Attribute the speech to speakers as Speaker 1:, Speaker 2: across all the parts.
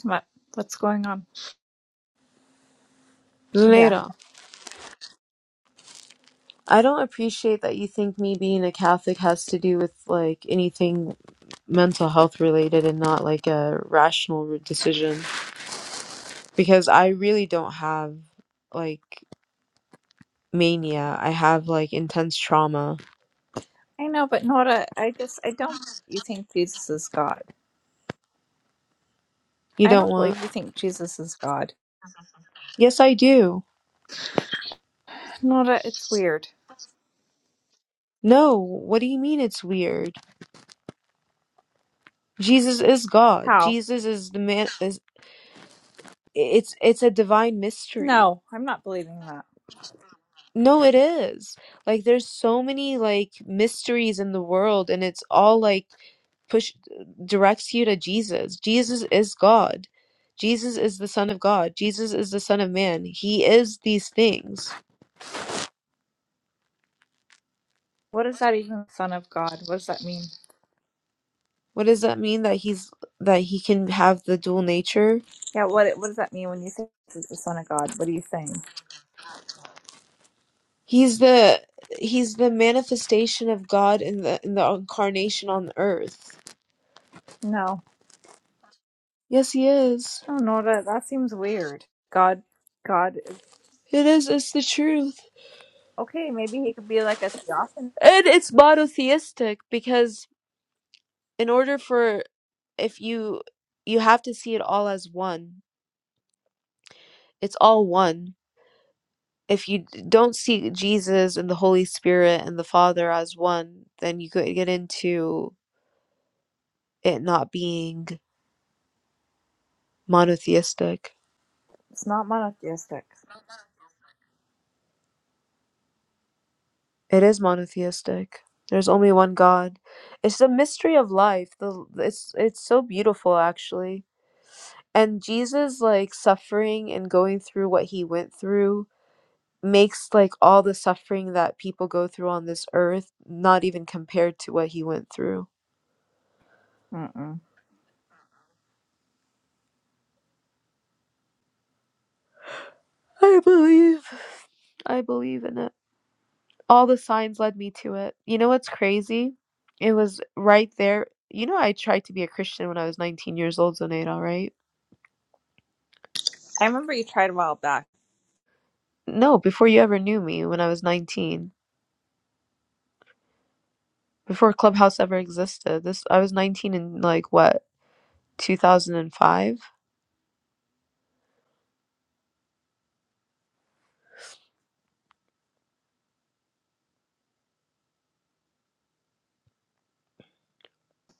Speaker 1: come on, what's going on?
Speaker 2: Zunaida, I don't appreciate that you think me being a Catholic has to do with like anything mental health related and not like a rational re- decision because I really don't have like mania. I have like intense trauma.
Speaker 1: I know, but Nora, I just I don't you think Jesus is God.
Speaker 2: You
Speaker 1: I
Speaker 2: don't
Speaker 1: don't
Speaker 2: want?
Speaker 1: believe you think Jesus is God.
Speaker 2: Yes, I do.
Speaker 1: Nora, it's weird.
Speaker 2: No, what do you mean it's weird? Jesus is God.
Speaker 1: How?
Speaker 2: Jesus is the man is it's it's a divine mystery.
Speaker 1: No, I'm not believing that.
Speaker 2: No, it is like there's so many like mysteries in the world and it's all like push directs you to Jesus. Jesus is God. Jesus is the son of God. Jesus is the son of man. He is these things.
Speaker 1: What is that even son of God? What does that mean?
Speaker 2: What does that mean that he's that he can have the dual nature?
Speaker 1: Yeah, what what does that mean when you say this is the son of God? What are you saying?
Speaker 2: He's the he's the manifestation of God in the in the incarnation on the earth.
Speaker 1: No.
Speaker 2: Yes, he is.
Speaker 1: No, Nora, that seems weird. God God is
Speaker 2: It is it's the truth.
Speaker 1: okay, maybe he could be like a theophany.
Speaker 2: And it's monotheistic because in order for if you you have to see it all as one. It's all one if you d- don't see Jesus and the Holy Spirit and the Father as one, then you could get into it not being monotheistic.
Speaker 1: It's not monotheistic.
Speaker 2: It is monotheistic. There's only one God. It's the mystery of life. The it's it's so beautiful actually. And Jesus like suffering and going through what he went through makes like all the suffering that people go through on this earth not even compared to what he went through.
Speaker 1: Mm-mm.
Speaker 2: I believe I believe in it. All the signs led me to it. You know what's crazy? It was right there. You know, I tried to be a Christian when I was 19 years old, Zoneda, right?
Speaker 1: I remember you tried a while back,
Speaker 2: No, before you ever knew me, when I was 19, before Clubhouse ever existed. This I was 19 in like what, 2005?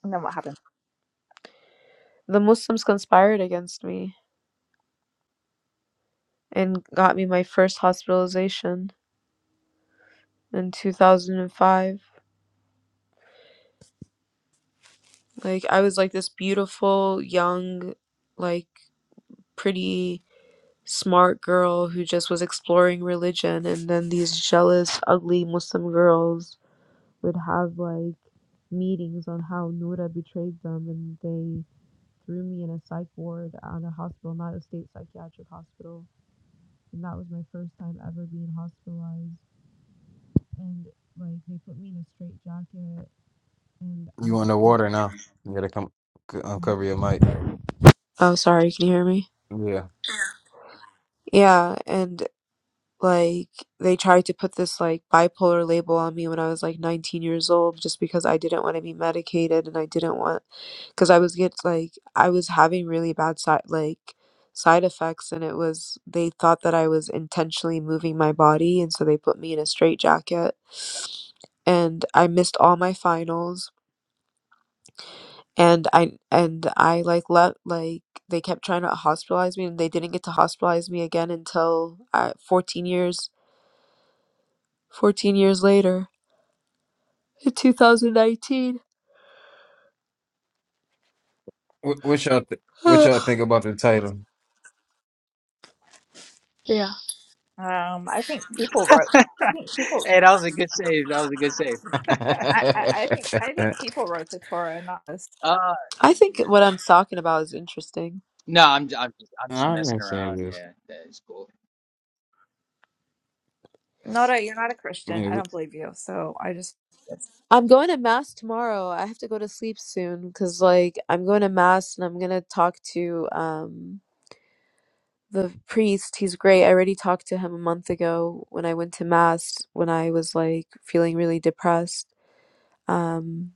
Speaker 1: and then what happened?
Speaker 2: The Muslims conspired against me and got me my first hospitalization in 2005. Like I was like this beautiful young like pretty smart girl who just was exploring religion and then these jealous ugly muslim girls would have like meetings on how Noura betrayed them and they threw me in a psych ward at a hospital not a state psychiatric hospital and that was my first time ever being hospitalized and like they put me in a straight jacket and i
Speaker 3: You in the water now? You gotta come c-
Speaker 2: what?
Speaker 3: uncover your mic.
Speaker 2: oh sorry can you hear me
Speaker 3: Yeah.
Speaker 2: yeah and like they tried to put this like bipolar label on me when I was like 19 years old just because I didn't want to be medicated and I didn't want because I was get like I was having really bad side like side effects and it was they thought that I was intentionally moving my body and so they put me in a straitjacket and I missed all my finals and I and I like let like they kept trying to hospitalize me and they didn't get to hospitalize me again until uh, 14 years 14 years later in 2019.
Speaker 3: What, what y'all th- what y'all
Speaker 2: I
Speaker 3: think about the title?
Speaker 1: Yeah. Um, I think people wrote. I think people.
Speaker 4: Hey, that was a good save. That was a good save.
Speaker 1: I, I, I think I think people wrote the Torah, not us.
Speaker 4: Uh,
Speaker 2: think
Speaker 4: yeah.
Speaker 2: what I'm talking about is interesting.
Speaker 4: no, I'm j- I'm just, I'm just
Speaker 3: I'm
Speaker 4: messing
Speaker 3: not saying
Speaker 4: around.
Speaker 3: this.
Speaker 4: Yeah, that is cool.
Speaker 1: Not a. You're not a Christian.
Speaker 3: Yeah.
Speaker 1: I
Speaker 3: What,
Speaker 1: don't believe you. So I just
Speaker 2: I'm going to mass tomorrow. I have to go to sleep soon because, like, I'm going to mass and I'm gonna talk to um the priest. He's great. I already talked to him a month ago when I went to mass when I was like feeling really depressed. Um,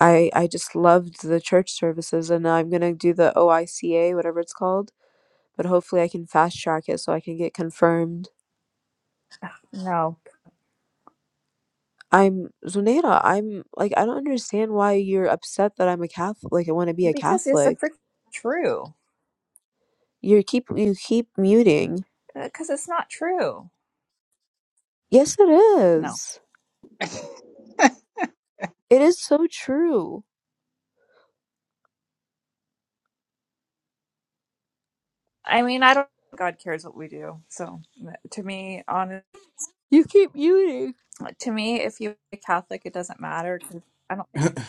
Speaker 2: I I just loved the church services, and I'm gonna do the OICA, whatever it's called. But hopefully, I can fast track it so I can get confirmed
Speaker 1: no,
Speaker 2: I'm Zunaira, I'm like, I don't understand why you're upset that I'm a Catholic, like I want to be a
Speaker 1: because it's a
Speaker 2: Catholic.
Speaker 1: freaking true.
Speaker 2: You keep you keep muting.
Speaker 1: Because it's not true.
Speaker 2: Yes, it
Speaker 1: No,
Speaker 2: is. It is so true.
Speaker 1: I mean I don't. God cares what we do. So uh, to me, on
Speaker 2: You keep muting.
Speaker 1: to me, if you're a Catholic, it doesn't matter. 'cause I don't think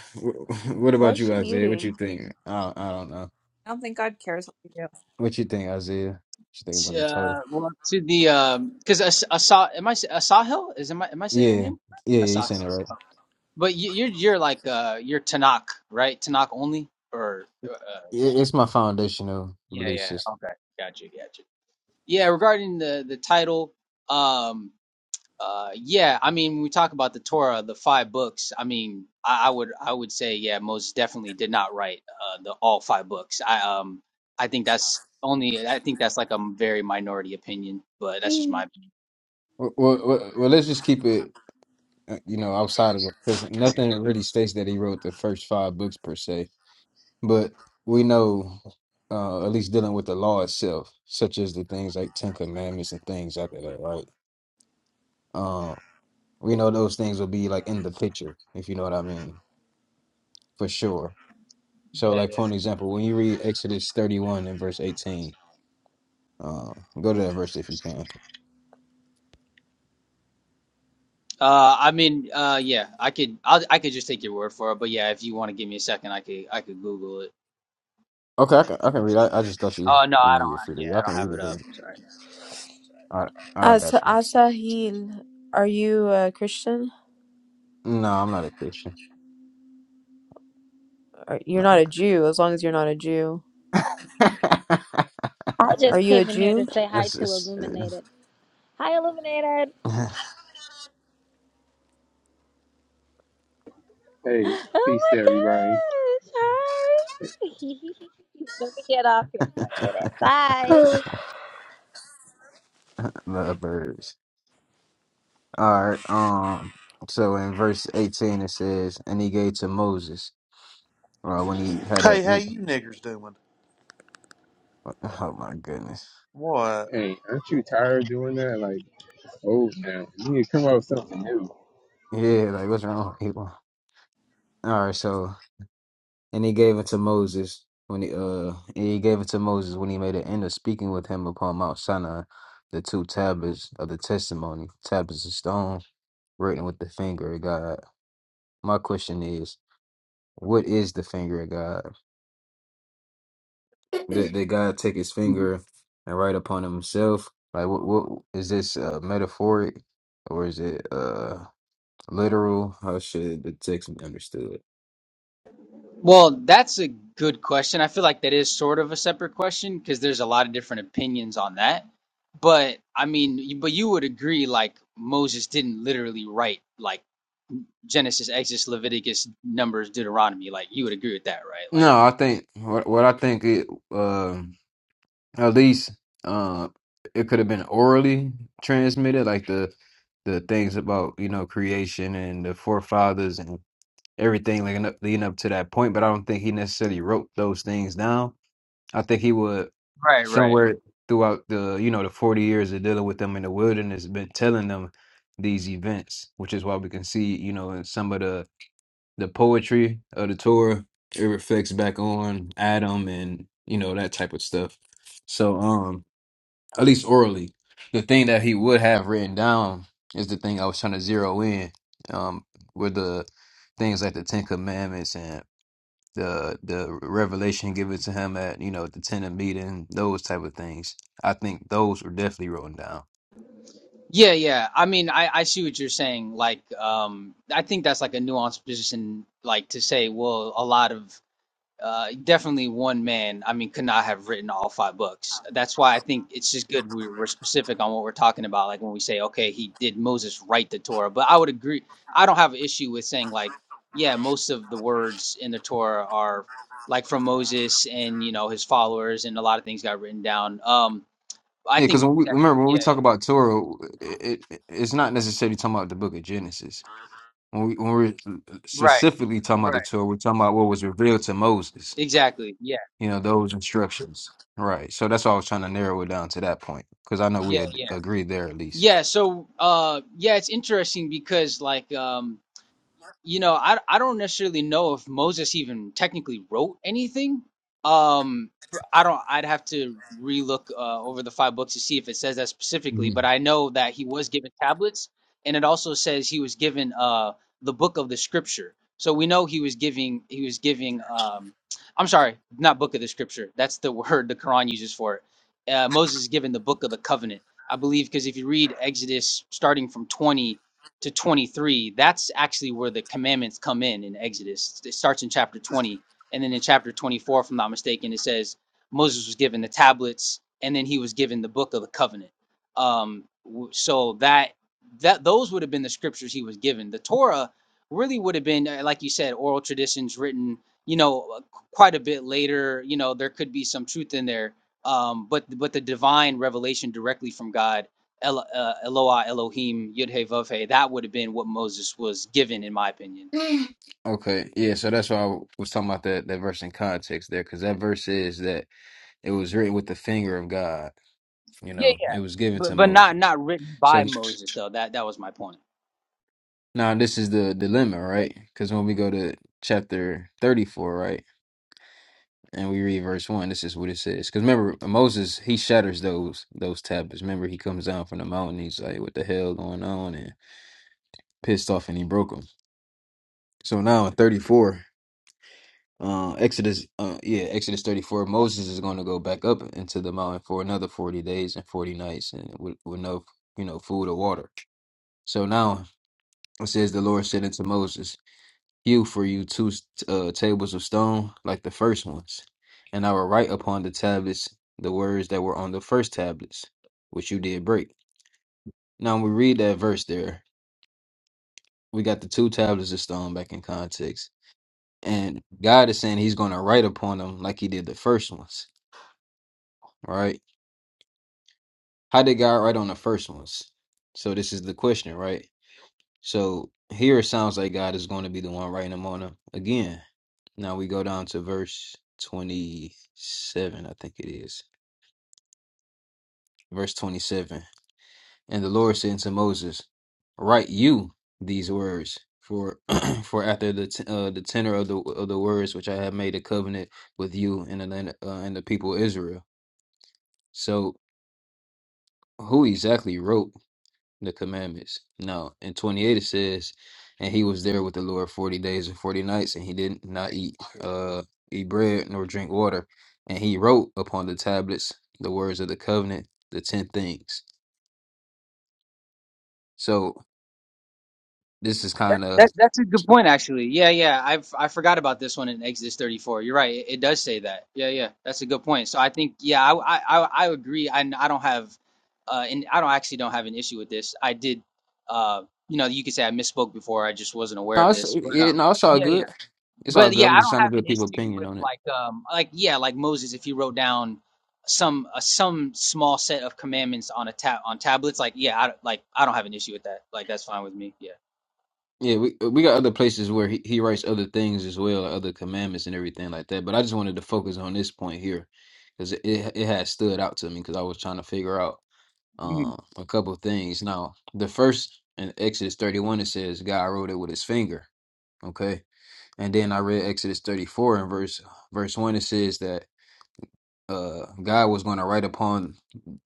Speaker 3: what
Speaker 2: Why
Speaker 3: about
Speaker 2: is
Speaker 3: you,
Speaker 2: she
Speaker 3: Isaiah? What you
Speaker 2: muting?
Speaker 3: think? I I don't know.
Speaker 1: I don't think God cares what we do.
Speaker 3: What you think, Isaiah? What you think
Speaker 4: T-
Speaker 3: about the title?
Speaker 4: Uh, well, to the um, because As- Asa, am I s- Asahel? Is am I am I saying
Speaker 3: Yeah.
Speaker 4: your
Speaker 3: Yeah.
Speaker 4: name?
Speaker 3: Yeah. You
Speaker 4: Asahel.
Speaker 3: saying it right.
Speaker 4: But you, you're you're like uh, you're Tanakh, right? Tanakh only, or uh, uh,
Speaker 3: Yeah, It's my foundational
Speaker 4: yeah,
Speaker 3: belief
Speaker 4: yeah.
Speaker 3: system.
Speaker 4: Okay, got you, got you. Yeah, regarding the the title, um. Uh, yeah, I mean, when we talk about the Torah, the five books. I mean, I, I would I would say, yeah, Moses definitely did not write uh, the all five books. I um I think that's only I think that's like a very minority opinion, but that's just
Speaker 3: Mm.
Speaker 4: my.
Speaker 3: Well, well, well, well, let's just keep it, uh, you know, outside of it, because Nothing really states that he wrote the first five books per se But we know, uh, at least dealing with the law itself, such as the things like Ten Commandments and things like that, right? Uh, we know those things will be like in the picture, if you know what I mean, for sure. So,
Speaker 4: Yeah,
Speaker 3: like
Speaker 4: yeah.
Speaker 3: for an example, when you read Exodus thirty-one and verse eighteen, uh, go to that verse if you can.
Speaker 4: Uh, I mean, uh, yeah, I could I'll, I could just take your word for it, but yeah, if you want to give me a second, I could I could Google it.
Speaker 3: Okay, I can, I can read. I, I just thought you,
Speaker 4: Oh no,
Speaker 3: you
Speaker 4: I
Speaker 3: know,
Speaker 4: don't.
Speaker 3: you were free to
Speaker 4: Yeah,
Speaker 3: read.
Speaker 4: I
Speaker 3: I can
Speaker 4: don't have
Speaker 3: read
Speaker 4: it
Speaker 3: it. Then.
Speaker 4: up. Sorry.
Speaker 3: All right, all right, I
Speaker 2: As
Speaker 3: got you.
Speaker 2: Asahil, are you a Christian?
Speaker 3: No, I'm not a Christian.
Speaker 2: Or- You're
Speaker 3: Not
Speaker 2: not a Jew, as long as you're not a Jew.
Speaker 3: Like,
Speaker 5: I
Speaker 2: Are
Speaker 5: just
Speaker 2: you a
Speaker 5: came in here to
Speaker 2: Jew?
Speaker 5: say hi
Speaker 3: it's,
Speaker 5: to
Speaker 3: it's,
Speaker 5: Illuminated. Hi, Illuminated.
Speaker 3: the
Speaker 6: Hey,
Speaker 5: Oh
Speaker 6: peace to
Speaker 5: my
Speaker 6: everybody.
Speaker 5: gosh. Hi. Let me get off here for a minute. Bye.
Speaker 3: birds. All right. Um. So in verse eighteen it says, "And he gave to Moses." Uh, when he had a.
Speaker 7: Hey, how you niggers doing?
Speaker 3: Oh my goodness.
Speaker 7: What?
Speaker 6: Hey, aren't you tired of doing that? Like, old now. You need to come up with something new.
Speaker 3: Yeah. Like what's wrong with people? All right. So and he gave it to Moses when he uh and he gave it to Moses when he made an end of speaking with him upon Mount Sinai, the two tablets of the testimony, tablets of stone written with the finger of God. My question is, what is the finger of God? Did, did God take his finger and write upon himself? Like, what, what is this uh, metaphoric or is it uh, literal? How should the text be understood?
Speaker 4: Well, that's a good question. I feel like that is sort of a separate question because there's a lot of different opinions on that. But I mean, you- but you would agree like Moses didn't literally write like Genesis, Exodus, Leviticus, Numbers, Deuteronomy. Like you would agree with that, right? Like
Speaker 3: No, I think what what I think it uh, at least uh, it could have been orally transmitted, like the the things about you know creation and the forefathers and everything leading up leading up to that point. But I don't think he necessarily wrote those things down. I think he would
Speaker 4: Right, right.
Speaker 3: somewhere throughout the you know the 40 years of dealing with them in the wilderness been telling them these events which is why we can see you know in some of the the poetry of the Torah it reflects back on Adam and you know that type of stuff so um at least orally the thing that he would have written down is the thing I was trying to zero in um were the things like the Ten Commandments and the the revelation given to him at you know the tenant meeting, those type of things. I think those were definitely written down.
Speaker 4: yeah, yeah. I mean, I I see what you're saying. Like um I think that's like a nuanced position like to say, well, a lot of uh, definitely one man, I mean, could not have written all five books. That's why I think it's just good we were specific on what we're talking about. Like when we say, okay, he did Moses write the Torah, but I would agree. I don't have an issue with saying like, yeah, most of the words in the Torah are like from Moses and you know his followers, and a lot of things got written down. Um, I
Speaker 3: Yeah, because
Speaker 4: think
Speaker 3: when we,
Speaker 4: that
Speaker 3: remember when
Speaker 4: yeah,
Speaker 3: we talk
Speaker 4: yeah,
Speaker 3: about Torah, it, it it's not necessarily talking about the Book of Genesis. When we when we're
Speaker 4: right,
Speaker 3: specifically talking about
Speaker 4: right,
Speaker 3: the Torah, we're talking about what was revealed to Moses.
Speaker 4: exactly, yeah,
Speaker 3: You know those instructions, right? So that's why I was trying to narrow it down to that point because I know we
Speaker 4: yeah,
Speaker 3: had
Speaker 4: yeah,
Speaker 3: agreed there at least.
Speaker 4: yeah. So, uh, yeah, it's interesting because like, um you know, I I don't necessarily know if Moses even technically wrote anything. Um, pr- I don't. I'd have to relook uh, over the five books to see if it says that specifically. But
Speaker 3: Mhm.
Speaker 4: I know that he was given tablets, and it also says he was given uh the book of the scripture. So we know he was giving he was giving um I'm sorry, not book of the scripture. That's the word the Quran uses for it. Uh, Moses is given the book of the covenant, I believe, because if you read Exodus starting from 20 to 23, that's actually where the commandments come in in Exodus. It starts in chapter 20. And then in chapter 24, if I'm not mistaken, it says Moses was given the tablets and then he was given the book of the covenant. Um, w- so that that those would have been the scriptures he was given. The Torah really would have been, uh, like you said, oral traditions written, you know, uh, qu- quite a bit later. You know, there could be some truth in there, um, but but the divine revelation directly from God El, uh, Eloah Elohim Yud Hey Vav Hey. That would have been what Moses was given, in my opinion.
Speaker 3: Okay, yeah. So that's why I was talking about that that verse in context there because that verse is that It was written with the finger of God. You
Speaker 4: Yeah,
Speaker 3: know,
Speaker 4: yeah,
Speaker 3: it was given to
Speaker 4: but but not
Speaker 3: Moses.
Speaker 4: not written
Speaker 3: So
Speaker 4: by Moses though. That that was my point.
Speaker 3: now this is the dilemma, right? Because when we go to chapter 34, right, and we read verse 1, this is what it says. Because remember, Moses, he shatters those those tablets. Remember, he comes down from the mountain. He's like, what the hell going on? And pissed off and he broke them. So now in 34, uh, Exodus, uh, yeah, Exodus 34, Moses is going to go back up into the mountain for another 40 days and 40 nights and with, with no, you know, food or water. So now it says the Lord said unto Moses, Hew for you two uh, tables of stone like the first ones, and I will write upon the tablets the words that were on the first tablets, which you did break. Now when we read that verse there, we got the two tablets of stone back in context. And God is saying he's going to write upon them like he did the first ones, right? How did God write on the first ones? So this is the question, right? So here it sounds like God is going to be the one writing them on them again. Now we go down to verse 27, I think it is. Verse 27. And the Lord said unto Moses, Write you these words, for for after the t- uh, the tenor of the of the words which I have made a covenant with you and the land, uh, and the people of Israel. So who exactly wrote the commandments. Now in twenty eight it says, and he was there with the Lord forty days and forty nights, and he did not eat uh eat bread nor drink water, and he wrote upon the tablets the words of the covenant, the ten things. So this is kind of
Speaker 4: That that's a good point actually. Yeah, yeah. I I forgot about this one in Exodus 34. You're right. It, it does say that. Yeah, yeah. That's a good point. So I think yeah, I I I, I agree. I I don't have uh and I don't actually don't have an issue with this. I did uh you know, you could say I misspoke before. I just wasn't aware
Speaker 3: no,
Speaker 4: of
Speaker 3: it's
Speaker 4: this. But
Speaker 3: yeah,
Speaker 4: um
Speaker 3: no, it's all
Speaker 4: yeah, yeah.
Speaker 3: good. It's all
Speaker 4: but
Speaker 3: good.
Speaker 4: yeah, I
Speaker 3: I'm just
Speaker 4: don't
Speaker 3: trying to
Speaker 4: have an
Speaker 3: get people
Speaker 4: issue
Speaker 3: opinion
Speaker 4: with
Speaker 3: on it.
Speaker 4: like um like yeah like Moses if he wrote down some uh, some small set of commandments on a tab on tablets like yeah I like I don't have an issue with that like that's fine with me yeah
Speaker 3: Yeah, we we got other places where he, he writes other things as well, like other commandments and everything like that. But I just wanted to focus on this point here because it it has stood out to me because I was trying to figure out. um a couple of things. Now, the first in Exodus 31 it says God wrote it with his finger. Okay. And then I read Exodus 34 and verse verse 1 it says that uh God was going to write upon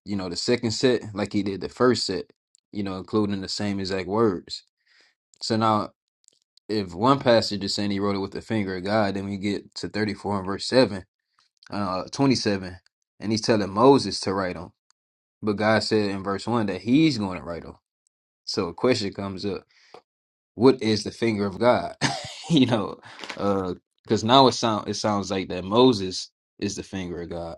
Speaker 3: you know the second set like he did the first set, you know, including the same exact words. So now if one passage is saying he wrote it with the finger of God, then we get to 34 and verse 7, uh 27, and he's telling Moses to write them. But God said in verse 1 that he's going to write them. So a question comes up: What is the finger of God? you know, because now it sound it sounds like that Moses is the finger of God.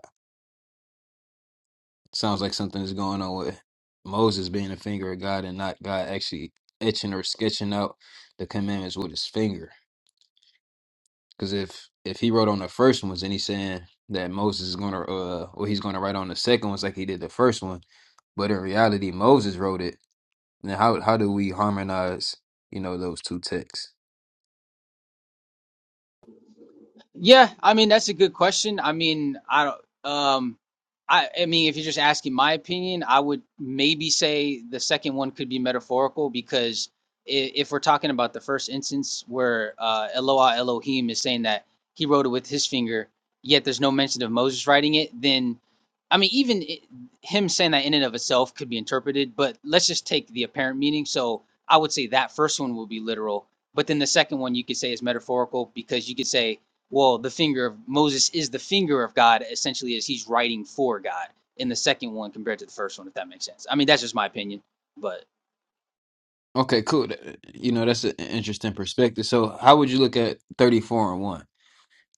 Speaker 3: sounds like something is going on with Moses being the finger of God and not God actually etching or sketching out the commandments with his finger. Because if if he wrote on the first ones and he's saying that Moses is gonna uh or he's gonna write on the second ones like he did the first one, but in reality Moses wrote it. Then how how do we harmonize you know those two texts?
Speaker 4: Yeah, I mean that's a good question. I mean, I don't um I I mean if you're just asking my opinion, I would maybe say the second one could be metaphorical because i- if we're talking about the first instance where uh Eloah Elohim is saying that he wrote it with his finger, yet there's no mention of Moses writing it, then I mean even it, him saying that in and of itself could be interpreted, but let's just take the apparent meaning. So I would say that first one will be literal, but then the second one you could say is metaphorical because you could say well the finger of moses is the finger of god essentially as he's writing for god in the second one compared to the first one if that makes sense i mean that's just my opinion but
Speaker 3: Okay, cool. Th- You know, that's an interesting perspective. So, how would you look at 34 and 1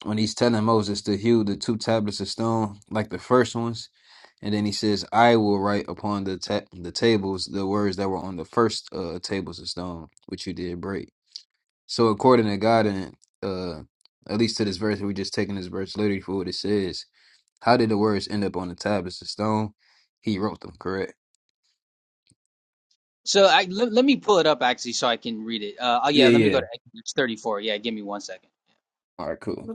Speaker 3: when he's telling Moses to hew the two tablets of stone like the first ones? And then he says, I will write upon the ta- the tables the words that were on the first uh, tables of stone, which you did break. So, according to God, and uh, at least to this verse, we're just taking this verse literally for what it says. How did the words end up on the tablets of stone? He wrote them, correct?
Speaker 4: so i let, let me pull it up actually so i can read it uh oh yeah
Speaker 3: Yeah,
Speaker 4: let me go
Speaker 3: yeah.
Speaker 4: to exodus 34 yeah give me one second
Speaker 3: All right, cool.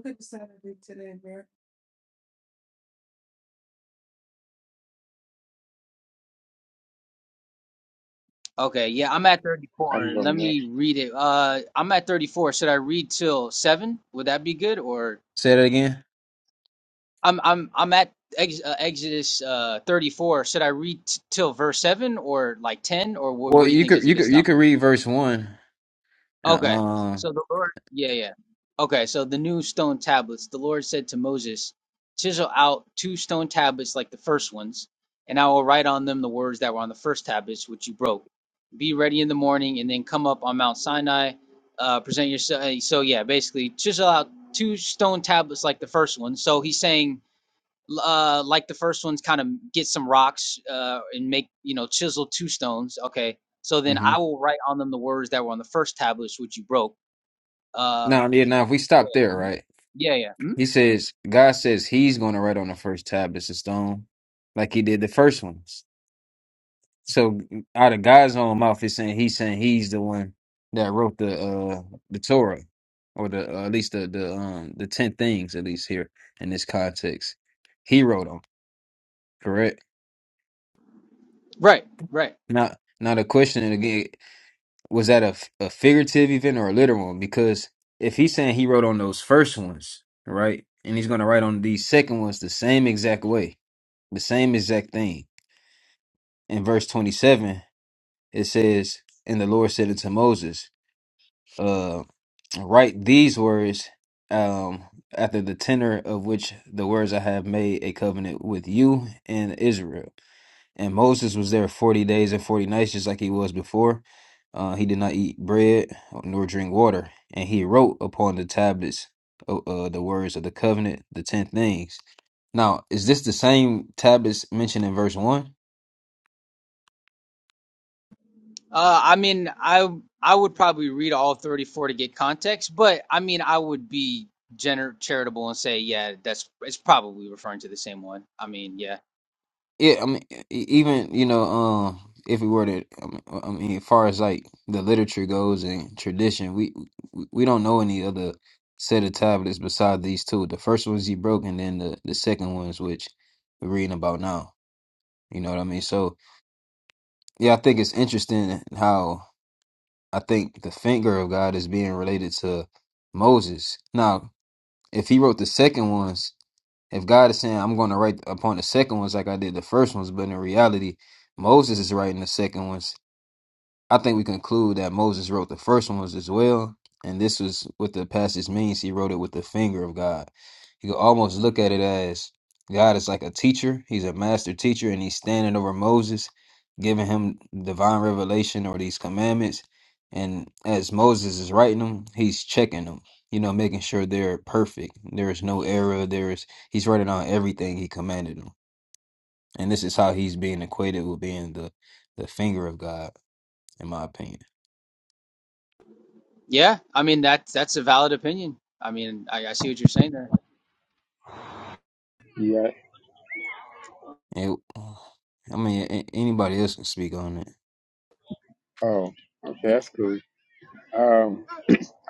Speaker 4: okay yeah i'm at
Speaker 6: I'm
Speaker 4: 34 let
Speaker 6: going
Speaker 4: me
Speaker 6: next.
Speaker 4: read it uh i'm at 34 should i read till 7 would that be good or
Speaker 3: Say that again.
Speaker 4: i'm i'm i'm at ex, uh, exodus uh 34 should i read t- till verse 7 or like 10 or wh-
Speaker 3: Well,
Speaker 4: what do you
Speaker 3: you
Speaker 4: think
Speaker 3: could
Speaker 4: is a
Speaker 3: you
Speaker 4: good
Speaker 3: could you
Speaker 4: stop
Speaker 3: could read verse one.
Speaker 4: Okay.
Speaker 3: Um,
Speaker 4: So the Lord, yeah, yeah. Okay, so the new stone tablets, the Lord said to Moses, Chisel out two stone tablets like the first ones, and I will write on them the words that were on the first tablets, which you broke. Be ready in the morning, and then come up on Mount Sinai, uh, present yourself. So, yeah, basically, chisel out two stone tablets like the first one. So he's saying, uh, like the first one's kind of get some rocks uh, and make you know chisel two stones. Okay, so then
Speaker 3: hmm
Speaker 4: I will write on them the words that were on the first tablets which you broke. Uh,
Speaker 3: now yeah, now if we stop there, right?
Speaker 4: yeah, yeah, mm
Speaker 3: He says God says He's going to write on the first tablets of stone, like He did the first ones. So out of God's own mouth, it's saying He's saying He's the one that wrote the uh the Torah, or the uh, at least the the um the ten things at least here in this context, He wrote them. Correct.
Speaker 4: right, right.
Speaker 3: Now now the question again. was that a, f- a figurative event or a literal one? Because if he's saying he wrote on those first ones, right, and he's going to write on these second ones the same exact way, the same exact thing. In verse 27, it says, And the Lord said unto Moses, uh, Write these words um, after the tenor of which the words I have made a covenant with you and Israel. And Moses was there 40 days and 40 nights, just like he was before. Uh, he did not eat bread nor drink water. And he wrote upon the tablets uh, uh, the words of the covenant, the 10 things. Now, is this the same tablets mentioned in verse 1?
Speaker 4: Uh, I mean, I I would probably read all thirty four to get context, but I mean, I would be gener- charitable and say, yeah, that's it's probably referring to the same one. I mean, yeah,
Speaker 3: Yeah, I mean, e- e, even you know, um, if we were to, I mean, I mean, as far as like the literature goes and tradition, we we we don't know any other set of tablets besides these two. The first ones he broke, and then the the second ones which we're reading about now. You know what I mean? So yeah, I think it's interesting how I think the finger of God is being related to Moses. Now, if he wrote the second ones if God is saying, I'm going to write upon the second ones like I did the first ones, but in reality, Moses is writing the second ones I think we conclude that Moses wrote the first ones as well, and this was what the passage means. He wrote it with the finger of God. You can almost look at it as God is like a teacher. He's a master teacher, and he's standing over Moses, giving him divine revelation or these commandments. And as Moses is writing them, he's checking them. You know, making sure they're perfect. There is no error. There is he's writing on everything he commanded them. And this is how he's being equated with being the the finger of God, in my opinion.
Speaker 4: yeah. I mean, that's that's a valid opinion. I mean, I, I see what you're saying there.
Speaker 6: Yeah.
Speaker 3: It, I mean, a- anybody else can speak on it.
Speaker 6: Oh, okay, that's cool. Um,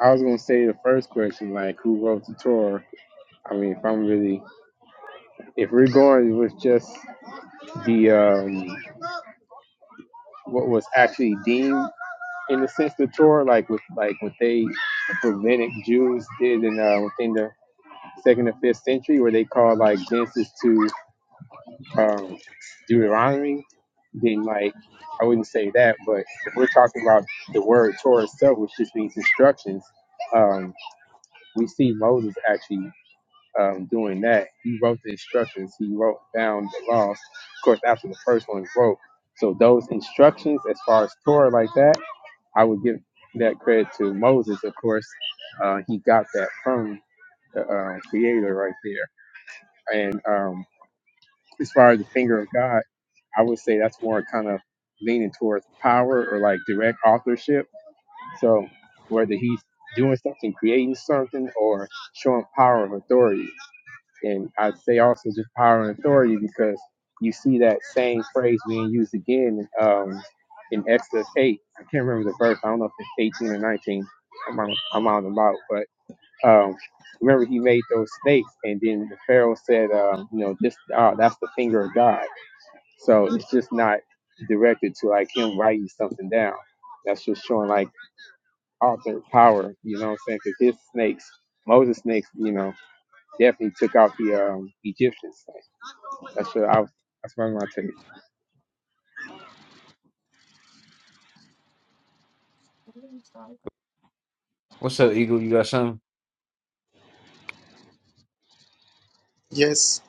Speaker 6: I was gonna say the first question, like, who wrote the Torah? I mean, if I'm really, if we're going with just the um, what was actually deemed in the sense the Torah, like with like what they the Rabbinic Jews did in uh, within the second and fifth century, where they called like Genesis to um, Deuteronomy then like I wouldn't say that, but if we're talking about the word Torah itself, which just means instructions, um, we see Moses actually um, doing that. He wrote the instructions. He wrote down the laws, of course, after the first one was wrote. So those instructions, as far as Torah like that, I would give that credit to Moses. Of course, uh, he got that from the uh, Creator right there, and um, as far as the finger of God, I would say that's more kind of leaning towards power or like direct authorship. So whether he's doing something, creating something, or showing power of authority. And I'd say also just power and authority because you see that same phrase being used again um, in Exodus 8. I can't remember the verse. I don't know if it's 18 or 19. I'm on, I'm on them out. But um, remember, he made those snakes. And then the Pharaoh said, um, you know, this, uh, that's the finger of God so it's just not directed to like him writing something down. That's just showing like author power, you know what I'm saying? Because his snakes, Moses' snakes, you know, definitely took out the um, Egyptian snake. That's what I was, that's what I'm gonna take.
Speaker 3: What's up, Eagle? You got something?
Speaker 8: Yes.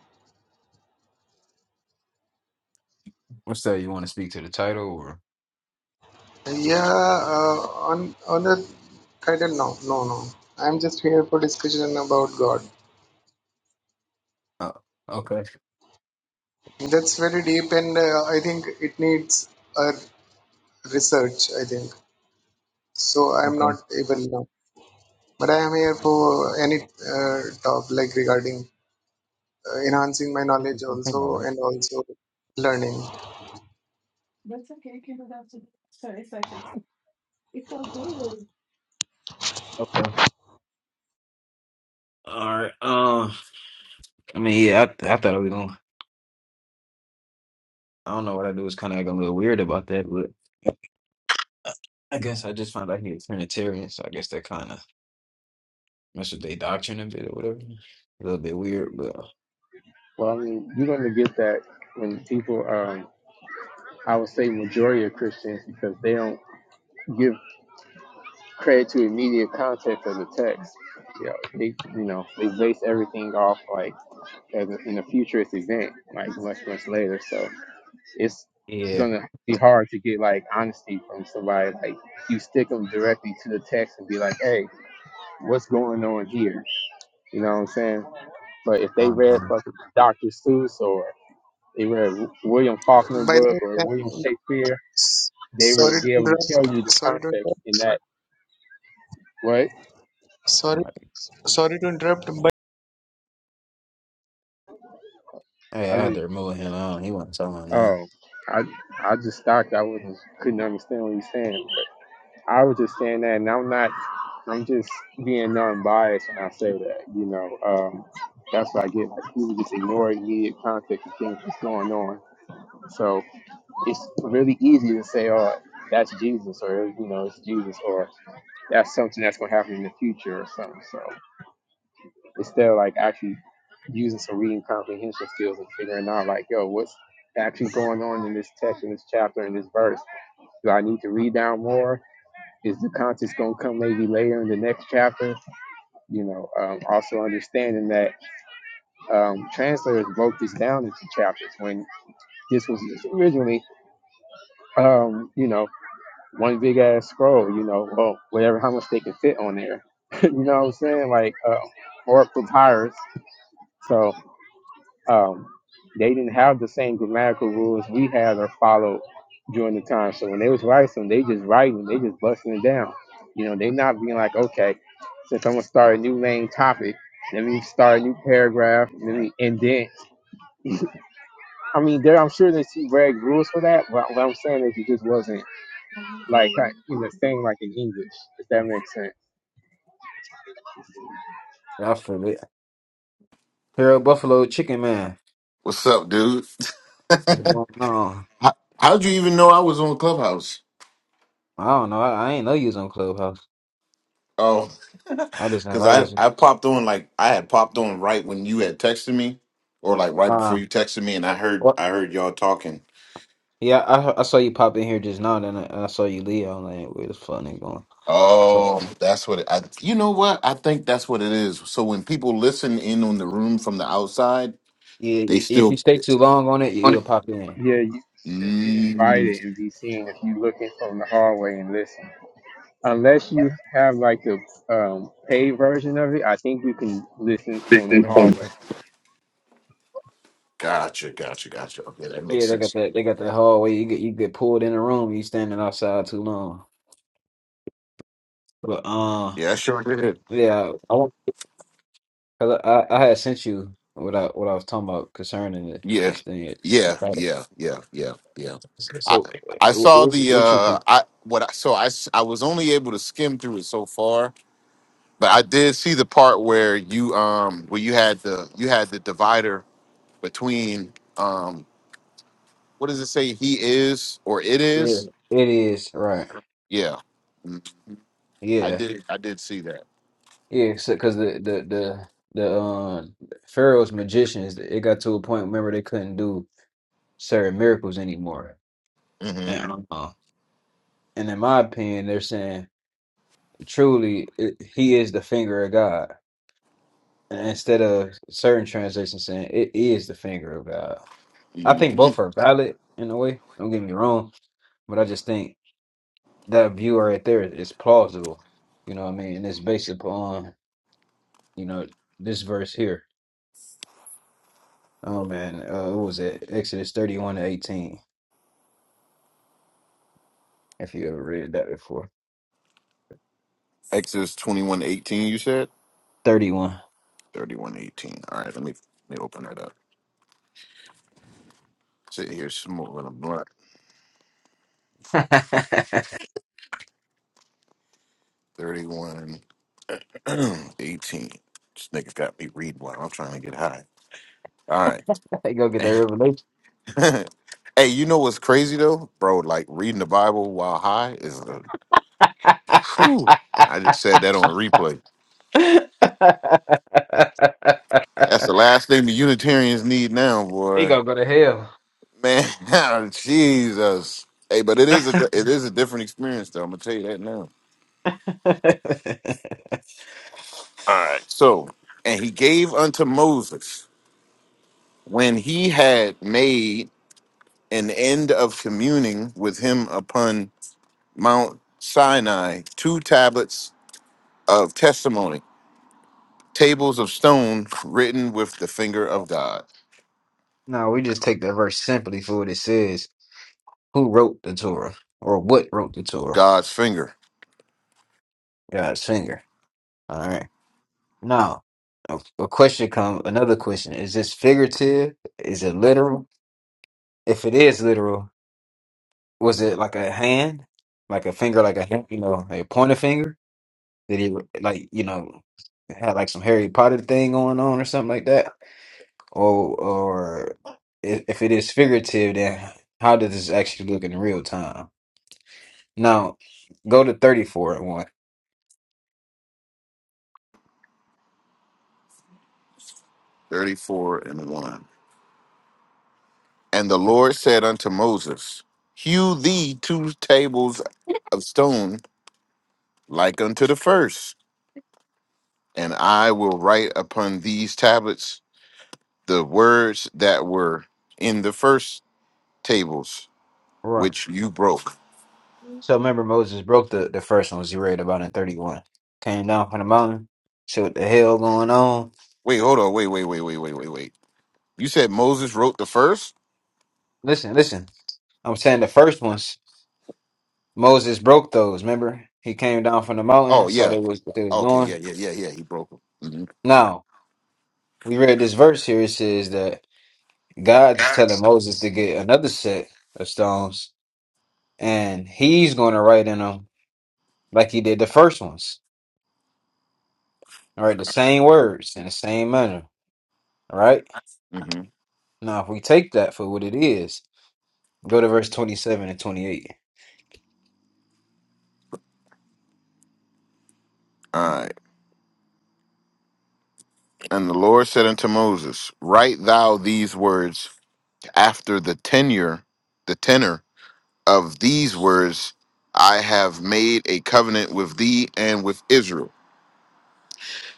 Speaker 3: What's that? You want to speak to the title or?
Speaker 8: Yeah. Uh, on on the title, no, no, no. I'm just here for discussion about God.
Speaker 3: Uh, okay.
Speaker 8: That's very deep, and uh, I think it needs a research. I think so. I'm
Speaker 3: Okay.
Speaker 8: not able now, but I am here for any uh, talk like regarding uh, enhancing my
Speaker 3: This
Speaker 8: knowledge
Speaker 3: is the thing, all
Speaker 8: also,
Speaker 3: right.
Speaker 8: and also learning.
Speaker 3: Okay. All right. Um. I mean, yeah. I, th- I thought I was gonna. I don't know what I do. was kind of acting a little weird about that, but I I guess I just found out he's a Trinitarian, so I guess that kind of messed with their doctrine a bit or whatever. A little bit weird, but uh,
Speaker 6: Well, I mean, you're gonna get that when people, um, I would say majority of Christians, because they don't give credit to immediate context of the text. You know, they, you know, they base everything off like as a, in a futurist event, like much much later. So. it's
Speaker 3: yeah.
Speaker 6: gonna be hard to get like honesty from somebody. Like you stick them directly to the text and be like, "Hey, what's going on here?" You know what I'm saying? But if they
Speaker 3: I
Speaker 6: read
Speaker 3: don't
Speaker 6: fucking Dr. Seuss or they read W- William Faulkner
Speaker 8: By
Speaker 6: book
Speaker 8: the
Speaker 6: or
Speaker 8: way,
Speaker 6: William Shakespeare, they would
Speaker 8: sorry to
Speaker 6: be able to tell you
Speaker 8: interrupt.
Speaker 6: the
Speaker 8: Sorry to
Speaker 6: context
Speaker 8: interrupt.
Speaker 6: in that. What
Speaker 8: Sorry,
Speaker 3: know.
Speaker 8: sorry to interrupt.
Speaker 3: Hey,
Speaker 6: I
Speaker 3: I had
Speaker 6: just
Speaker 3: to remove him. I don't, he wasn't telling nothing.
Speaker 6: oh I I just thought I was not couldn't understand what he's saying. I was just saying that, and I'm not. I'm just being non-biased when I say that. You know, um, that's what I get. Like people just ignore immediate context of things that's going on. So it's really easy to say, "Oh, that's Jesus," or you know, "It's Jesus," or "That's something that's going to happen in the future," or something. So instead of like actually using some reading comprehension skills and figuring out, like, "Yo, what's actually going on in this text, in this chapter, in this verse? Do I need to read down more?" is the content's going to come maybe later in the next chapter. You know, um, also understanding that um, translators broke this down into chapters when this was originally, um, you know, one big ass scroll. You know, well, whatever, how much they can fit on there. you know what I'm saying? Like, uh, or papyrus. So um, they didn't have the same grammatical rules we had or followed during the time. So when they was writing, something, they just writing, they just busting it down. You know, they not being like, okay, since I'm gonna start a new main topic, let me start a new paragraph, let me indent. I mean, there I'm sure they see reg rules for that, but what I'm saying is it just wasn't like kind of in the same like in English, if that
Speaker 3: Huh.
Speaker 6: makes sense.
Speaker 3: I forget. Hero Buffalo Chicken Man.
Speaker 9: What's up, dude?
Speaker 3: What's going on?
Speaker 9: How, how'd you even know I was on Clubhouse?
Speaker 3: I don't know. I, I ain't know you was on Clubhouse.
Speaker 9: Oh,
Speaker 3: I just
Speaker 9: because
Speaker 3: invited
Speaker 9: I,
Speaker 3: you.
Speaker 9: I popped on like I had popped on right when you had texted me, or like right before
Speaker 3: Uh,
Speaker 9: you texted me, and I heard
Speaker 3: what?
Speaker 9: I heard y'all talking.
Speaker 3: Yeah, I I saw you pop in here just now, then I, I saw you leave. I'm like, "Hey, where the fuck nigga going? So
Speaker 9: Oh, that's what it, I. You know what? I think that's what it is. So when people listen in on the room from the outside,
Speaker 3: yeah,
Speaker 9: they
Speaker 3: if you
Speaker 9: still.
Speaker 3: stay too long on it, you, will pop in.
Speaker 6: Yeah, you still get
Speaker 9: Mm,
Speaker 6: invited and be seen if you looking from the hallway and listen. unless you have like the um, paid version of it, I think you can listen on the
Speaker 3: Okay,
Speaker 6: hallway.
Speaker 3: too much.
Speaker 9: gotcha, gotcha, gotcha. Okay, that makes
Speaker 3: Yeah, they got
Speaker 9: sense.
Speaker 3: that. They got that hallway. You get you get pulled in a room. You standing outside too long. But uh, yeah, I Cause I, I I had sent you what I what I was talking about concerning it,
Speaker 9: Yeah,
Speaker 3: this thing.
Speaker 9: yeah,
Speaker 3: Right.
Speaker 9: yeah, yeah, yeah, yeah.
Speaker 3: So,
Speaker 9: I
Speaker 3: so,
Speaker 9: I
Speaker 3: wh-
Speaker 9: saw
Speaker 3: what you,
Speaker 9: the
Speaker 3: what you
Speaker 9: uh
Speaker 3: think?
Speaker 9: I what I so I s- I was only able to skim through it so far, but I did see the part where you um where you had the you had the divider between um what does it say he is or it
Speaker 3: Yeah,
Speaker 9: is
Speaker 3: it is right.
Speaker 9: yeah mm, I
Speaker 3: Yeah,
Speaker 9: did I did see that
Speaker 3: yeah. So, cause the the the the um Pharaoh's magicians, it got to a point. Remember, they couldn't do certain miracles anymore.
Speaker 9: mm-hmm.
Speaker 3: And uh, and in my opinion, they're saying truly, it, he is the finger of God. And Instead of certain translations saying it is the finger of God. I think
Speaker 9: mm-hmm.
Speaker 3: both are valid in a way. Don't get me wrong, but I just think that view right there is plausible. You know what I mean? And it's based upon you know this verse here. Oh man, uh, what was it? Exodus thirty-one to eighteen. If you ever read that before,
Speaker 9: Exodus twenty one eighteen you said
Speaker 3: thirty-one.
Speaker 9: thirty one eighteen all right let me let me open that up sit here some more thirty one. 18. This nigga's got me read one. I'm trying to get high. All right.
Speaker 3: Hey, Go get that revelation.
Speaker 9: hey, you know what's crazy though? Bro, like reading the Bible while high is a whew. I just said that on a replay. That's the last thing the Unitarians need now,
Speaker 3: he
Speaker 9: boy.
Speaker 3: gonna go to hell.
Speaker 9: Man, Jesus. Hey, but it is a it is a different experience though. I'm gonna tell you that now. So, and he gave unto Moses when he had made an end of communing with him upon Mount Sinai two tablets of testimony, tables of stone written with the finger of God,
Speaker 3: No, we just take that verse simply for what it says. who wrote the Torah or what wrote the Torah?
Speaker 9: God's finger.
Speaker 3: God's finger. All right. Now, a, a question come. Another question: Is this figurative? Is it literal? If it is literal, was it like a hand, like a finger, like a hand, you know, like a pointer finger? Did he like you know had like some Harry Potter thing going on or something like that? Or or if if it is figurative, then how does this actually look in real time? Now, go to thirty four
Speaker 9: 34 and 1. And the
Speaker 3: Huh.
Speaker 9: Lord said unto Moses, Hew thee two tables of stone like unto the first, and I will write upon these tablets the words that were in the first tables
Speaker 3: Right.
Speaker 9: which you broke.
Speaker 3: So remember Moses broke the, the first ones. you read about in 31. Came down from the mountain, see what the hell going on.
Speaker 9: Wait, hold on. Wait, wait, wait, wait, wait, wait, wait. You said Moses wrote the first?
Speaker 3: Listen, listen. I'm saying the first ones, Moses broke those. Remember, he came down from the
Speaker 9: Oh
Speaker 3: mountain, saw
Speaker 9: yeah.
Speaker 3: they was what they was
Speaker 9: Okay. Yeah.
Speaker 3: doing.
Speaker 9: Yeah. Yeah. Yeah. He broke them. hmm
Speaker 3: Now we read this verse here. It says that God's telling
Speaker 9: Guys.
Speaker 3: Moses to get another set of stones, and he's going to write in them like he did the first ones. All right, the same words in the same manner. All right.
Speaker 9: hmm
Speaker 3: Now, if we take that for what it is, go to verse 27 and 28.
Speaker 9: All right. And the Lord said unto Moses, Write thou these words after the tenure, the tenor of these words. I have made a covenant with thee and with Israel.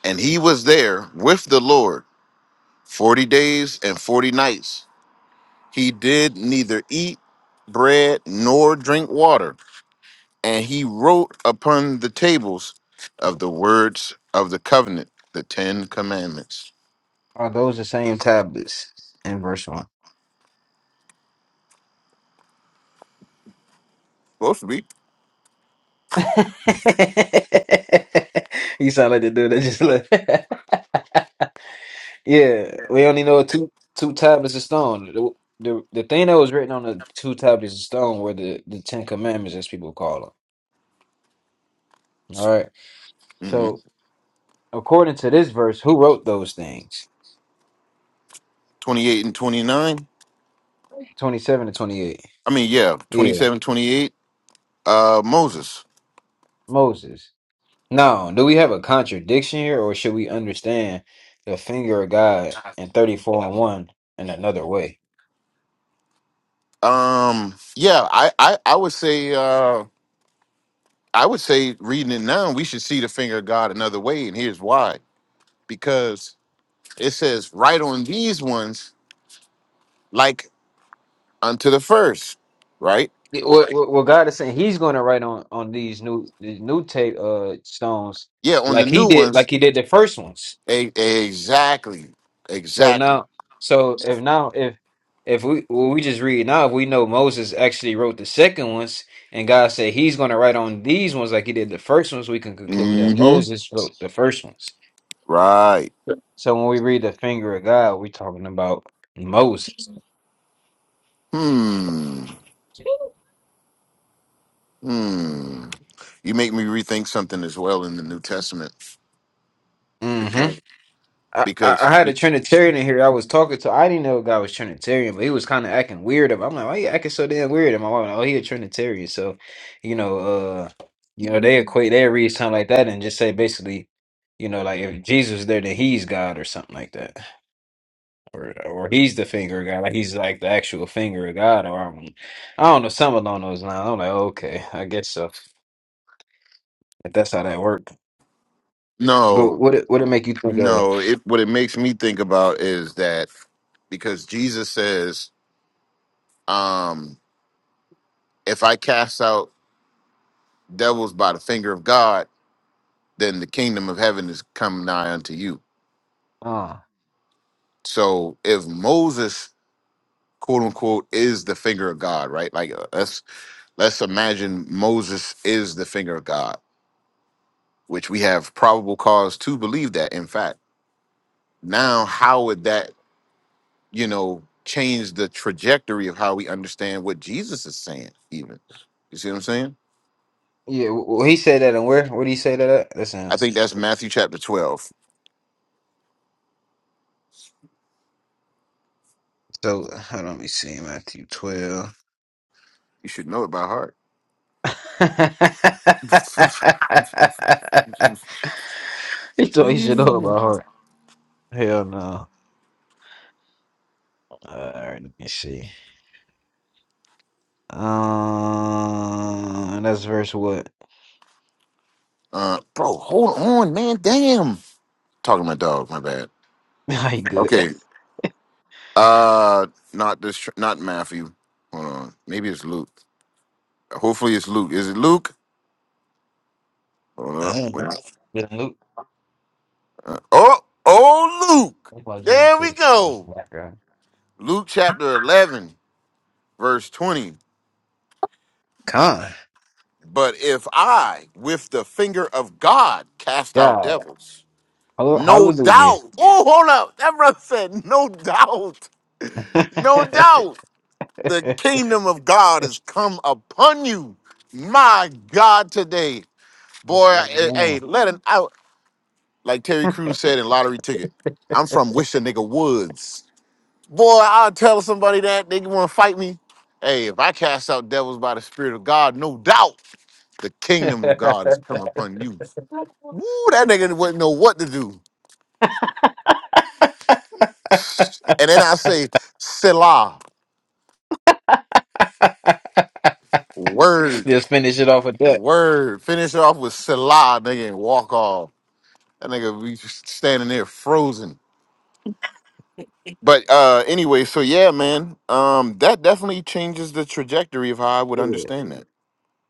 Speaker 9: And he was there with the Lord 40 days and 40 nights. He did neither eat bread nor drink water. and he wrote upon the tables of the words of the covenant, the Ten Commandments.
Speaker 3: Are those the same tablets in verse one?
Speaker 9: Supposed to be.
Speaker 3: you sound like the dude that just left. yeah, we only know two two tablets of stone. The, the the thing that was written on the two tablets of stone were the the Ten Commandments, as people call them. All right,
Speaker 9: hmm
Speaker 3: so according to this verse, who wrote those things?
Speaker 9: 28 and 29.
Speaker 3: 27 to 28.
Speaker 9: I mean, yeah,
Speaker 3: Yeah,
Speaker 9: twenty-seven, 28. Uh, Moses.
Speaker 3: Moses. Now, do we have a contradiction here, or should we understand the finger of God in 34 and 1 in another way?
Speaker 9: Um, yeah, I, I, I would say, uh, I would say reading it now, we should see the finger of God another way. And here's why because it says, right on these ones, like unto the first, right?
Speaker 3: What, what, what God is saying, He's going to write on on these new these new tape uh stones
Speaker 9: Yeah, on the
Speaker 3: like He
Speaker 9: new
Speaker 3: did,
Speaker 9: ones,
Speaker 3: like He did the first ones.
Speaker 9: E- exactly.
Speaker 3: So
Speaker 9: Exactly.
Speaker 3: now, so if now if if we well, we just read now, if we know Moses actually wrote the second ones, and God said He's going to write on these ones like He did the first ones, we can conclude that
Speaker 9: Mm-hmm.
Speaker 3: Moses wrote the first ones.
Speaker 9: Right.
Speaker 3: So when we read the finger of God, we're talking about Moses.
Speaker 9: Hmm. Hmm. You make me rethink something as well in the New Testament.
Speaker 3: hmm
Speaker 9: Because
Speaker 3: I, I
Speaker 9: because
Speaker 3: I had a Trinitarian in here I was talking to. I didn't know a guy was Trinitarian, but he was kind of acting weird. I'm like, why you acting so damn weird? And my mom, oh, he a Trinitarian. So, you know, uh, you know, they equate, they read something like that and just say basically, you know, like if Jesus is there, then he's God or something like that, or or he's the finger of God, like he's like the actual finger of God, or I don't, I don't know, something along those lines. I'm like, okay, I guess so. If that's how that worked, but
Speaker 9: no,
Speaker 3: what it, what it make you think of?
Speaker 9: no, it what it makes me think about is that because Jesus says, um, if I cast out devils by the finger of God, then the kingdom of heaven is come nigh unto you.
Speaker 3: Uh,
Speaker 9: So if Moses, quote unquote, is the finger of God, right? Like uh, that's Let's imagine Moses is the finger of God, which we have probable cause to believe that, in fact. Now, how would that, you know, change the trajectory of how we understand what Jesus is saying, even? You see what I'm saying?
Speaker 3: yeah, well, he said that, and where? What did he say that at? Listen.
Speaker 9: I think that's Matthew chapter 12.
Speaker 3: So hold on, let me see Matthew twelve.
Speaker 9: You should know it by heart.
Speaker 3: he told me he should know about heart. Hell no. Alright, let me see. Um that's verse what?
Speaker 9: Uh, bro, hold on, man. Damn. Talking to my dog. My bad.
Speaker 3: I ain't good.
Speaker 9: Okay. Uh, not this. Not Matthew. Hold on. Maybe it's Luke. Hopefully it's Luke. Is it Luke? Hold up.
Speaker 3: I don't
Speaker 9: Wait.
Speaker 3: know. But Luke,
Speaker 9: Oh, oh, Luke.
Speaker 3: that's why Jesus
Speaker 9: There we
Speaker 3: said
Speaker 9: go.
Speaker 3: black guy.
Speaker 9: Luke chapter 11, verse 20.
Speaker 3: Con.
Speaker 9: But if I, with the finger of God, cast out
Speaker 3: God.
Speaker 9: devils,
Speaker 3: Hall-
Speaker 9: no
Speaker 3: Hallelujah.
Speaker 9: doubt. Oh, hold up. That brother said, no doubt. No doubt. The
Speaker 3: Amen.
Speaker 9: kingdom of God has come upon you. My God, today. Boy, eh, hey, let it out. Like Terry Crews said in Lottery Ticket, I'm from Wish a Nigga Woods. Boy, I'll tell somebody that they want to fight me. Hey, if I cast out devils by the Spirit of God, no doubt the kingdom of God is come upon you. Woo, that nigga wouldn't know what to do. And then I say, Selah, word,
Speaker 3: Just finish it off with that.
Speaker 9: word. Finish it off with Selah, nigga, and walk off. That nigga be just standing there frozen. But uh anyway, so yeah, man, um, that definitely changes the trajectory of how I would understand that.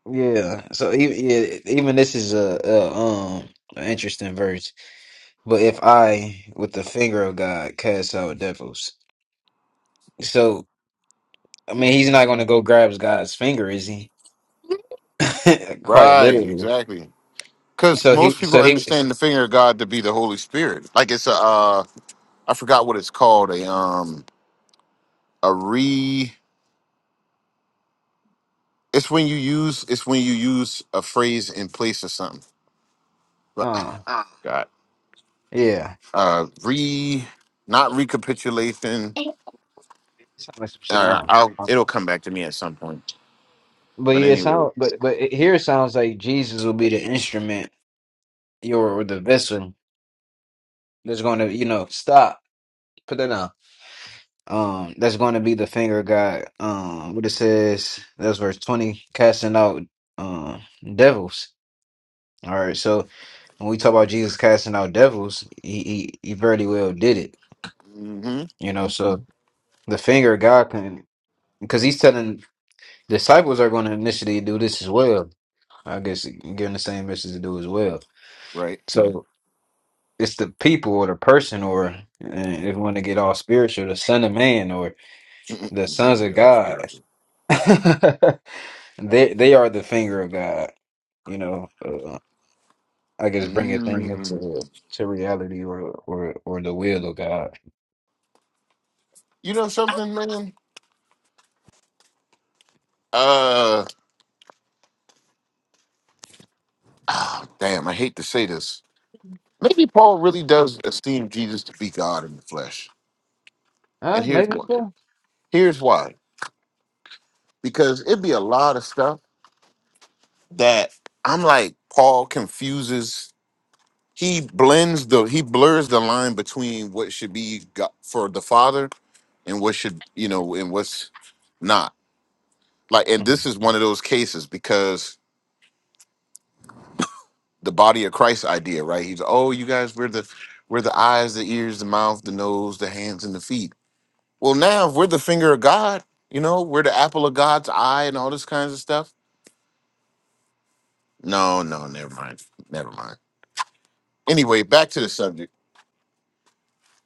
Speaker 3: Yeah. So even yeah, even this is a, a um an interesting verse. But if I with the finger of God cast out devils, so I mean he's not going to go grab God's finger, is he? Quite
Speaker 9: Right,
Speaker 3: literally.
Speaker 9: exactly. Because
Speaker 3: So
Speaker 9: most
Speaker 3: he
Speaker 9: people
Speaker 3: so he
Speaker 9: understand the finger of God to be the Holy Spirit. Like it's a, uh, I forgot what it's called. A um, a re. It's when you use. It's when you use a phrase in place of something. But
Speaker 3: uh
Speaker 9: God,
Speaker 3: yeah.
Speaker 9: uh, re, not recapitulation.
Speaker 3: Sound like some shit
Speaker 9: Uh,
Speaker 3: on.
Speaker 9: I'll. It'll come back to me at some point.
Speaker 3: But
Speaker 9: But
Speaker 3: yeah, it
Speaker 9: anyway,
Speaker 3: sound but but it, here it sounds like Jesus will be the instrument, your or the vessel that's going to you know stop. Put that down Um, that's going to be the finger of God. Um, what it says, that's verse 20, casting out um devils. All right, so when we talk about Jesus casting out devils, he he, he very well did it,
Speaker 9: hmm
Speaker 3: you know. So the finger of God can, because he's telling disciples are going to initially do this as well. I guess giving the same message to do as well.
Speaker 9: right.
Speaker 3: So it's the people or the person, or uh, if you want to get all spiritual, the Son of Man or
Speaker 9: if
Speaker 3: the
Speaker 9: you
Speaker 3: sons
Speaker 9: want to
Speaker 3: of
Speaker 9: get our
Speaker 3: God.
Speaker 9: spiritual,
Speaker 3: They they are the finger of God. You know, uh, I guess bringing things
Speaker 9: mm.
Speaker 3: into to reality or or or the will of God.
Speaker 9: you know something, man. Uh, ah, damn. I hate to say this Maybe Paul really does esteem Jesus to be God in the flesh.
Speaker 3: Uh,
Speaker 9: And here's
Speaker 3: maybe
Speaker 9: why.
Speaker 3: so.
Speaker 9: Here's why. Because it'd be a lot of stuff that I'm like, Paul confuses, he blends the he blurs the line between what should be God, for the Father and what should, you know, and what's not. Like, and
Speaker 3: Mhm.
Speaker 9: this is one of those cases because the body of Christ idea, right? He's oh, you guys, we're the we're the eyes, the ears, the mouth, the nose, the hands, and the feet Well, now if we're the finger of God, you know, we're the apple of God's eye and all this kinds of stuff. No, no, never mind. Never mind. Anyway, back to the subject.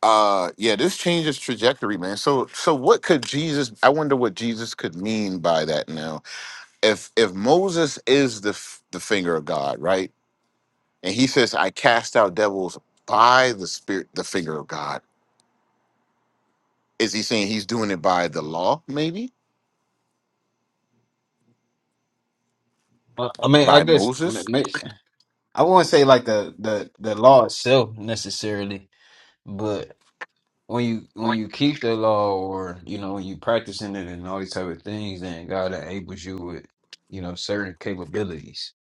Speaker 9: Uh yeah, this changes trajectory, man. So so what could Jesus I wonder what Jesus could mean by that now. If if Moses is the f- the finger of God, right? And he says I cast out devils by the spirit the finger of God. Is he saying he's doing it by the law maybe?
Speaker 3: Uh, I mean, I
Speaker 9: By
Speaker 3: guess
Speaker 9: Moses?
Speaker 3: ma- ma- I won't say like the the the law itself necessarily, but when you when you keep the law or you know when you practicing it and all these type of things, then God enables you with you know certain capabilities.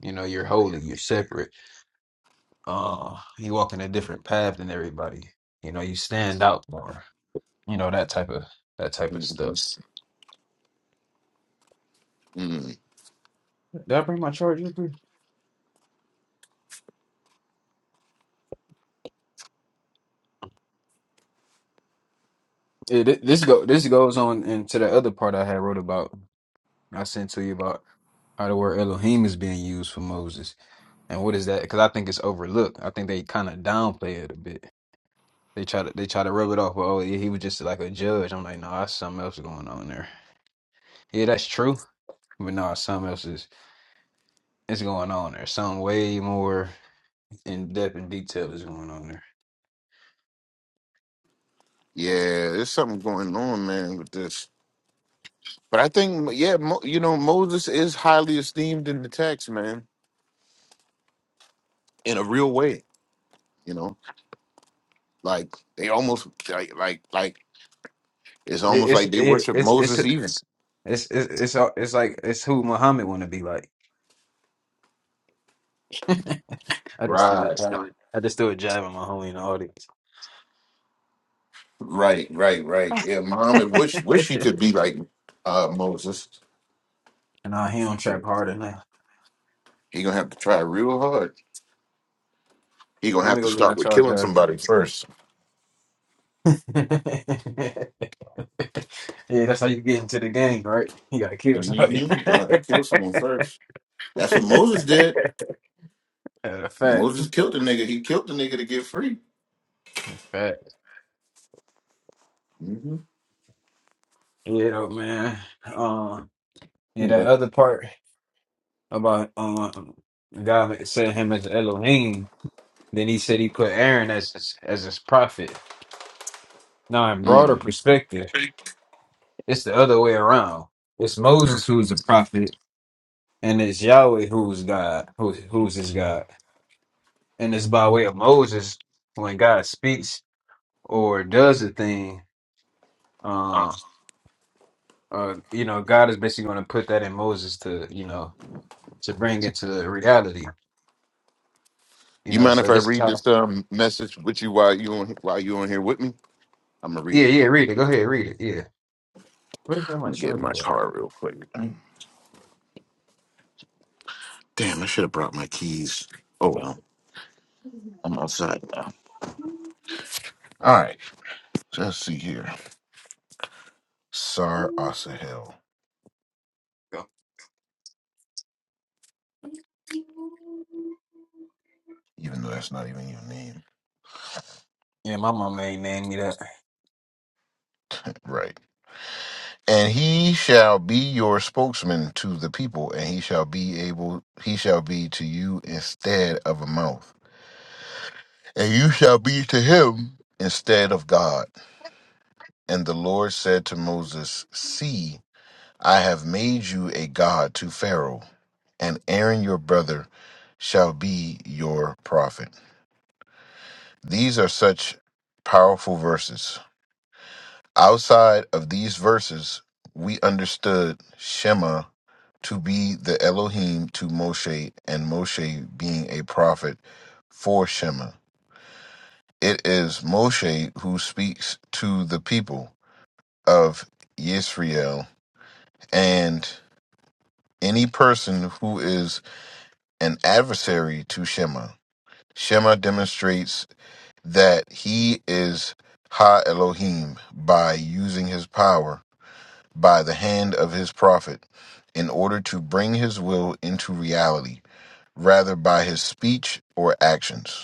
Speaker 3: You know, you're holy, you're separate. Uh, you walk in a different path than everybody. You know, you stand out more. You know that type of that type of stuff.
Speaker 9: Mhm.
Speaker 3: Did I bring my charger? with me? Yeah, thi- this go this goes on into the other part I had wrote about. I sent to you about how the word Elohim is being used for Moses, and what is that? Because I think it's overlooked. I think they kind of downplay it a bit. They try to they try to rub it off. Oh, yeah, he was just like a judge. I'm like, no, that's something else going on there. Yeah, that's true. But no, something else is is going on there. Something way more. in depth and detail is going on there.
Speaker 9: Yeah, there's something going on, man, with this. But I think, yeah, Mo, you know, Moses is highly esteemed in the text, man, in a real way. You know, like they almost like like like it's
Speaker 3: It,
Speaker 9: almost
Speaker 3: it's
Speaker 9: like they
Speaker 3: it,
Speaker 9: worship
Speaker 3: it's it's
Speaker 9: Moses even.
Speaker 3: it's it's it's all- it's like it's who Muhammad want to be like. I just threw a
Speaker 9: Right,
Speaker 3: jab. I just threw a jab at my homie in the audience.
Speaker 9: right, right, right. Yeah, Muhammad wish wish he could be like uh Moses.
Speaker 3: and I he don't trap harder now.
Speaker 9: He gonna have to try real hard. He gonna
Speaker 3: Let me
Speaker 9: have to
Speaker 3: go get my
Speaker 9: start with killing
Speaker 3: charger.
Speaker 9: somebody 1st
Speaker 3: yeah, that's how you get into the gang, right? You gotta kill somebody.
Speaker 9: Mm-hmm. Gonna have to kill someone first. That's what Moses did.
Speaker 3: Uh, fact,
Speaker 9: Moses killed the nigga. He killed the nigga to get free.
Speaker 3: fact.
Speaker 9: hmm
Speaker 3: Yeah, though, man. Um, yeah, that
Speaker 9: But
Speaker 3: other part. about um God said him as Elohim. Then he said he put Aaron as his, as his prophet. Now, in broader
Speaker 9: mm.
Speaker 3: perspective, it's the other way around. It's Moses who's the prophet, and it's Yahweh who's God, who, who's his God, and it's by way of Moses when God speaks or does a thing. Uh, uh, you know, God is basically going to put that in Moses to you know to bring it to reality. You
Speaker 9: you
Speaker 3: know,
Speaker 9: mind
Speaker 3: so
Speaker 9: if I
Speaker 3: this is
Speaker 9: read
Speaker 3: how.
Speaker 9: this um, message with you while you on while you on here with me? I'm gonna read
Speaker 3: Yeah,
Speaker 9: it.
Speaker 3: yeah. Read it. Go ahead. Read it. Yeah. What if I'm
Speaker 9: Let me
Speaker 3: not
Speaker 9: get in my
Speaker 3: sure?
Speaker 9: car real quick. Damn, I should have brought my keys. Oh well, I'm outside now. All right, so let's see here. Sar Asahel, even though that's not even your name,
Speaker 3: Yeah, my mama ain't named me that.
Speaker 9: right? And he shall be your spokesman to the people, and he shall be able, he shall be to you instead of a mouth and you shall be to him instead of God. And the Lord said to Moses, See, I have made you a God to Pharaoh, and Aaron your brother shall be your prophet. These are such powerful verses. Outside of these verses, we understood Shema to be the Elohim to Moshe, and Moshe being a prophet for Shema. It is Moshe who speaks to the people of Yisrael, and any person who is an adversary to Shema. Shema demonstrates that he is Ha Elohim by using his power by the hand of his prophet in order to bring his will into reality, rather by his speech or actions.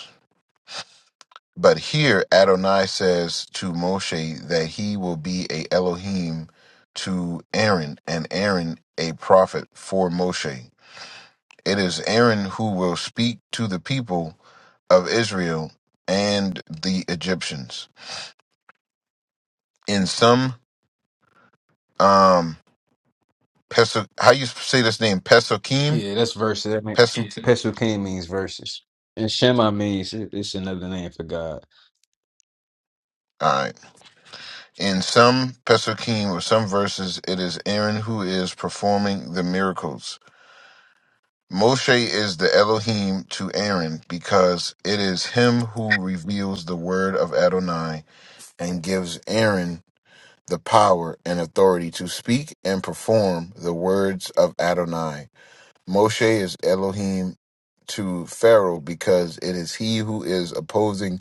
Speaker 9: But here Adonai says to Moshe that he will be a Elohim to Aaron and Aaron a prophet for Moshe. It is Aaron who will speak to the people of Israel and the Egyptians. In some um Pesu- how you say this name Pesukim
Speaker 3: Yeah, that's verses. I mean,
Speaker 9: Pesukim.
Speaker 3: Pesukim means verses, and Shema means it- it's another name for God.
Speaker 9: All right. In some Pesukim or some verses, it is Aaron who is performing the miracles Moshe is the Elohim to Aaron because it is him who reveals the word of Adonai and gives Aaron the power and authority to speak and perform the words of Adonai. Moshe is Elohim to Pharaoh because it is he who is opposing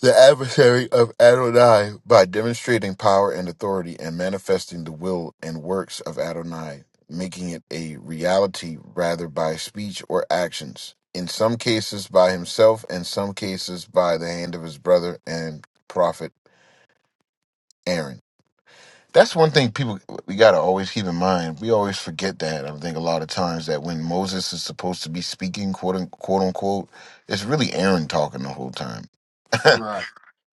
Speaker 9: the adversary of Adonai by demonstrating power and authority and manifesting the will and works of Adonai, making it a reality rather by speech or actions, in some cases by himself, in some cases by the hand of his brother and prophet Aaron. That's one thing people we gotta always keep in mind. We always forget that. I think a lot of times that when Moses is supposed to be speaking, quote unquote, quote unquote it's really Aaron talking the whole time.
Speaker 3: Right.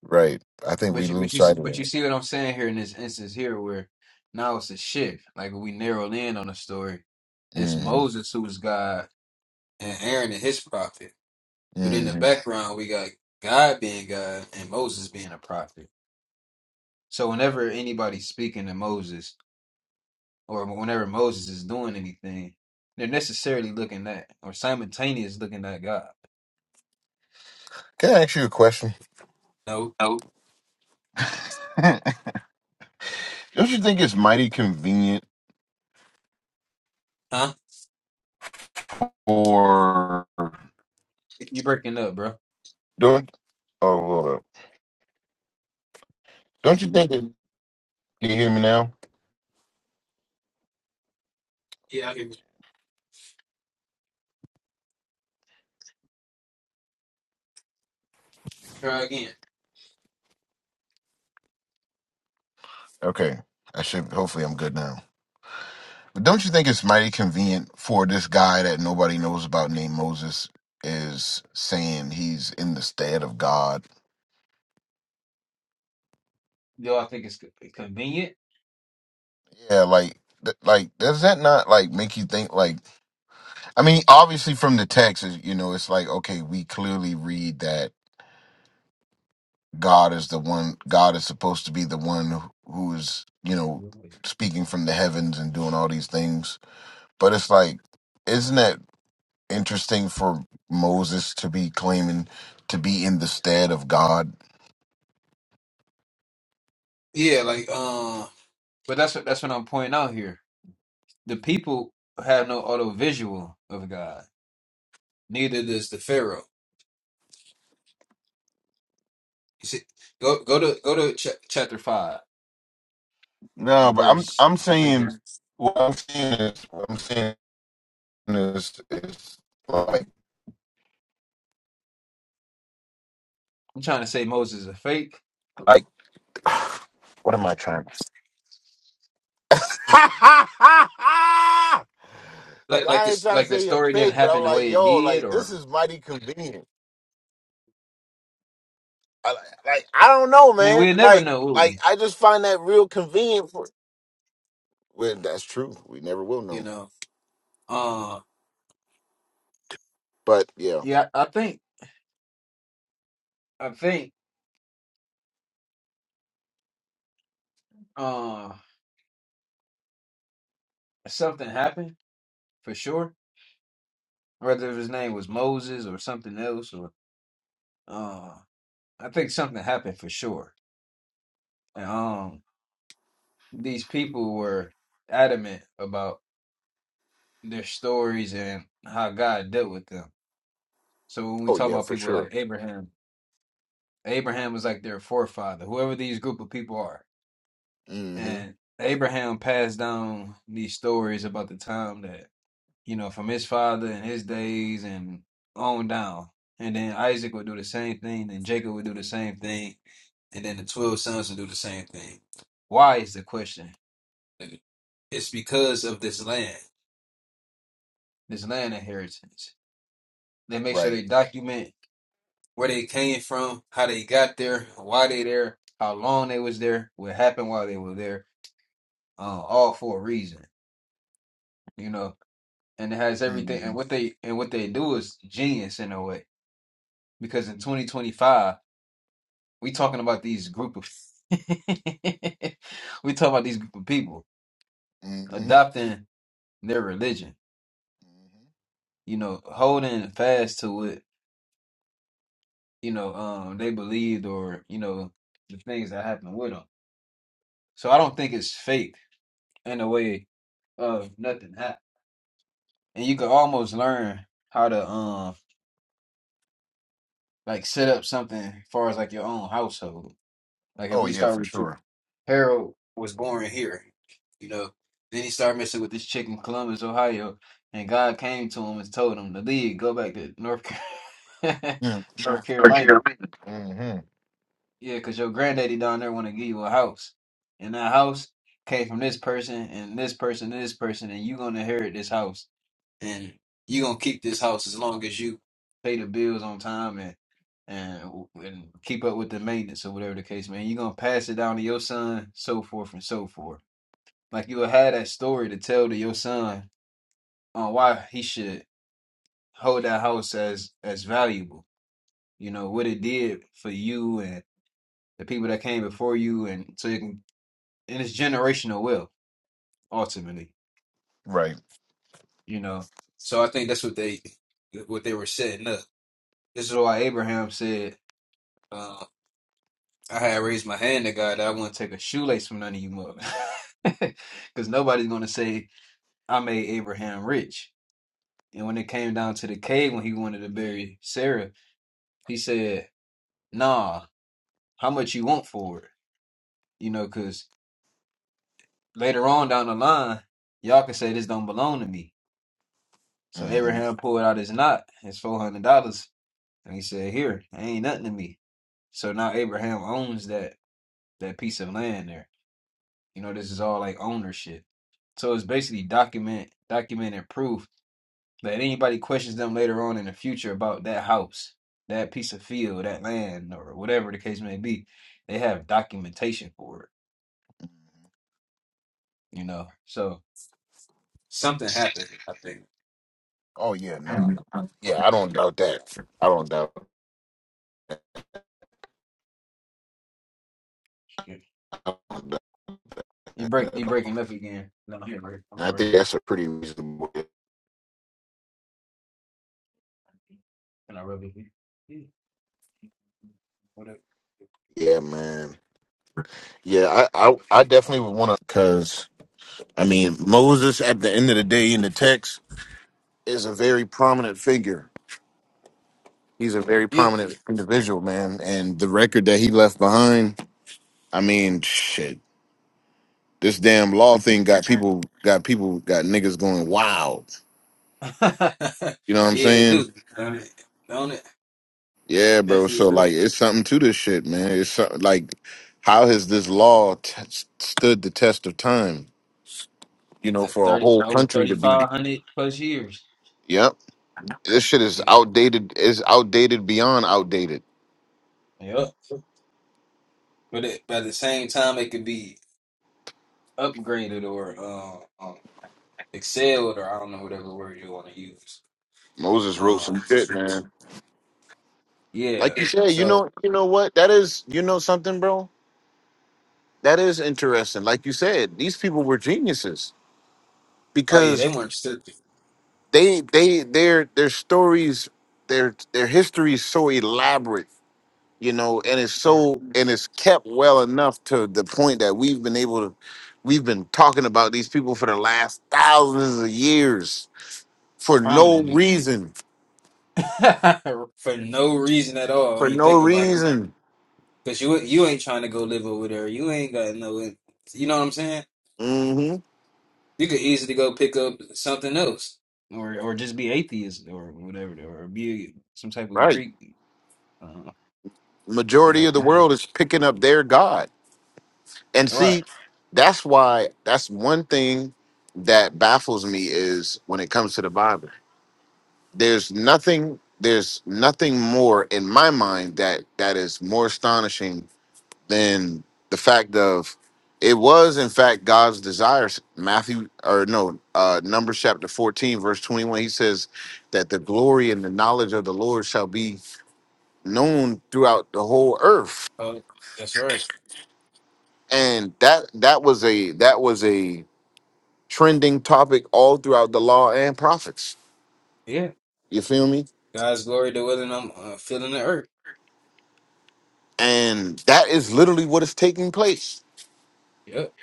Speaker 9: Right. I think
Speaker 3: But
Speaker 9: we
Speaker 3: you, but
Speaker 9: lose
Speaker 3: you,
Speaker 9: sight of
Speaker 3: but
Speaker 9: that.
Speaker 3: you see what I'm saying here in this instance here, where now it's a shift. Like when we narrowed in on the story, it's
Speaker 9: hmm
Speaker 3: Moses who is God and Aaron and his prophet. But in the
Speaker 9: hmm
Speaker 3: background, we got God being God and Moses being a prophet. So whenever anybody's speaking to Moses. or whenever Moses is doing anything, they're necessarily looking at or simultaneous looking at God.
Speaker 9: Can I ask you a question?
Speaker 3: No.
Speaker 9: Oh, don't you think it's mighty convenient
Speaker 3: Huh?
Speaker 9: for
Speaker 3: You breaking up, bro?
Speaker 9: don't oh hold up. Don't you think it, can you hear me now?
Speaker 3: Yeah, I can try again.
Speaker 9: Okay. I should hopefully I'm good now. But don't you think it's mighty convenient for this guy that nobody knows about named Moses is saying he's in the stead of God?
Speaker 3: Yo, I think it's co- convenient?
Speaker 9: Yeah, like th- like does that not like make you think like I mean obviously from the text is you know it's like okay we clearly read that God is the one God is supposed to be the one who who is, you know, speaking from the heavens and doing all these things. But it's like isn't that interesting for Moses to be claiming to be in the stead of God?
Speaker 3: Yeah, like uh But that's what that's what I'm pointing out here. The people have no auto visual of God. neither does the Pharaoh. You see, go go to go to ch- chapter five
Speaker 9: No,
Speaker 3: and
Speaker 9: but I'm
Speaker 3: verse.
Speaker 9: I'm
Speaker 3: I think it's,
Speaker 9: saying what I'm saying is what I'm saying is is like
Speaker 3: I'm trying to say Moses is a fake.
Speaker 9: like what am I trying to
Speaker 3: Like like
Speaker 9: I ain't
Speaker 3: this
Speaker 9: trying to
Speaker 3: like the
Speaker 9: say you're
Speaker 3: story didn't
Speaker 9: fake, but I'm
Speaker 3: happen the
Speaker 9: like,
Speaker 3: way it
Speaker 9: yo,
Speaker 3: did,
Speaker 9: like
Speaker 3: or
Speaker 9: this is mighty convenient. I, like I don't know,
Speaker 3: I mean,
Speaker 9: man.
Speaker 3: we'll never
Speaker 9: Like
Speaker 3: know, will
Speaker 9: like
Speaker 3: we?
Speaker 9: I just find that real convenient. For, well, that's true. We never will
Speaker 3: You
Speaker 9: know.
Speaker 3: know. Uh
Speaker 9: But yeah.
Speaker 3: yeah, I think I think uh something happened for sure. Whether his name was Moses or something else or uh I think something happened for sure. And um these people were adamant about their stories and how God dealt with them. So when we
Speaker 9: Oh
Speaker 3: talk
Speaker 9: yeah,
Speaker 3: about
Speaker 9: for
Speaker 3: people like
Speaker 9: sure.
Speaker 3: Abraham, Abraham was like their forefather, whoever these group of people are.
Speaker 9: Mm-hmm.
Speaker 3: And Abraham passed down these stories about the time that you know, from his father and his days and on down. And then Isaac would do the same thing, then Jacob would do the same thing, and then the 12 sons would do the same thing. Why is the question? It's because of this land, this land inheritance. They make sure
Speaker 9: Right.
Speaker 3: they document where they came from, how they got there, why they there, how long they was there, what happened while they were there, uh, all for a reason, you know. And it has everything.
Speaker 9: Mm-hmm.
Speaker 3: And what they and what they do is genius in a way because in 2025 we talking about these group of we talking about these group of people
Speaker 9: Mm-hmm.
Speaker 3: adopting their religion
Speaker 9: Mm-hmm.
Speaker 3: you know holding fast to what you know um they believed or you know the things that happened with them so i don't think it's fake in a way of nothing happened and you can almost learn how to um like set up something as far as like your own household like if
Speaker 9: Oh
Speaker 3: we
Speaker 9: yeah,
Speaker 3: start
Speaker 9: for
Speaker 3: with you
Speaker 9: sure.
Speaker 3: Harold was born here, you know. Then he started messing with this chick in Columbus, Ohio, and God came to him and told him to leave, go back to North Car-
Speaker 9: Yeah. Sure.
Speaker 3: North Carolina.
Speaker 9: Mm-hmm.
Speaker 3: Yeah, because your granddaddy down there want to give you a house, and that house came from this person and this person and this person, and you gonna inherit this house, and you gonna keep this house as long as you pay the bills on time and and and keep up with the maintenance or whatever the case, man. You're gonna pass it down to your son, so forth and so forth. Like you'll have that story to tell to your son on why he should hold that house as as valuable. You know what it did for you and the people that came before you, and so you can. And it's generational wealth ultimately.
Speaker 9: Right.
Speaker 3: You know, so I think that's what they what they were setting up. This is why Abraham said, uh, "I had raised my hand to God that I wouldn't take a shoelace from none of you mother, because nobody's going to say I made Abraham rich." And when it came down to the cave when he wanted to bury Sarah, He said, "Nah, how much you want for it? You know, because later on down the line, y'all can say this don't belong to me." So
Speaker 9: Mm-hmm.
Speaker 3: Abraham pulled out his knot, his four hundred dollars, and he said, "Here, it ain't nothing to me." So now Abraham owns that that piece of land there. You know, this is all like ownership. So it's basically document documented proof that anybody questions them later on in the future about that house, that piece of field, that land, or whatever the case may be, they have documentation for it. you know. So Something happened, I think.
Speaker 9: Oh yeah, no. Nah. Yeah, I don't doubt that. I don't doubt that
Speaker 3: you break you
Speaker 9: at all.
Speaker 3: breaking up again. No, here, Rick. I'm
Speaker 9: And
Speaker 3: in the
Speaker 9: I think
Speaker 3: rest of
Speaker 9: that's a pretty reasonable.
Speaker 3: Can I rub it here? Whatever.
Speaker 9: Yeah, man. Yeah, I I, I definitely would want to, I mean, Moses, at the end of the day, in the text, is a very prominent figure. He's a very
Speaker 3: Yeah.
Speaker 9: prominent individual, man. And the record that he left behind, I mean, shit, this damn law thing got people, got people, got niggas going wild. You know what I'm
Speaker 3: yeah, it
Speaker 9: saying?
Speaker 3: do. I mean, don't it?
Speaker 9: Yeah, bro. So
Speaker 3: Definitely do.
Speaker 9: like, it's something to this shit, man. It's something like, how has this law t- stood the test of time? You know,
Speaker 3: Th-
Speaker 9: for a
Speaker 3: Thirty
Speaker 9: whole
Speaker 3: over
Speaker 9: country
Speaker 3: thirty
Speaker 9: to be.
Speaker 3: five hundred plus years.
Speaker 9: Yep, this shit is
Speaker 3: You know.
Speaker 9: outdated. Is outdated beyond outdated.
Speaker 3: Yep. But it, but at the same time, it could be upgraded or um, excelled, or I don't know whatever word you want to use.
Speaker 9: Moses wrote
Speaker 3: Um,
Speaker 9: some shit, man. Like
Speaker 3: yeah.
Speaker 9: you said, you
Speaker 3: So.
Speaker 9: know, you know what? That is, you know, something, bro. That is interesting. Like you said, these people were geniuses
Speaker 3: Oh yeah, they
Speaker 9: because
Speaker 3: weren't stood
Speaker 9: they, they, their, their stories, their, their history is so elaborate, you know, and it's so, and it's kept well enough to the point that we've been able to, we've been talking about these people for the last thousands of years for no
Speaker 3: prominently
Speaker 9: reason,
Speaker 3: for no reason at all
Speaker 9: for
Speaker 3: when you
Speaker 9: no
Speaker 3: think about it.
Speaker 9: reason.
Speaker 3: Because you you ain't trying to go live over there. You ain't got no. You know what I'm saying?
Speaker 9: hmm
Speaker 3: You could easily go pick up something else, or or just be atheist or whatever, or be some type of
Speaker 9: Right.
Speaker 3: Greek. Uh, you
Speaker 9: majority of
Speaker 3: know,
Speaker 9: the world is picking up their god and
Speaker 3: right?
Speaker 9: see that's why that's one thing that baffles me is when it comes to the bible there's nothing there's nothing more in my mind that that is more astonishing than the fact of it was in fact god's desires matthew or no uh numbers chapter 14 verse 21 he says that the glory and the knowledge of the lord shall be known throughout the whole earth
Speaker 3: Oh, that's right.
Speaker 9: and that that was a that was a trending topic all throughout the law and prophets
Speaker 3: Yeah,
Speaker 9: you feel me
Speaker 3: God's glory to willing. I'm uh, filling the earth.
Speaker 9: and that is literally what is taking place
Speaker 3: Yep,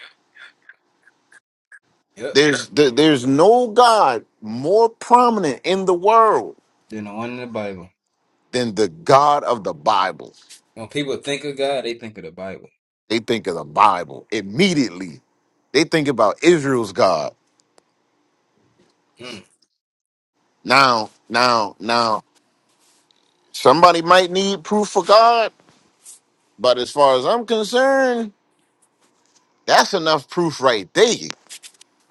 Speaker 3: yep.
Speaker 9: there's there, there's no god more prominent in the world
Speaker 3: Then the one in the Bible.
Speaker 9: than the god of the bible
Speaker 3: When people think of God, they think of the Bible.
Speaker 9: they think of the bible immediately they think about israel's god
Speaker 3: Mm,
Speaker 9: now now now somebody might need proof for god but as far as i'm concerned that's enough proof right there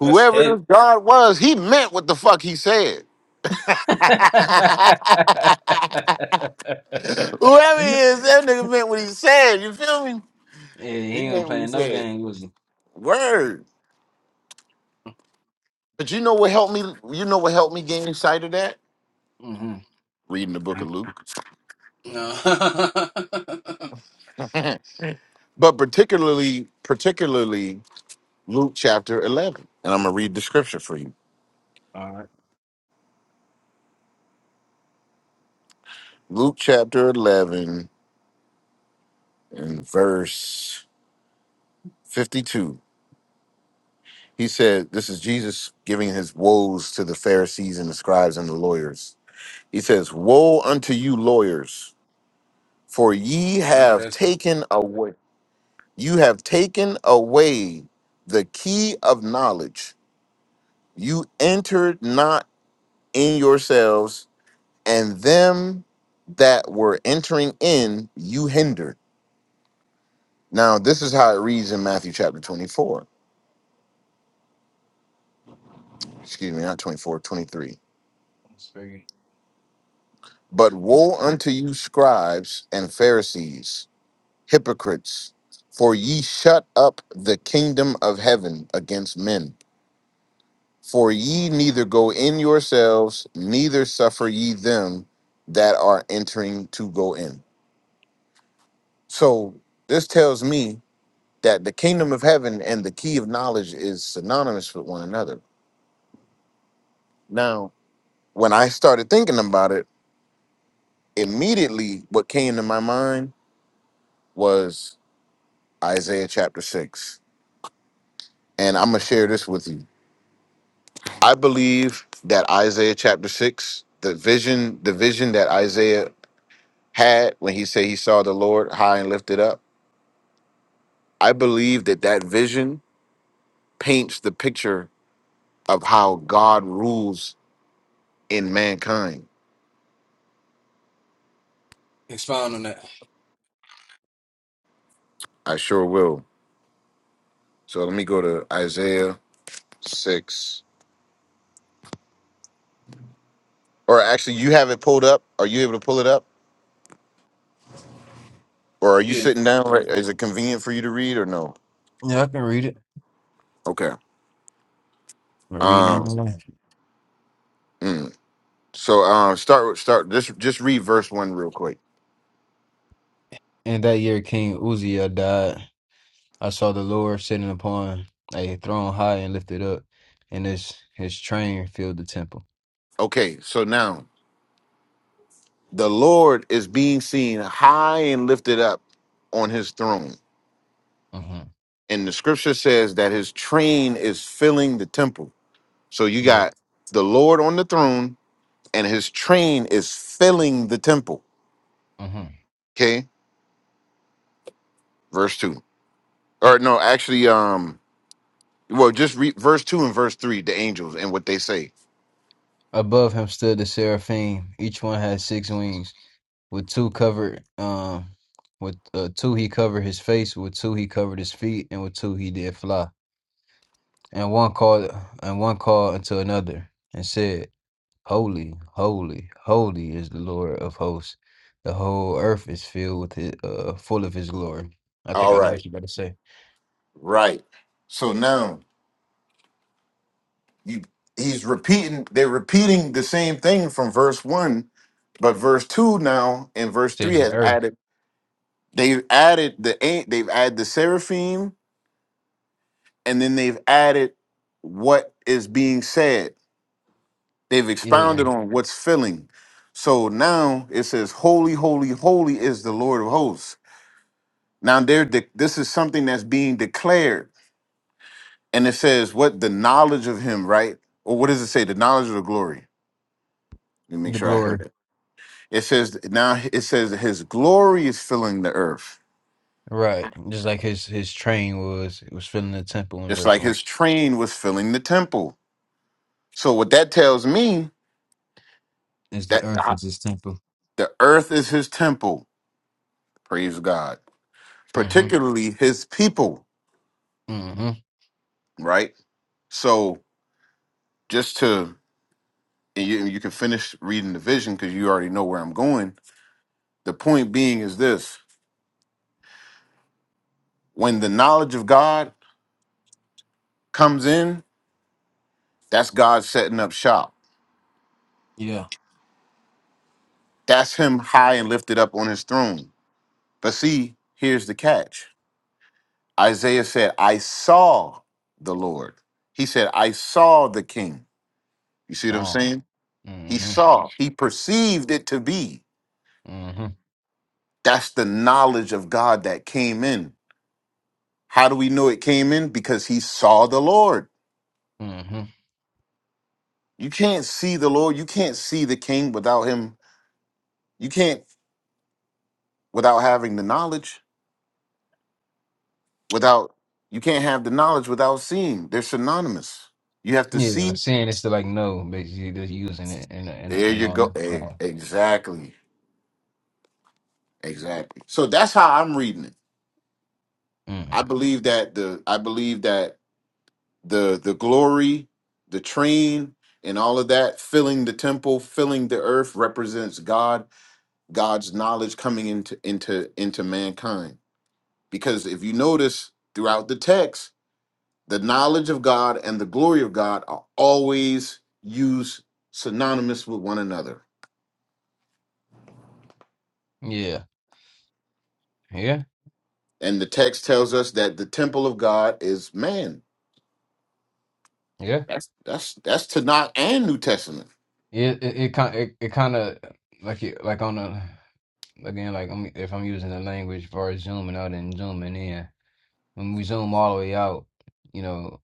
Speaker 3: that's heavy.
Speaker 9: this God was, he meant what the fuck he said. Whoever he is, that nigga meant what he said. You feel me?
Speaker 3: Yeah, he
Speaker 9: He
Speaker 3: ain't
Speaker 9: meant what he
Speaker 3: playing no
Speaker 9: said.
Speaker 3: game, was he?
Speaker 9: Word. But you know what helped me? You know what helped me gain sight of that?
Speaker 3: Mm-hmm.
Speaker 9: Reading the book of Luke.
Speaker 3: No. I
Speaker 9: but particularly, particularly Luke chapter 11. And I'm going to read the scripture for you.
Speaker 3: All right.
Speaker 9: Luke chapter 11 and verse 52. He said, This is Jesus giving his woes to the Pharisees and the scribes and the lawyers. He says, Woe unto you, lawyers, for ye
Speaker 3: I know
Speaker 9: have
Speaker 3: that's right.
Speaker 9: taken away, you have taken away the key of knowledge. You entered not in yourselves, and them that were entering in you hindered. Now, this is how it reads in Matthew chapter 24. Excuse me, not 24, 23.
Speaker 3: Let's figure
Speaker 9: But woe unto you, scribes and Pharisees, hypocrites, for ye shut up the kingdom of heaven against men. For ye neither go in yourselves, neither suffer ye them that are entering to go in. So this tells me that the kingdom of heaven and the key of knowledge is synonymous with one another. Now, when I started thinking about it, immediately what came to my mind was Isaiah chapter 6 and I'm gonna share this with you. I believe that Isaiah chapter six, the vision, the vision that Isaiah had when he said he saw the Lord high and lifted up. I believe that that vision paints the picture of how God rules in mankind.
Speaker 3: it. Expound on that.
Speaker 9: I sure will. So let me go to Isaiah six. Or actually, you have it pulled up. Are you able to pull it up, or are you
Speaker 3: Yeah.
Speaker 9: sitting down? Right? Is it convenient for you to read, or no?
Speaker 3: Yeah, I can read it.
Speaker 9: Okay.
Speaker 3: I'm reading on
Speaker 9: Um.
Speaker 3: my life.
Speaker 9: mm. So um start with start just just read verse one real quick.
Speaker 3: And that year King Uzziah died. I saw the Lord sitting upon a throne high and lifted up, and his his train filled the temple.
Speaker 9: Okay, so now the Lord is being seen high and lifted up on his throne.
Speaker 3: Mm-hmm.
Speaker 9: And the scripture says that his train is filling the temple. So you
Speaker 3: Yeah.
Speaker 9: got the Lord on the throne and his train is filling the temple.
Speaker 3: Mm-hmm.
Speaker 9: Okay, verse two. Or no, actually, um, well, just read verse two and verse three, the angels and what they say.
Speaker 3: Above him stood the seraphim. Each one had six wings. With two covered, um, with uh, two he covered his face. With two he covered his feet, and with two he did fly. And one called, and one called unto another, and said, Holy, holy, holy is the Lord of hosts. The whole earth is filled with his, uh, full of his glory. I think
Speaker 9: All
Speaker 3: I know
Speaker 9: right,
Speaker 3: what you about to say.
Speaker 9: right. So now you he's repeating they're repeating the same thing from verse one but verse two now and verse three
Speaker 3: Says the
Speaker 9: has
Speaker 3: earth,
Speaker 9: added they've added the an- they've added the seraphim and then they've added what is being said they've
Speaker 3: yeah,
Speaker 9: expounded on what's filling so now it says holy holy holy is the lord of hosts now they de- this is something that's being declared and it says what the knowledge of him right or what does it say the knowledge of the glory let me make
Speaker 3: the
Speaker 9: sure i
Speaker 3: glory,
Speaker 9: heard it. It says now it says that his glory is filling the earth,
Speaker 3: right? Just like his his train was was filling the temple in
Speaker 9: just
Speaker 3: verse
Speaker 9: like
Speaker 3: one.
Speaker 9: his train was filling the temple. So what that tells me
Speaker 3: It's the
Speaker 9: that
Speaker 3: earth.
Speaker 9: I-
Speaker 3: It's his temple.
Speaker 9: the earth is his temple. Praise God,
Speaker 3: hmm
Speaker 9: particularly his people.
Speaker 3: hmm
Speaker 9: Right. So just to and you, you can finish reading the vision because you already know where I'm going. The point being is this: when the knowledge of God comes in, that's God setting up shop.
Speaker 3: Yeah.
Speaker 9: That's Him high and lifted up on His throne But see, here's the catch Isaiah said, I saw the Lord. He said, I saw the king. You see what I'm
Speaker 3: Psalm.
Speaker 9: saying? He
Speaker 3: hmm
Speaker 9: saw, he perceived it to be.
Speaker 3: hmm
Speaker 9: That's the knowledge of God that came in. How do we know it came in? Because he saw the Lord.
Speaker 3: hmm
Speaker 9: You can't see the Lord. You can't see the king without him. You can't without having the knowledge, without you can't have the knowledge without seeing. They're synonymous. You have to
Speaker 3: Yeah.
Speaker 9: see.
Speaker 3: Saying it's to like no, basically just using it and and
Speaker 9: There
Speaker 3: and
Speaker 9: you
Speaker 3: all.
Speaker 9: go. Eh, Exactly. Exactly. So that's how I'm reading it. I
Speaker 3: Mm-hmm.
Speaker 9: believe that the I believe that the the glory, the train, and all of that filling the temple, filling the earth represents God, God's knowledge coming into into into mankind. Because if you notice throughout the text, the knowledge of God and the glory of God are always used synonymous with one another.
Speaker 3: Yeah. Yeah.
Speaker 9: And the text tells us that the temple of God is man.
Speaker 3: Yeah.
Speaker 9: That's that's that's Tanakh and New Testament
Speaker 3: Yeah. It it kind it, it kind of like it like on the again like I'm, if I'm using the language as far as zooming out and zooming in when we zoom all the way out, you know.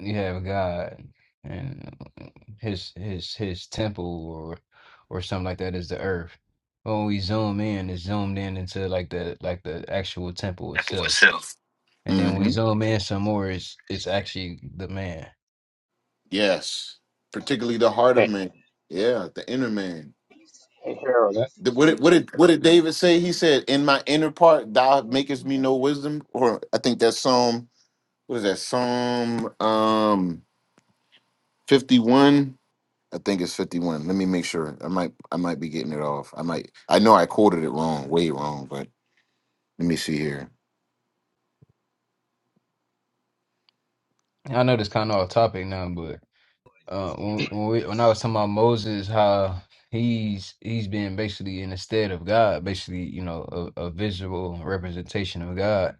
Speaker 3: you have God and his his his temple or or something like that is the earth. But when we zoom in, it's zoomed in into like the like the actual temple
Speaker 9: Apple
Speaker 3: itself.
Speaker 9: itself.
Speaker 3: And then when we
Speaker 9: hmm
Speaker 3: zoom in some more, it's it's actually the man.
Speaker 9: Yes, particularly the heart of
Speaker 6: Hey,
Speaker 9: man. Yeah, the inner man.
Speaker 6: hey Harold, that's,
Speaker 9: The- What did, what did what did David say? He said, "In my inner part, thou makest me know wisdom." Or I think that's Psalm. What is that? Psalm um fifty one. I think it's fifty one. Let me make sure. I might I might be getting it off. I might. I know I quoted it wrong, way wrong. But let me see here.
Speaker 3: I know this kind of off topic now, but uh, when when, we, when I was talking about Moses, how he's he's been basically in the stead of God, basically you know a, a visual representation of God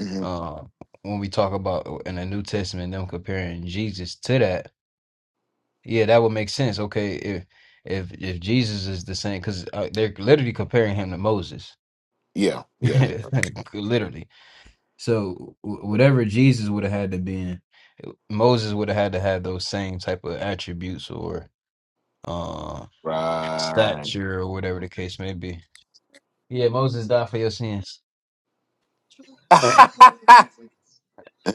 Speaker 9: hmm
Speaker 3: Uh, when we talk about in the New Testament, them comparing Jesus to that, yeah, that would make sense. Okay, if if if Jesus is the same, because uh, they're literally comparing him to Moses,
Speaker 9: Yeah, yeah. there you go.
Speaker 3: literally. So wh- whatever Jesus would have had to be in, Moses would have had to have those same type of attributes or uh
Speaker 9: Right.
Speaker 3: stature or whatever the case may be. Yeah, Moses died for your sins.
Speaker 6: hey,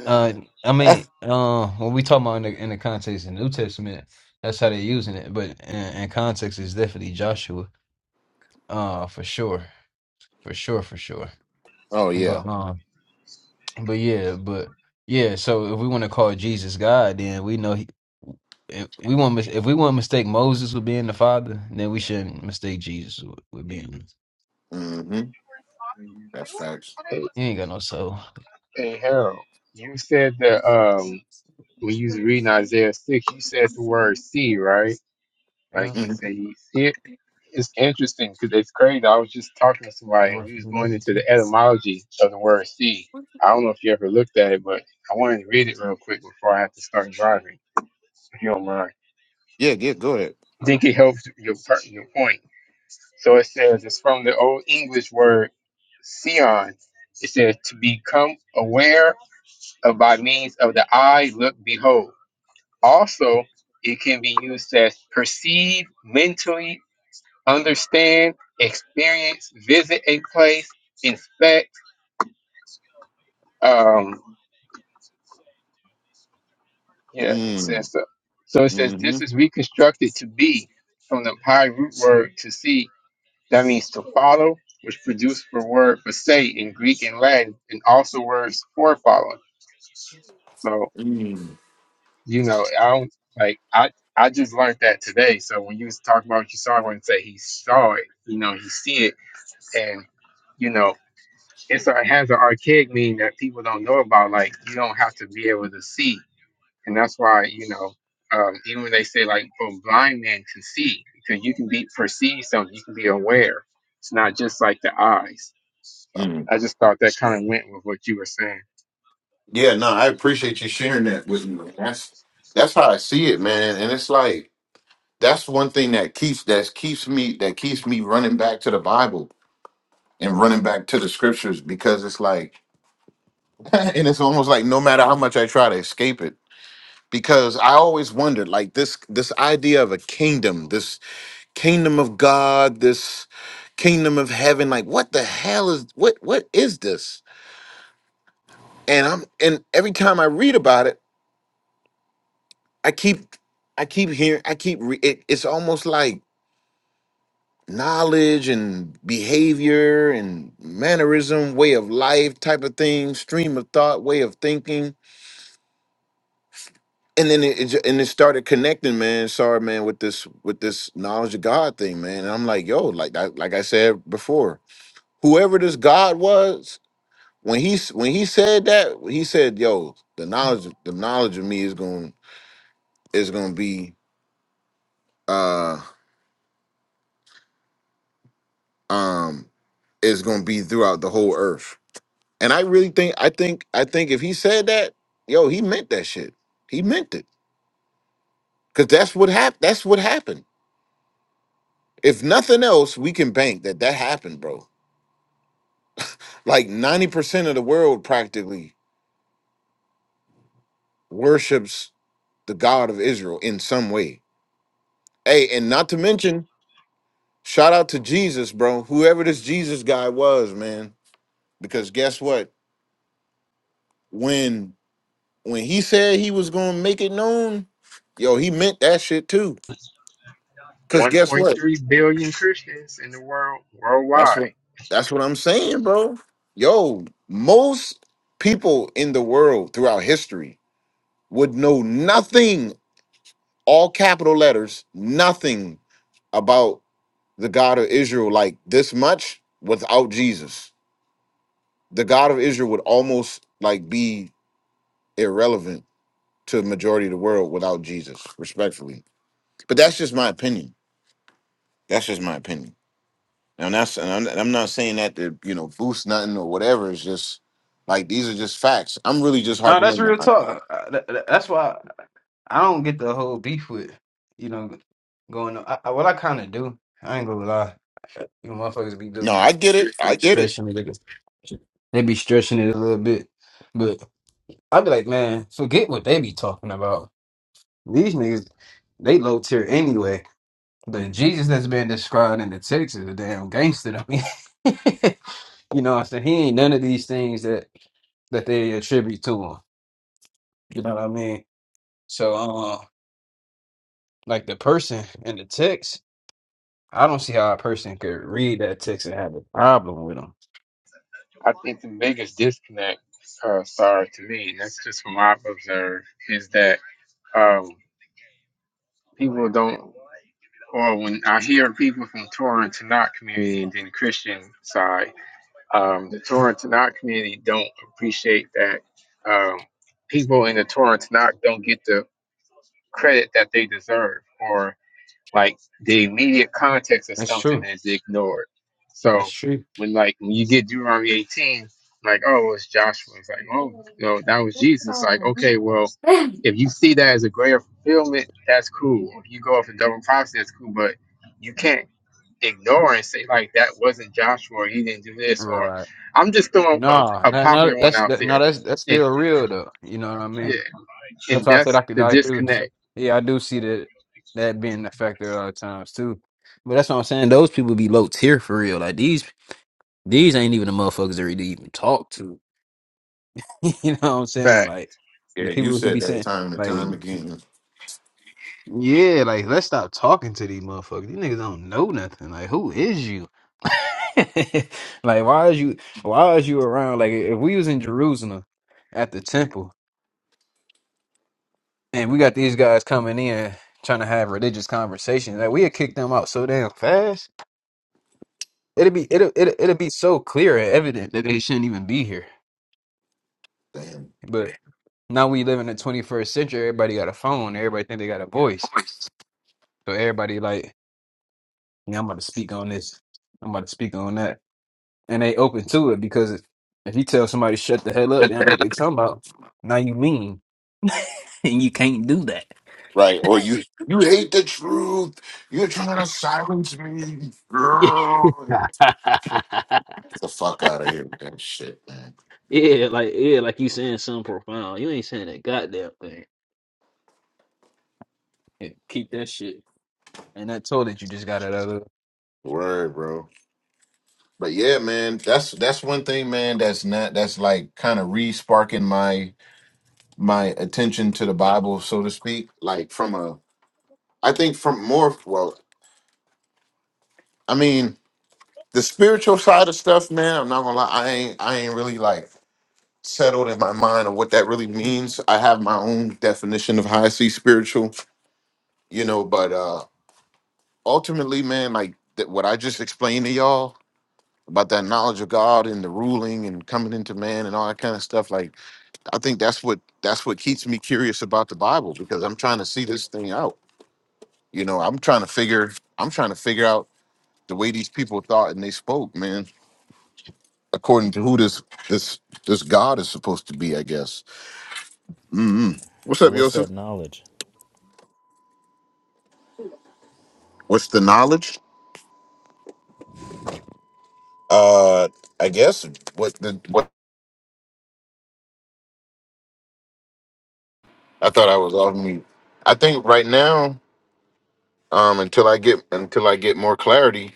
Speaker 3: Uh, I mean, uh, when we talking about in the, in the context of the New Testament, that's how they're using it. But in, in context, it's definitely Joshua. Uh, for sure, for sure, for sure.
Speaker 9: oh yeah.
Speaker 3: But um, but yeah, but yeah. So if we want to call Jesus God, then we know he. If we want mis- if we want to mistake Moses with being the father, then we shouldn't mistake Jesus with, with being.
Speaker 9: Mm-hmm. That's facts.
Speaker 6: hey,
Speaker 3: He ain't got no soul.
Speaker 6: hey, Harold, you said that um, when you was reading Isaiah six, you said the word "see," right? Like
Speaker 3: Yeah,
Speaker 6: he
Speaker 9: hmm
Speaker 6: said, he see it. It's interesting because it's crazy. I was just talking to somebody
Speaker 3: and
Speaker 6: and
Speaker 3: we're
Speaker 6: we was
Speaker 3: from
Speaker 6: going
Speaker 3: Malaysia,
Speaker 6: into
Speaker 3: too.
Speaker 6: the etymology of the word "see." I don't know if you ever looked at it, but I wanted to read it real quick before I have to start driving, if you don't mind.
Speaker 9: Yeah, get go ahead.
Speaker 6: I think it helps your, per- your point. So it says it's from the Old English word "sion." It says to become aware of by means of the eye, look, behold. Also, it can be used as perceive, mentally understand, experience, visit a place, inspect. Um, yeah, it
Speaker 9: Mm,
Speaker 6: says so. So it says
Speaker 9: mm-hmm,
Speaker 6: this is reconstructed to be from the Pi root word to see That means to follow, which produced the word for say in Greek and Latin, and also words for following. So,
Speaker 9: mm,
Speaker 6: you know, I don't like I I just learned that today. So when you was talking about what you saw, I wouldn't say he saw it. You know, he see it, and you know, it's a, it has an archaic meaning that people don't know about. Like you don't have to be able to see. and that's why you know um, even when they say like oh blind man can see because you can be perceive something you can be aware it's not just like the eyes so
Speaker 9: mm.
Speaker 6: i just thought that kind of went with what you were saying
Speaker 9: Yeah, no, I appreciate you sharing that with me. That's that's how I see it, man. And it's like that's one thing that keeps that keeps me that keeps me running back to the Bible and running back to the scriptures because it's like and it's almost like no matter how much I try to escape it, because I always wondered like this this idea of a kingdom, kingdom of God, this kingdom of heaven. Like, what the hell is what what is this? And I'm and every time I read about it, I keep I keep hearing I keep re- it, it's almost like knowledge and behavior and mannerism, way of life type of thing, stream of thought, way of thinking. And then it, it ju- and it started connecting, man. Sorry, man, with this with this knowledge of God thing, man. And I'm like, yo, like I, like I said before, whoever this God was, when he s- when he said that, he said, "Yo, the knowledge the knowledge of me is going is going to be uh um is going to be throughout the whole earth." And I really think I think I think if he said that, yo, he meant that shit. He meant it cuz that's what happened. That's what happened. If nothing else, we can bank that that happened, bro. Like 90% of the world practically worships the God of Israel in some way. Hey, and not to mention Shout out to Jesus, bro. Whoever this Jesus guy was, man. Because guess what? When when he said he was gonna make it known, yo, he meant that shit too. Cause guess
Speaker 6: 1.3
Speaker 9: what?
Speaker 6: billion christians in the world
Speaker 9: That's
Speaker 6: worldwide
Speaker 9: what that's what I'm saying, bro. Yo, most people in the world throughout history would know nothing, all capital letters, nothing about the God of Israel like this much without Jesus. The God of Israel would almost like be irrelevant to the majority of the world without Jesus, respectfully. But that's just my opinion. That's just my opinion. Now, that's and I'm, and I'm not saying that to you know boost nothing or whatever. It's just like these are just facts. I'm really just
Speaker 3: No,
Speaker 9: harping
Speaker 3: that's
Speaker 9: on.
Speaker 3: real
Speaker 9: my-
Speaker 3: talk. Uh, th- th- That's why I don't get the whole beef with, you know, going. on. I, I, what I kind of do, I ain't gonna lie. You motherfuckers be do
Speaker 9: No,
Speaker 3: be
Speaker 9: I get it. I get it.
Speaker 3: stretching the niggas. They be stretching it a little bit, but I be like, man, forget what they be talking about. These niggas, they low tier anyway. The Jesus that's been described in the text is a damn gangster to me. you know, what I'm saying he ain't none of these things that that they attribute to him. You know what I mean? So, uh, like the person in the text, I don't see how a person could read that text and have a problem with them.
Speaker 6: i think the biggest disconnect uh, sorry to me and that's just from what i've observed is that um, people don't or when i hear people from torah and tanakh community and then christian side um, the Torah and Tanakh community don't appreciate that um, people in the Torah and Tanakh don't get the credit that they deserve, or like the immediate context of
Speaker 3: That's
Speaker 6: something
Speaker 3: true.
Speaker 6: is ignored. So
Speaker 3: That's true.
Speaker 6: when like when you get Deuteronomy 18, like oh well, it's Joshua, it's like oh you know that was Jesus. Like okay, well if you see that as a greater fulfillment, that's cool. If you go off and double prophecy, that's cool, but you can't ignore and say like that wasn't Joshua or he didn't do this or
Speaker 3: Right.
Speaker 6: I'm just throwing a,
Speaker 3: Nah,
Speaker 6: a
Speaker 3: that, no,
Speaker 6: popular one
Speaker 3: that's
Speaker 6: out
Speaker 3: that, no,
Speaker 6: there.
Speaker 3: that's that's
Speaker 6: And
Speaker 3: still real though. You know what I
Speaker 6: yeah,
Speaker 3: mean?
Speaker 6: and
Speaker 3: That's why I said
Speaker 6: that's
Speaker 3: I could.
Speaker 6: the
Speaker 3: I do.
Speaker 6: disconnect.
Speaker 3: Yeah, I do see that that being a factor a lot of times too. But that's what I'm saying. Those people be low tier for real. Like these, these ain't even the motherfuckers that we even talk to. you know what I'm saying?
Speaker 6: But
Speaker 3: Like
Speaker 9: Yeah,
Speaker 3: the people
Speaker 9: you
Speaker 3: who
Speaker 9: said
Speaker 3: be
Speaker 9: that
Speaker 3: saying,
Speaker 9: time and
Speaker 3: like,
Speaker 9: time again.
Speaker 3: yeah, like let's stop talking to these motherfuckers. These niggas don't know nothing. Like, who is you? like, why is you? Why is you around? Like, if we was in Jerusalem at the temple. And we got these guys coming in trying to have religious conversations. Like we had kicked them out so damn fast. It'd be it'll it'll, it'll be so clear and evident that they shouldn't even be here.
Speaker 9: Damn.
Speaker 3: But now we live in the 21st century. Everybody got a phone. Everybody think they got a voice. So everybody like, yeah, I'm about to speak on this. I'm about to speak on that. And they open to it because if you tell somebody shut the hell up, they don't know what they talking about. Now you mean, and you can't do that.
Speaker 9: Right, or you you hate the truth. You're trying to silence me. Girl.
Speaker 3: yeah,
Speaker 9: Get the fuck out of here with that shit, man.
Speaker 3: like yeah, like you saying something. Yeah, keep that shit. And that toilet you just got it out of.
Speaker 9: Word, bro. But yeah, man, that's that's one thing, man. That's not that's like kind of re-sparking my my attention to the Bible, so to speak. Like from a, I think from more. Well, I mean, the spiritual side of stuff, man. I'm not gonna lie, I ain't I ain't really like settled in my mind of what that really means. I have my own definition of how I see spiritual, you know. But uh ultimately, man, like that what I just explained to y'all about that knowledge of God and the ruling and coming into man and all that kind of stuff, like I think that's what that's what keeps me curious about the Bible because I'm trying to see this thing out. You know, I'm trying to figure I'm trying to figure out the way these people thought and they spoke, man, according to who this this this God is supposed to be, I guess. mm What's
Speaker 10: So
Speaker 9: up,
Speaker 10: what's
Speaker 9: Yosef?
Speaker 10: that knowledge?
Speaker 9: What's the knowledge? Uh, I guess what the what I thought I was off mute. I think right now, um, until I get until I get more clarity,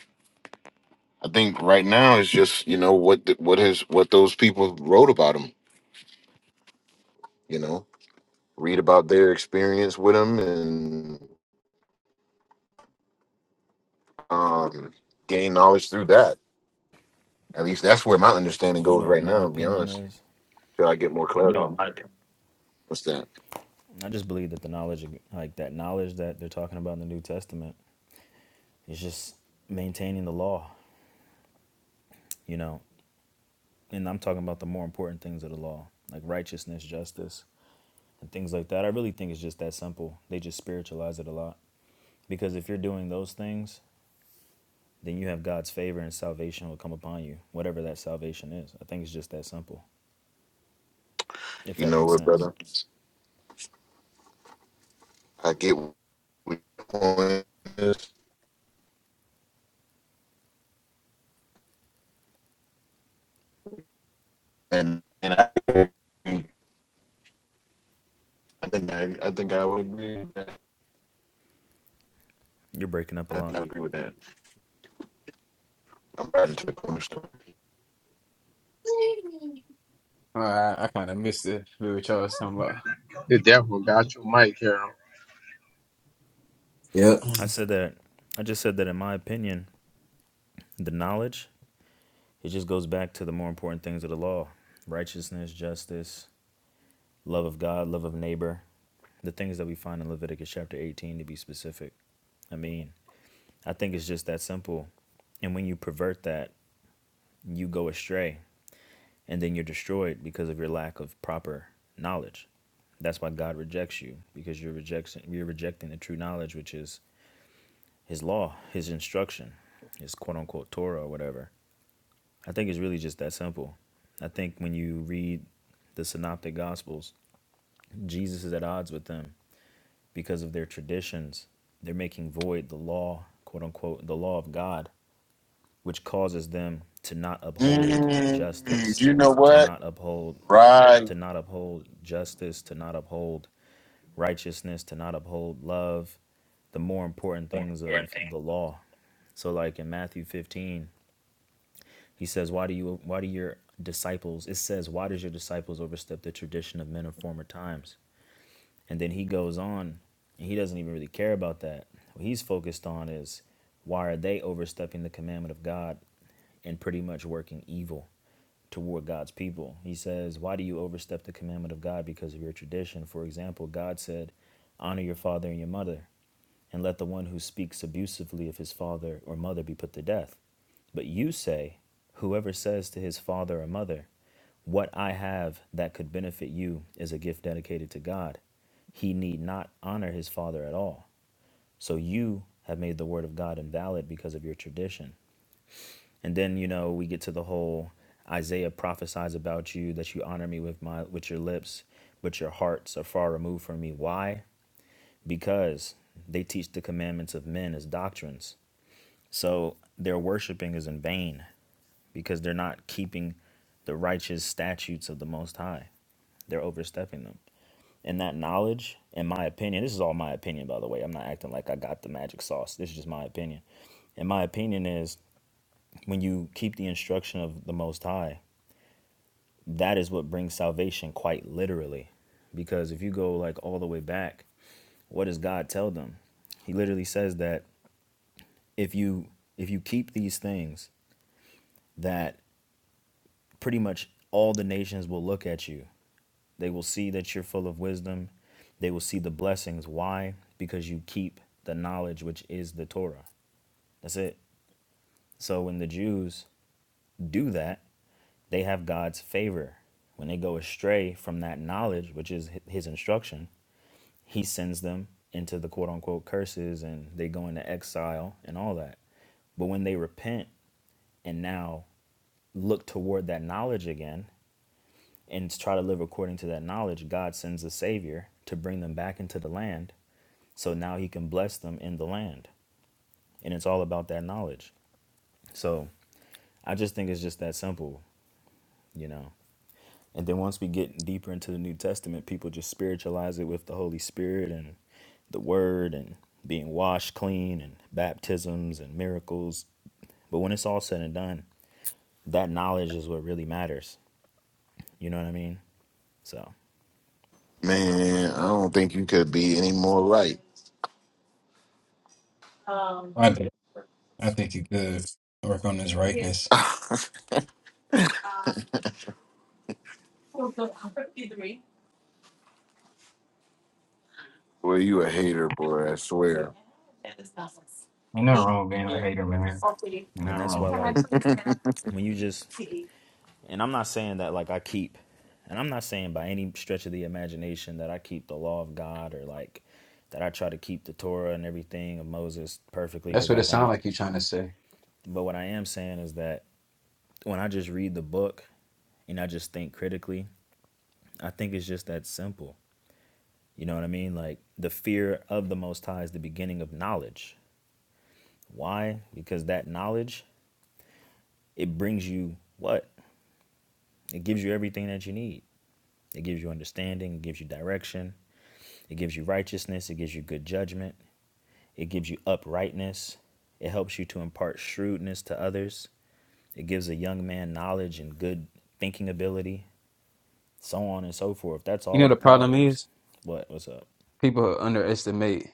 Speaker 9: I think right now is just you know what the, what his what those people wrote about him. You know, read about their experience with them and um, gain knowledge through that. At least that's where my understanding
Speaker 10: You
Speaker 9: goes
Speaker 10: know what
Speaker 9: right
Speaker 10: my
Speaker 9: now. To be
Speaker 10: opinion
Speaker 9: honest,
Speaker 10: is?
Speaker 9: till I get more clarity. No, I, What's that?
Speaker 10: I just believe that the knowledge like that knowledge that they're talking about in the New Testament is just maintaining the law, you know. And I'm talking about the more important things of the law, like righteousness, justice, and things like that. I really think it's just that simple. They just spiritualize it a lot. Because if you're doing those things, then you have God's favor and salvation will come upon you, whatever that salvation is. I think it's just that simple, if
Speaker 9: You
Speaker 10: that
Speaker 9: know
Speaker 10: makes
Speaker 9: what,
Speaker 10: sense.
Speaker 9: brother? I get what your point is, and and I, I think I, I think I would agree. With that.
Speaker 10: You're breaking up a
Speaker 9: I think
Speaker 10: lot.
Speaker 9: I agree with that. I'm riding to the corner store.
Speaker 3: Oh, I, I kind of missed it. What y'all was talking about?
Speaker 6: the devil got your mic, Harold.
Speaker 3: Yep.
Speaker 10: I said that, I just said that in my opinion, the knowledge, it just goes back to the more important things of the law righteousness, justice, love of God, love of neighbor, the things that we find in Leviticus chapter 18 to be specific. I mean, I think it's just that simple. And when you pervert that, you go astray and then you're destroyed because of your lack of proper knowledge. That's why God rejects you because you're rejecting you're rejecting the true knowledge which is his law, his instruction, his quote unquote Torah or whatever. I think it's really just that simple. I think when you read the synoptic gospels, Jesus is at odds with them because of their traditions. They're making void the law, quote unquote, the law of God, which causes them to not uphold
Speaker 9: Mm,
Speaker 10: justice,
Speaker 9: you know
Speaker 10: to
Speaker 9: what?
Speaker 10: not uphold
Speaker 9: Right,
Speaker 10: to not uphold justice, to not uphold righteousness, to not uphold love, the more important things of the law. So like in Matthew 15, he says, "Why do you? Why do your disciples?" It says, "Why does your disciples overstep the tradition of men of former times?" And then he goes on, and he doesn't even really care about that. What he's focused on is why are they overstepping the commandment of God and pretty much working evil toward God's people. He says, Why do you overstep the commandment of God because of your tradition? For example, God said, Honor your father and your mother and let the one who speaks abusively of his father or mother be put to death. But you say, Whoever says to his father or mother, What I have that could benefit you is a gift dedicated to God, he need not honor his father at all. So you have made the word of God invalid because of your tradition. And then, you know, we get to the whole Isaiah prophesies about you that you honor me with my with your lips, but your hearts are far removed from me. Why? because they teach the commandments of men as doctrines. So their worshiping is in vain because they're not keeping the righteous statutes of the Most High. They're overstepping them. And that knowledge, in my opinion, this is all my opinion, by the way. I'm not acting like I got the magic sauce. This is just my opinion. And my opinion is when you keep the instruction of the Most High, that is what brings salvation quite literally. Because if you go like all the way back, what does God tell them? He literally says that if you if you keep these things, that pretty much all the nations will look at you. They will see that you're full of wisdom. They will see the blessings. Why? Because you keep the knowledge which is the Torah. That's it. So when the Jews do that, they have God's favor. When they go astray from that knowledge, which is his instruction, he sends them into the quote unquote curses and they go into exile and all that. But when they repent and now look toward that knowledge again and try to live according to that knowledge, God sends a savior to bring them back into the land. So now he can bless them in the land. And it's all about that knowledge. So I just think it's just that simple, you know. And then once we get deeper into the New Testament, people just spiritualize it with the Holy Spirit and. the word and being washed clean and baptisms and miracles. But when it's all said and done, that knowledge is what really matters. You know what I mean? So,
Speaker 9: man. I don't think you could be any more right.
Speaker 3: I think I think he could work on his rightness.
Speaker 9: Well, you a hater, boy. I swear.
Speaker 3: You're not wrong being a hater, man. You're not
Speaker 10: and that's
Speaker 3: wrong.
Speaker 10: why, like, when you just, and I'm not saying that, like, I keep, and I'm not saying by any stretch of the imagination that I keep the law of God or, like, that I try to keep the Torah and everything of Moses perfectly
Speaker 3: That's
Speaker 10: because
Speaker 3: what
Speaker 10: I
Speaker 3: it sounds
Speaker 10: don't.
Speaker 3: like you're trying to say.
Speaker 10: But what I am saying is that when I just read the book and I just think critically, I think it's just that simple. You know what I mean? Like the fear of the Most High is the beginning of knowledge. Why? Because that knowledge, it brings you what? It gives you everything that you need. It gives you understanding, it gives you direction, it gives you righteousness, it gives you good judgment, it gives you uprightness, it helps you to impart shrewdness to others, it gives a young man knowledge and good thinking ability, so on and so forth. That's
Speaker 3: You
Speaker 10: all
Speaker 3: know,
Speaker 10: the
Speaker 3: the problem
Speaker 10: Proverbs.
Speaker 3: is
Speaker 10: What? What's up?
Speaker 3: people underestimate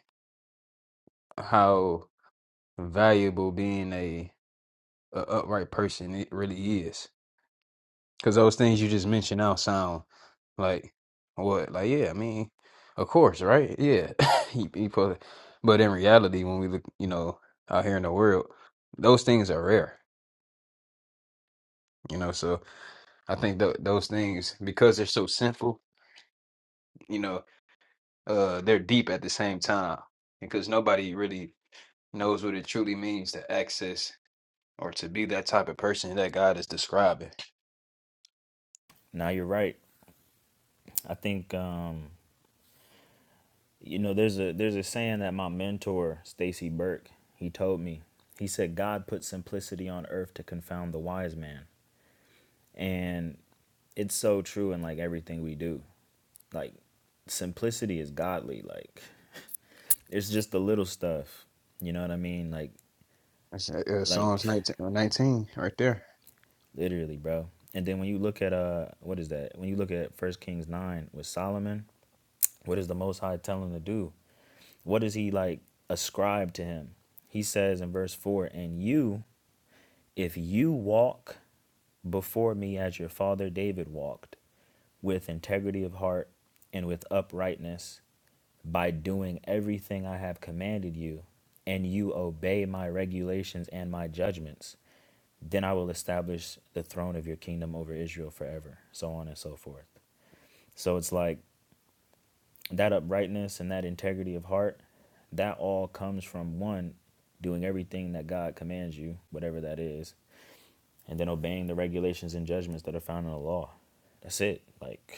Speaker 3: how valuable being a, a upright person it really is. Because those things you just mentioned now sound like what? Like yeah, I mean, of course, right? Yeah, he, he probably, but in reality, when we look, you know, out here in the world, those things are rare. You know, so I think th- those things because they're so simple, you know, uh, they're deep at the same time because nobody really knows what it truly means to access or to be that type of person that God is describing.
Speaker 10: Now you're right. I think um, You know, there's a there's a saying that my mentor, Stacy Burke, he told me. He said God put simplicity on earth to confound the wise man. And it's so true in like everything we do. Like simplicity is godly. Like it's just the little stuff. You know what I mean? Like
Speaker 3: That's, uh, uh,
Speaker 10: like
Speaker 3: Psalms 19, uh, 19 right there.
Speaker 10: literally, bro. And then when you look at uh what is that? When you look at First Kings 9 with Solomon, What is the Most High telling him to do? What does he like ascribe to him? He says in verse 4 And you, if you walk before me as your father David walked, with integrity of heart and with uprightness, by doing everything I have commanded you, and you obey my regulations and my judgments, then I will establish the throne of your kingdom over Israel forever, so on and so forth. So it's like that uprightness and that integrity of heart, that all comes from one, doing everything that God commands you, whatever that is, and then obeying the regulations and judgments that are found in the law. That's it. Like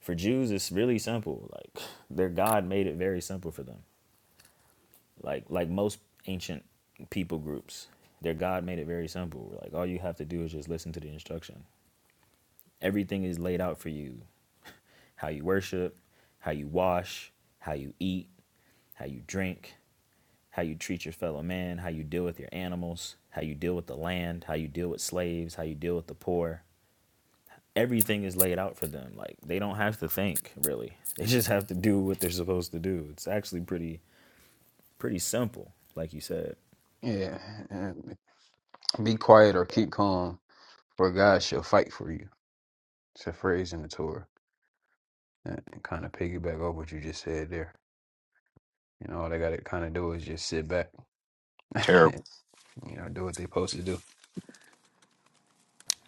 Speaker 10: for Jews, it's really simple. Like their God made it very simple for them. Like like most ancient people groups, their God made it very simple. Like all you have to do is just listen to the instruction. Everything is laid out for you. How you worship, how you wash, how you eat, how you drink, how you treat your fellow man, how you deal with your animals, how you deal with the land, how you deal with slaves, how you deal with the poor. Everything is laid out for them. Like they don't have to think really. They just have to do what they're supposed to do. It's actually pretty pretty simple, like you said.
Speaker 3: Yeah. and Be quiet or keep calm, for God shall fight for you. It's a phrase in the Torah. And kind of piggyback off what you just said there. You know, all they got to kind of do is just sit back.
Speaker 9: Terrible.
Speaker 3: You know, do what they supposed to do.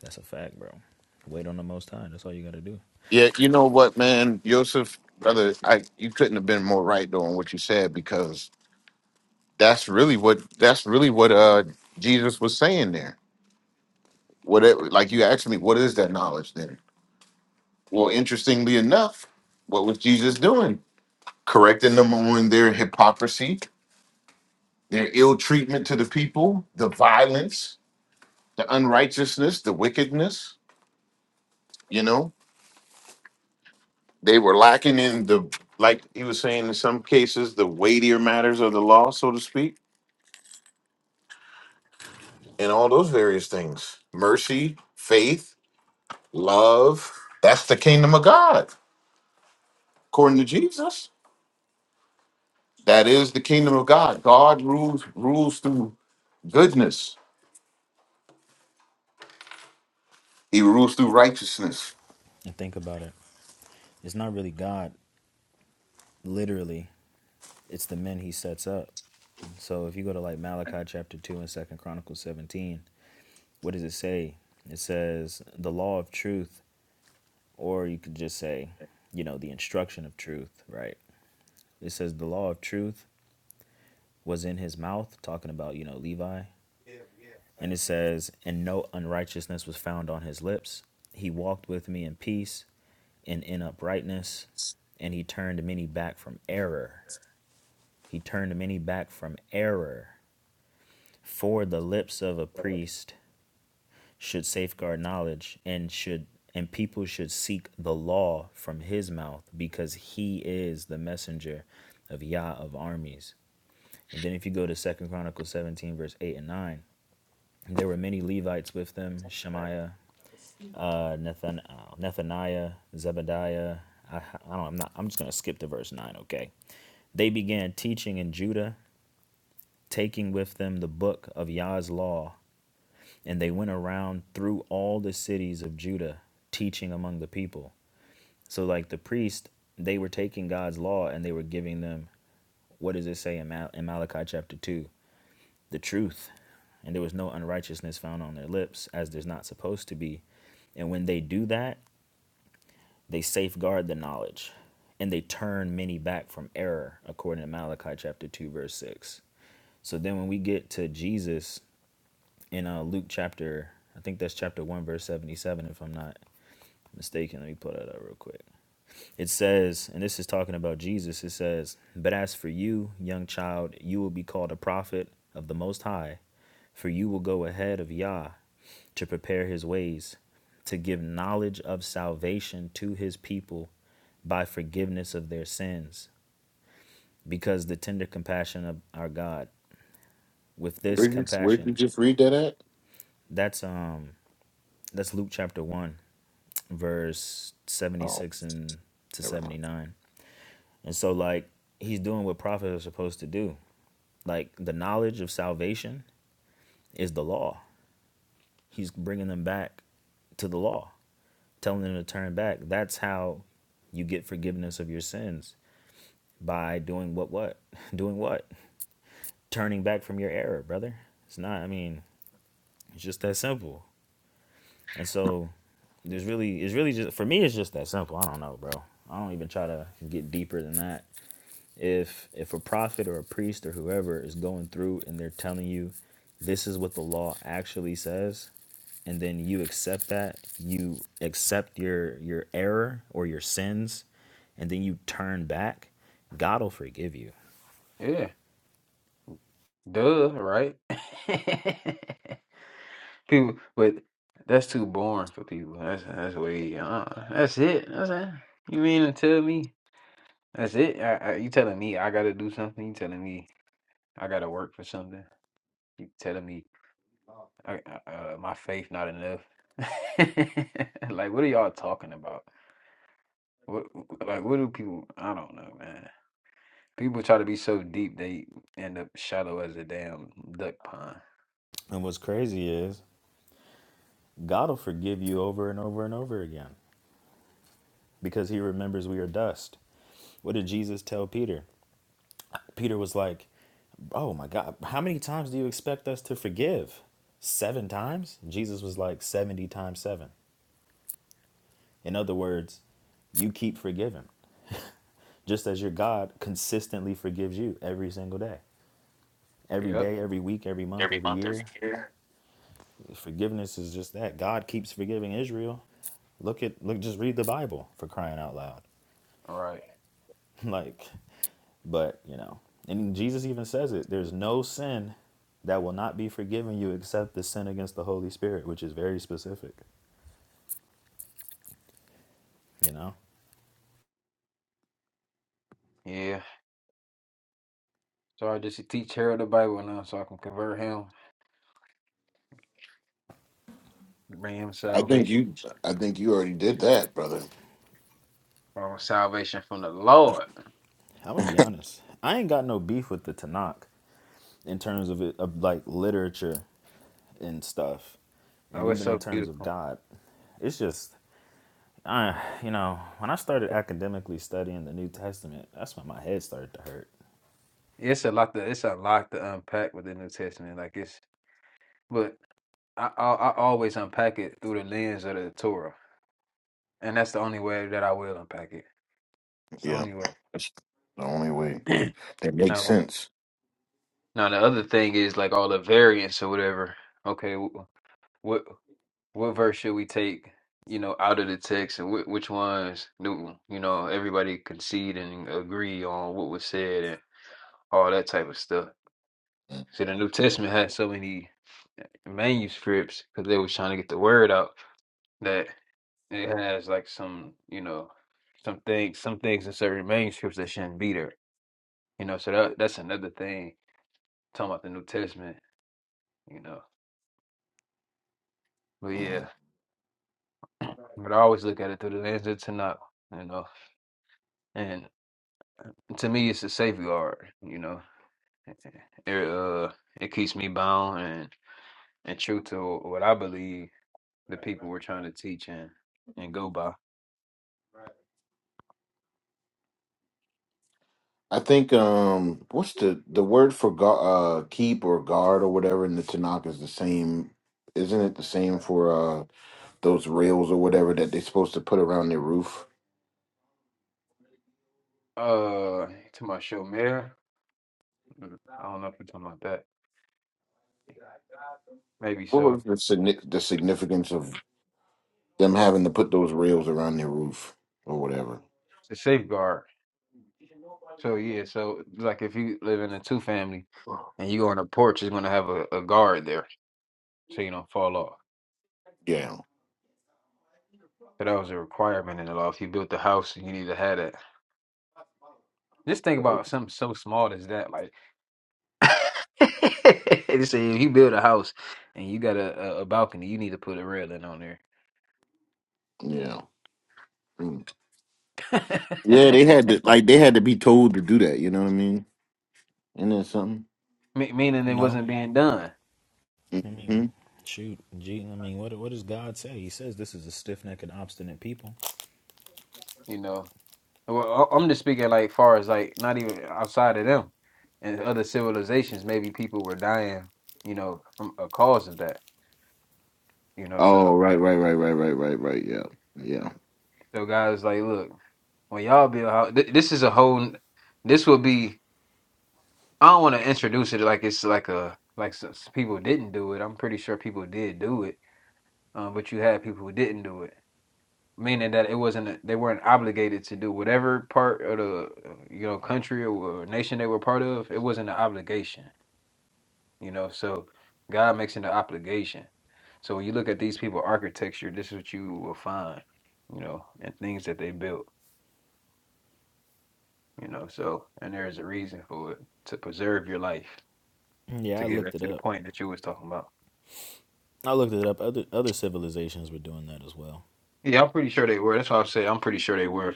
Speaker 10: That's a fact, bro. Wait on the most high. That's all you got to do.
Speaker 9: Yeah, you know what, man, Joseph, brother, I you couldn't have been more right though on what you said because that's really what that's really what uh Jesus was saying there. What it, like you asked me, what is that knowledge then? Well, interestingly enough, what was Jesus doing? Correcting them on their hypocrisy, their ill treatment to the people, the violence, the unrighteousness, the wickedness. You know, They were lacking in the, like he was saying, in some cases, the weightier matters of the law, so to speak, and all those various things mercy, faith, love. That's the kingdom of God, according to Jesus. That is the kingdom of God. God rules rules through goodness. He rules through righteousness.
Speaker 10: And think about it. It's not really God literally. It's the men he sets up. So if you go to like Malachi chapter 2 and 2nd Chronicles 17, what does it say? It says, "The law of truth or you could just say, you know, the instruction of truth, right? It says the law of truth was in his mouth, talking about, you know, Levi. And it says, and no unrighteousness was found on his lips. He walked with me in peace and in uprightness, and he turned many back from error. He turned many back from error. For the lips of a priest should safeguard knowledge and should and people should seek the law from his mouth because he is the messenger of Yah of armies. And then if you go to Second Chronicles 17 verse 8 and 9, there were many Levites with them, Shemaiah, uh, Nathan, uh, Nethaniah, Zebediah. I, I don't. I'm not. I'm just gonna skip to verse nine. Okay. They began teaching in Judah, taking with them the book of Yah's law and they went around through all the cities of Judah teaching among the people. So like the priest, they were taking God's law and they were giving them what does it say in, Mal- in Malachi chapter 2? The truth. And there was no unrighteousness found on their lips as there's not supposed to be. And when they do that, they safeguard the knowledge and they turn many back from error according to Malachi chapter 2 verse 6. So then when we get to Jesus in uh, Luke chapter, I think that's chapter 1, verse 77, if I'm not mistaken. Let me pull that up real quick. It says, and this is talking about Jesus, it says, But as for you, young child, you will be called a prophet of the Most High, for you will go ahead of Yah to prepare his ways, to give knowledge of salvation to his people by forgiveness of their sins, because the tender compassion of our God. With this
Speaker 9: Where did, where did you
Speaker 10: compassion,
Speaker 9: just read that at?
Speaker 10: that's um that's Luke chapter 1 verse
Speaker 9: Oh,
Speaker 10: 76 and to
Speaker 9: never mind.
Speaker 10: 79. And so like he's doing what prophets are supposed to do. Like the knowledge of salvation is the law. He's bringing them back to the law, telling them to turn back. That's how you get forgiveness of your sins by doing what what? Doing what? Turning back from your error, brother. It's not I mean, it's just that simple. And so there's really it's really just for me it's just that simple. I don't know, bro. I don't even try to get deeper than that. if if a prophet or a priest or whoever is going through and they're telling you this is what the law actually says and then you accept that you accept your your error or your sins and then you turn back god will forgive you
Speaker 3: Yeah, duh, right? people, but that's too boring for people. That's that's way. Uh, that's it. That's it. You mean to tell me that's it? I, I, you telling me I gotta do something? You telling me I gotta work for something? You telling me I, uh, my faith not enough. like, what are y'all talking about? What, like, what do people? I don't know, man. People try to be so deep they end up shallow as a damn duck pond.
Speaker 10: and what's crazy is god will forgive you over and over and over again because he remembers we are dust what did jesus tell peter peter was like Oh my God. How many times do you expect us to forgive? Seven times? Jesus was like 70 times seven. In other words, you keep forgiving, just as your God consistently forgives you every single day, every
Speaker 3: Yep.
Speaker 10: day, every week, every month,
Speaker 9: Every
Speaker 10: every
Speaker 9: month, every
Speaker 10: year.
Speaker 9: year.
Speaker 10: Forgiveness is just that. God keeps forgiving Israel. Look at, look, just read the Bible for crying out loud.
Speaker 3: Right.
Speaker 10: like, but, you know, and Jesus even says it there's no sin that will not be forgiven you except the sin against the Holy Spirit, which is very specific. You know,
Speaker 3: Yeah. So I just teach Harold the Bible now, so I can convert him, bring him
Speaker 9: I think
Speaker 3: salvation,
Speaker 9: you. I think you already did that, brother.
Speaker 3: or salvation from the Lord.
Speaker 10: I'm gonna be honest. I ain't got no beef with the Tanakh in terms of it, of like literature and stuff, and
Speaker 3: Oh, it's
Speaker 10: even in
Speaker 3: so
Speaker 10: terms of
Speaker 3: beautiful.
Speaker 10: God. It's just, I, you know, when I started academically studying the New Testament, that's when my head started to hurt.
Speaker 3: It's a lot to it's a lot to unpack with the New Testament. Like it's, but I I, I always unpack it through the lens of the Torah. and that's the only way that I will unpack it. It's the
Speaker 9: Yeah,
Speaker 3: only way.
Speaker 9: that's the only way. That makes
Speaker 3: no,
Speaker 9: sense.
Speaker 3: no. The other thing is like all the variants or whatever. Okay, wh- what what verse should we take? You know, out of the text, and wh- which ones do you know everybody concede and agree on what was said and all that type of stuff. So the New Testament had so many eh, manuscripts because they was trying to get the word out that it has like some you know some things some things in certain manuscripts that shouldn't be there You know, so that that's another thing talking about the New Testament. You know, but yeah, but I always look at it through the lens of Tanakh. You know, and to me, it's a safeguard. You know, it uh it keeps me bound and and true to what I believe the people were trying to teach and and go by.
Speaker 9: I think um, what's the the word for gu uh, keep or guard or whatever in the Tanakh is the same, isn't it? The same for uh, those rails or whatever that they're supposed to put around their roof.
Speaker 3: Uh, to my show, Mayor. mm, I don't know if you're talking about that. Maybe
Speaker 9: What was
Speaker 3: so.
Speaker 9: the signi- the significance of them having to put those rails around their roof or whatever?
Speaker 3: It's a safeguard. So yeah, so like if you live in a two family and you go on a porch, it's gonna have a, a guard there. so you don't fall off.
Speaker 9: Yeah,
Speaker 3: So that was a requirement in the law. If you built the house, you need to have that. Just think
Speaker 9: right.
Speaker 3: about something so small as that. Like, they say if you build a house and you got a, a, a balcony, you need to put a railing on there,
Speaker 9: Yeah, Mm. yeah. They had to like they had to be told to do that. You know what I mean? Isn't that something?
Speaker 3: Me meaning it
Speaker 10: No,
Speaker 3: wasn't being done.
Speaker 10: I mean,
Speaker 9: hmm
Speaker 10: shoot, gee, I mean, what what does God say? He says this is a stiff necked and obstinate people.
Speaker 3: You know, well, I- I'm just speaking like far as like not even outside of them and other civilizations. Maybe people were dying, you know, from a cause of that. You know,
Speaker 9: Oh,
Speaker 3: so
Speaker 9: right, right, right, right, right, right, right. Yeah, yeah.
Speaker 3: so guys, like, look, when y'all build house, th- this is a whole. This will be I don't want to introduce it like it's like a like s s- people didn't do it. I'm pretty sure people did do it, uh, but you had people who didn't do it, meaning that it wasn't a- they weren't obligated to do whatever part of the uh, you know country or, or nation they were part of. It wasn't an obligation, you know. So God makes it an obligation. So when you look at these people architecture, this is what you will find, you know, and things that they built, you know. So and there is a reason for it to preserve your life
Speaker 10: Yeah,
Speaker 3: to
Speaker 10: I
Speaker 3: get
Speaker 10: looked
Speaker 3: back
Speaker 10: it
Speaker 3: to the
Speaker 10: up.
Speaker 3: point that you was talking about.
Speaker 10: I looked it up. Other other civilizations were doing that as well.
Speaker 3: Yeah, I'm pretty sure they were. That's why I say I'm pretty sure they were.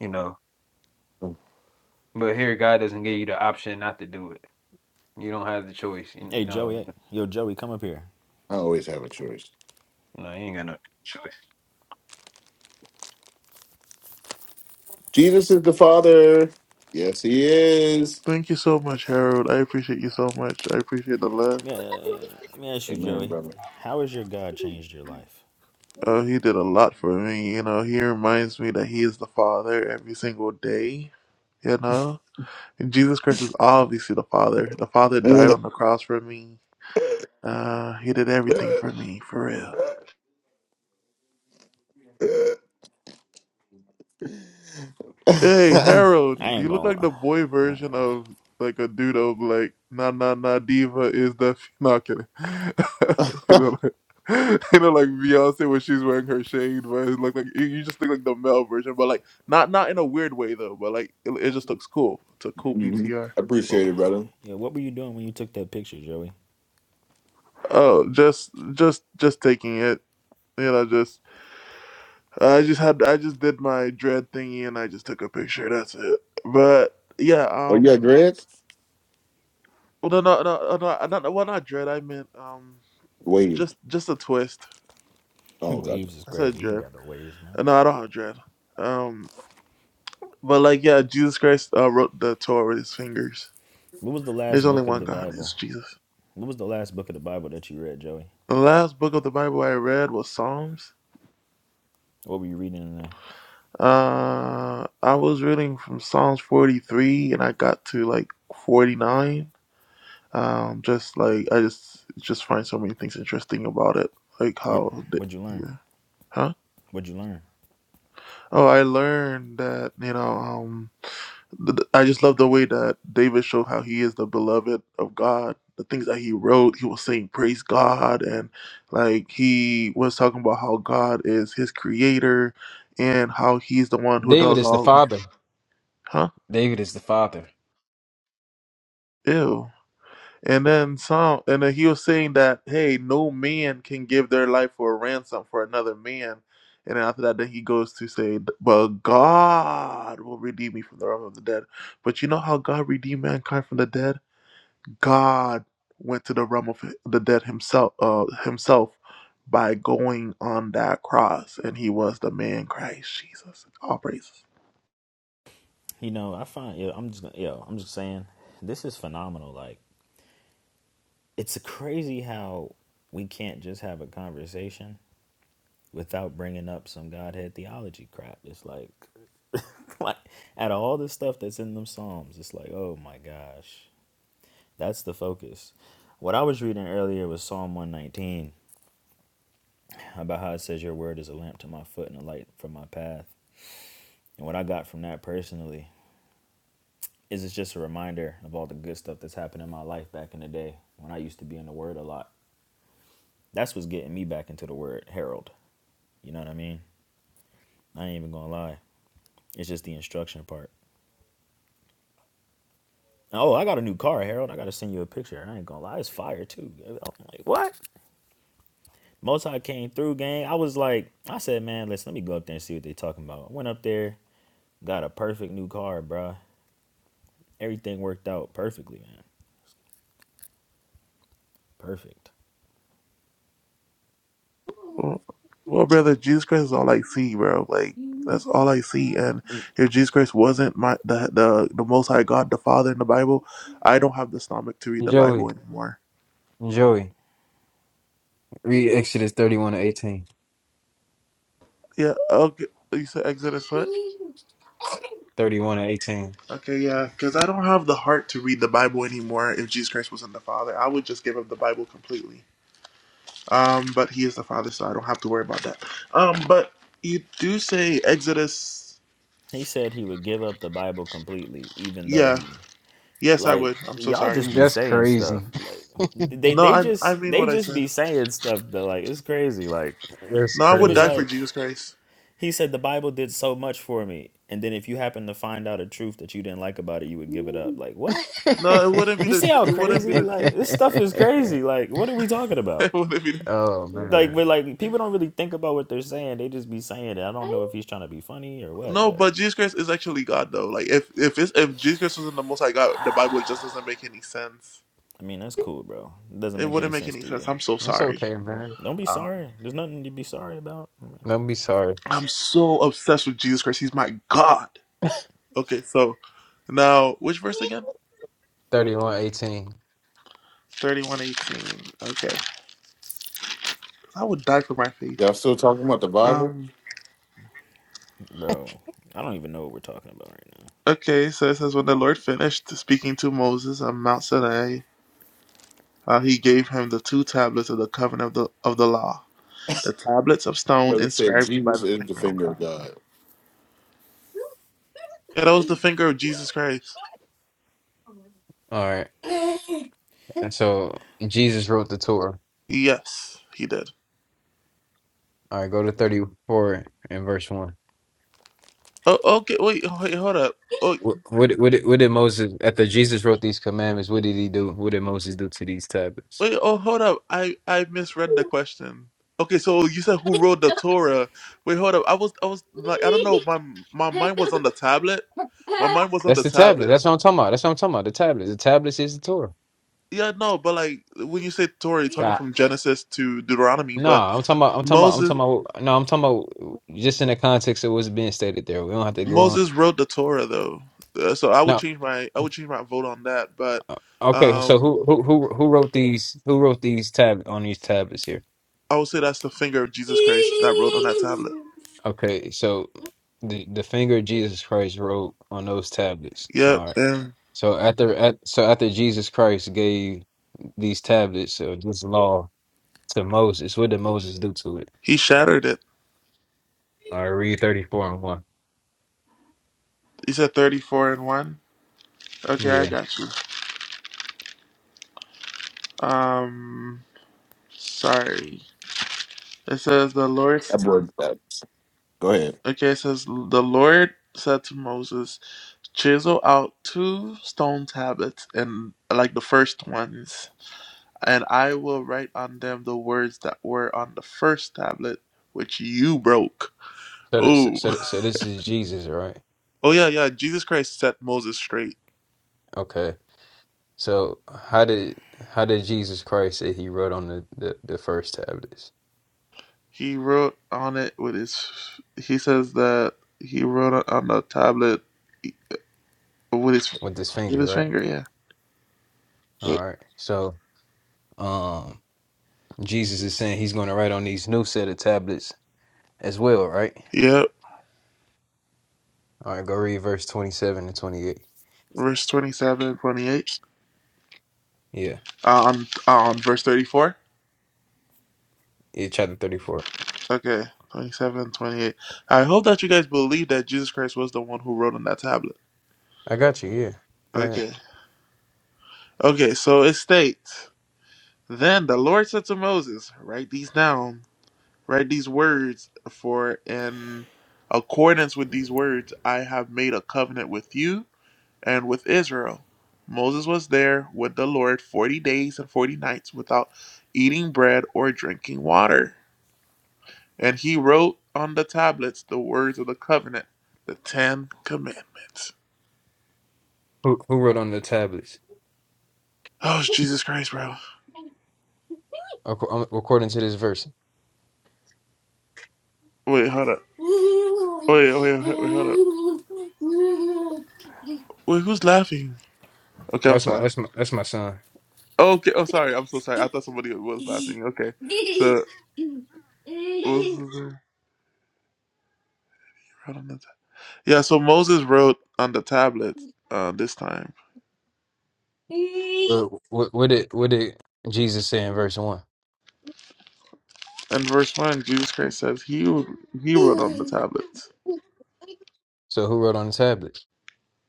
Speaker 3: You know, but here God doesn't give you the option not to do it. You don't have the choice. You
Speaker 10: Hey
Speaker 3: know,
Speaker 10: Joey, hey, yo Joey, come up here.
Speaker 9: I always have a choice.
Speaker 3: no, you ain't got no choice.
Speaker 9: Jesus is the Father. Yes, he is.
Speaker 11: Thank you so much, Harold. I appreciate you so much. I appreciate the
Speaker 10: Let
Speaker 11: love.
Speaker 10: me, uh, let me ask you,
Speaker 9: Amen,
Speaker 10: Joey.
Speaker 9: brother.
Speaker 10: How has your God changed your life?
Speaker 11: Uh, he did a lot for me. You know, he reminds me that he is the Father every single day. You know, and Jesus Christ is obviously the Father. The Father died
Speaker 9: Mhm.
Speaker 11: on the cross for me. Uh, he did everything for me, for real. Hey Harold,
Speaker 10: I ain't
Speaker 11: you look
Speaker 10: gonna
Speaker 11: like
Speaker 10: lie.
Speaker 11: the boy version of like a dude of like na na na diva is the not kidding. you know, like, you know, like Beyonce when she's wearing her shade, but it look like you, you just look like the male version, but like not not in a weird way though, but like it, it just looks cool. It's a cool PTR.
Speaker 9: Appreciate
Speaker 10: Well,
Speaker 9: it, brother.
Speaker 10: yeah, what were you doing when you took that picture, Joey?
Speaker 11: Oh, just just just taking it, you know, just I just had I just did my dread thingy and I just took a picture. That's it. But yeah,
Speaker 9: Oh, you got
Speaker 11: um.
Speaker 9: dreads?
Speaker 11: Well, no, no, no, no, no, not, well, not dread. I meant um,
Speaker 9: Wave.
Speaker 11: just just a twist.
Speaker 9: Oh, God.
Speaker 10: waves is
Speaker 11: I said
Speaker 10: crazy. You ain't
Speaker 11: dread.
Speaker 10: got no waves, man.
Speaker 11: Uh, No, I don't have dread. Um, but like, yeah, Jesus Christ uh, wrote the Torah with his fingers.
Speaker 10: What was the
Speaker 11: There's
Speaker 10: last
Speaker 11: only
Speaker 10: book of
Speaker 11: one
Speaker 10: the
Speaker 11: God. It's
Speaker 10: Bible?
Speaker 11: Jesus.
Speaker 10: What was the last book of the Bible that you read, Joey?
Speaker 11: The last book of the Bible I read was Psalms.
Speaker 10: What were you reading in there?
Speaker 11: Uh, I was reading from Psalms 43, and I got to like 49. Um, just like I just just find so many things interesting about it, like
Speaker 10: What
Speaker 11: how, the,
Speaker 10: What'd you learn?
Speaker 11: yeah, huh?
Speaker 10: What'd you learn?
Speaker 11: Oh, I learned that you know. um. th- th- I just love the way that David showed how he is the beloved of God. The things that he wrote, he was saying praise God, and like he was talking about how God is his creator, and how he's the one who does all these. Huh? Ew. And then some, and then he was saying that hey, no man can give their life for a ransom for another man. And then after that, then he goes to say, but God will redeem me from the realm of the dead. But you know how God redeemed mankind from the dead? God went to the realm of the dead himself uh, himself by going on that cross, and he was the man Christ Jesus. All praises.
Speaker 10: You know, I find yeah. I'm just gonna yo. I'm just saying, this is phenomenal. Like, it's crazy how we can't just have a conversation without bringing up some Godhead theology crap. It's like like out of all the stuff that's in them psalms it's like oh my gosh that's the focus what i was reading earlier was psalm 119 about how it says your word is a lamp to my foot and a light for my path and what i got from that personally is it's just a reminder of all the good stuff that's happened in my life back in the day when i used to be in the word a lot that's what's getting me back into the word Harold. you know what i mean i ain't even gonna lie it's just the instruction part Oh, I got a new car, Harold. I gotta send you a picture. I ain't gonna lie, it's fire too. I'm like, what? Mozart came through, gang. I was like, I said, man, listen, let me go up there and see what they talking about. I went up there, got a perfect new car, bro. Everything worked out perfectly, man. Perfect.
Speaker 11: Well, well, brother, Jesus Christ is all I see, bro. Like that's all I see. And if Jesus Christ wasn't my the the, the Most High God, the Father in the Bible, I don't have the stomach to read the Bible anymore. Yeah. Okay. You said Exodus what? Okay, yeah, because I don't have the heart to read the Bible anymore. If Jesus Christ wasn't the Father, I would just give up the Bible completely. Um, but he is the father, so I don't have to worry about that. Um, but you do say Exodus.
Speaker 10: He said he would give up the Bible completely, even though
Speaker 11: Yeah.
Speaker 10: he,
Speaker 11: Yes, I
Speaker 10: like,
Speaker 11: would. I'm so
Speaker 10: y'all
Speaker 11: sorry.
Speaker 10: just be saying stuff. Like, they
Speaker 11: No,
Speaker 10: they
Speaker 11: I I
Speaker 10: just
Speaker 11: mean
Speaker 10: they
Speaker 11: what I
Speaker 10: just
Speaker 11: said.
Speaker 10: be saying stuff that like it's crazy. Like,
Speaker 11: No, I
Speaker 10: he
Speaker 11: would
Speaker 10: was
Speaker 11: die for
Speaker 10: like,
Speaker 11: Jesus Christ.
Speaker 10: he said the Bible did so much for me, and then if you happen to find out a truth that you didn't like about it, you would give it up. Like, what?
Speaker 11: No, it wouldn't be
Speaker 10: You
Speaker 11: the
Speaker 10: see
Speaker 11: tr-
Speaker 10: how
Speaker 11: it wouldn't be
Speaker 10: crazy
Speaker 11: the
Speaker 10: like
Speaker 11: truth.
Speaker 10: this stuff is crazy. Like, what are we talking
Speaker 11: it
Speaker 10: about?
Speaker 11: wouldn't be. The,
Speaker 10: Like, but like people don't really think about what they're saying. They just be saying it. I don't know if he's trying to be funny or what,
Speaker 11: no,
Speaker 10: but
Speaker 11: but Jesus Christ is actually God, though. Like if if it's, if Jesus Christ wasn't the Most High God, the Bible just doesn't make any sense.
Speaker 10: I mean that's cool, bro. It doesn't
Speaker 11: It
Speaker 10: make any
Speaker 11: wouldn't make
Speaker 10: sense
Speaker 11: any
Speaker 10: to
Speaker 11: sense.
Speaker 10: you.
Speaker 11: I'm so sorry.
Speaker 10: Don't be
Speaker 11: Um,
Speaker 10: sorry. There's nothing to be sorry about,
Speaker 11: I'm so obsessed with Jesus Christ. He's my God. Okay, so now which verse again? Thirty-one eighteen. Okay, I would die for my faith.
Speaker 9: Y'all still talking about the Bible?
Speaker 11: Um.
Speaker 10: bro. I don't even know what we're talking about right now.
Speaker 11: Okay, so it says when the Lord finished speaking to Moses on Mount Sinai, uh, he gave him the two tablets of the covenant of the of the law, the tablets of
Speaker 9: My
Speaker 11: stone
Speaker 9: brother said
Speaker 11: inscribed by
Speaker 9: Jesus
Speaker 11: the
Speaker 9: is the
Speaker 11: finger of
Speaker 9: finger
Speaker 11: God.
Speaker 9: of God.
Speaker 11: Yeah, that was the finger of Jesus Christ.
Speaker 3: All right. And so Jesus wrote the Torah.
Speaker 11: Yes, he did.
Speaker 3: All right, go to 34 and verse 1.
Speaker 11: Oh, okay. Wait, wait, hold up. Oh.
Speaker 3: What, what, did- what, did- what did Moses, after Jesus wrote these commandments, what did he do? What did Moses do to these tablets?
Speaker 11: Wait, oh, hold up. I I misread the question. Okay, so you said who wrote the Torah? Wait, hold up. I was I was like I don't know. My my mind was on the tablet. My mind was on
Speaker 3: That's
Speaker 11: the
Speaker 3: the tablet.
Speaker 11: tablet.
Speaker 3: That's what I'm talking about. That's what I'm talking about. The tablets. The tablets is the Torah.
Speaker 11: Yeah, no, but like when you say Torah, you're talking from Genesis to Deuteronomy.
Speaker 3: No,
Speaker 11: But
Speaker 3: I'm talking about, I'm talking about, I'm
Speaker 11: Moses
Speaker 3: talking about, no, I'm talking about just in the context of what's being stated there. We don't have to go on.
Speaker 11: Moses wrote the Torah though, Uh, so I would
Speaker 3: No.
Speaker 11: change my I would change my vote on that. But
Speaker 3: uh, Okay. So
Speaker 11: um,
Speaker 3: who who who who wrote these? Who wrote these tab on these tablets here?
Speaker 11: I would say that's the finger of Jesus Christ that wrote on that tablet.
Speaker 3: Okay. So the the finger of Jesus Christ wrote on those tablets.
Speaker 11: Yep,
Speaker 3: All right.
Speaker 11: and
Speaker 3: So after at so after Jesus Christ gave these tablets of this law to Moses, what did Moses do to it?
Speaker 11: he shattered it.
Speaker 3: All right. Read thirty four and one.
Speaker 11: He said thirty four and one. Okay, I
Speaker 3: Yeah.
Speaker 11: got you. Um, sorry. It says the Lord.
Speaker 9: That boy, that. Go ahead.
Speaker 11: Okay, it says the Lord said to Moses, "Chisel out two stone tablets, and like the first ones, and I will write on them the words that were on the first tablet, which you broke."
Speaker 3: So this,
Speaker 11: Oh,
Speaker 3: so so this is Jesus, right?
Speaker 11: oh yeah, yeah. Jesus Christ set Moses straight.
Speaker 3: Okay. So how did how did Jesus Christ say he wrote on the the, the first tablets
Speaker 11: He wrote on it with his. He says that he wrote on the tablet with his
Speaker 3: with his
Speaker 11: with
Speaker 3: finger,
Speaker 11: his
Speaker 3: right?
Speaker 11: finger. Yeah.
Speaker 3: All right. So, um, Jesus is saying he's going to write on these new set of tablets as well, right?
Speaker 11: Yep.
Speaker 3: All right, go read verse 27 and 28.
Speaker 11: verse 27, 28.
Speaker 3: Yeah.
Speaker 11: um um verse 34
Speaker 3: Yeah, chapter 34.
Speaker 11: okay 27, 28. i hope that you guys believe that jesus christ was the one who wrote on that tablet
Speaker 3: I got you. Yeah. Go ahead.
Speaker 11: okay okay so it states then the lord said to moses write these down write these words for in accordance with these words i have made a covenant with you and with israel moses was there with the lord 40 days and 40 nights without eating bread or drinking water And he wrote on the tablets the words of the covenant, the Ten Commandments.
Speaker 3: Who who wrote on the tablets?
Speaker 11: Oh, Jesus Christ, bro.
Speaker 3: Ac- um, According to this verse.
Speaker 11: Wait, hold up. Wait, wait, wait, wait, hold up. Wait, who's laughing? Okay, I'm
Speaker 3: That's my
Speaker 11: sorry.
Speaker 3: that's my that's my son.
Speaker 11: Okay, I'm sorry. I'm so sorry. I thought somebody was laughing. Okay. So, what was the- wrote on the ta- yeah, so Moses wrote on the tablets uh, this time.
Speaker 3: What what did what did Jesus say in verse 1?
Speaker 11: And verse 1, Jesus Christ says he, he wrote on the tablets.
Speaker 3: So who wrote on the tablets?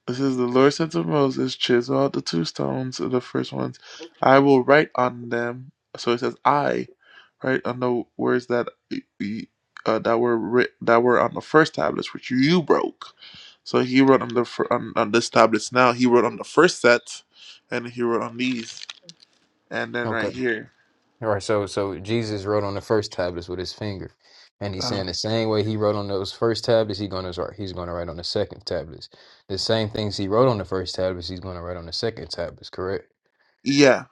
Speaker 11: It says, The Lord said to Moses, Chisel out the two stones, the first ones. I will write on them. So it says, I write on the words that uh, that were writ- that were on the first tablets, which you broke. So he wrote on the fir- on, on this tablets. Now he wrote on the first set, and he wrote on these, and then right here.
Speaker 3: All right, so so Jesus wrote on the first tablets with his finger, and he's
Speaker 11: Uh,
Speaker 3: saying the same way he wrote on those first tablets, he's gonna write. He's gonna write on the second tablets. The same things he wrote on the first tablets, he's gonna write on the second tablets. Correct.
Speaker 11: yeah,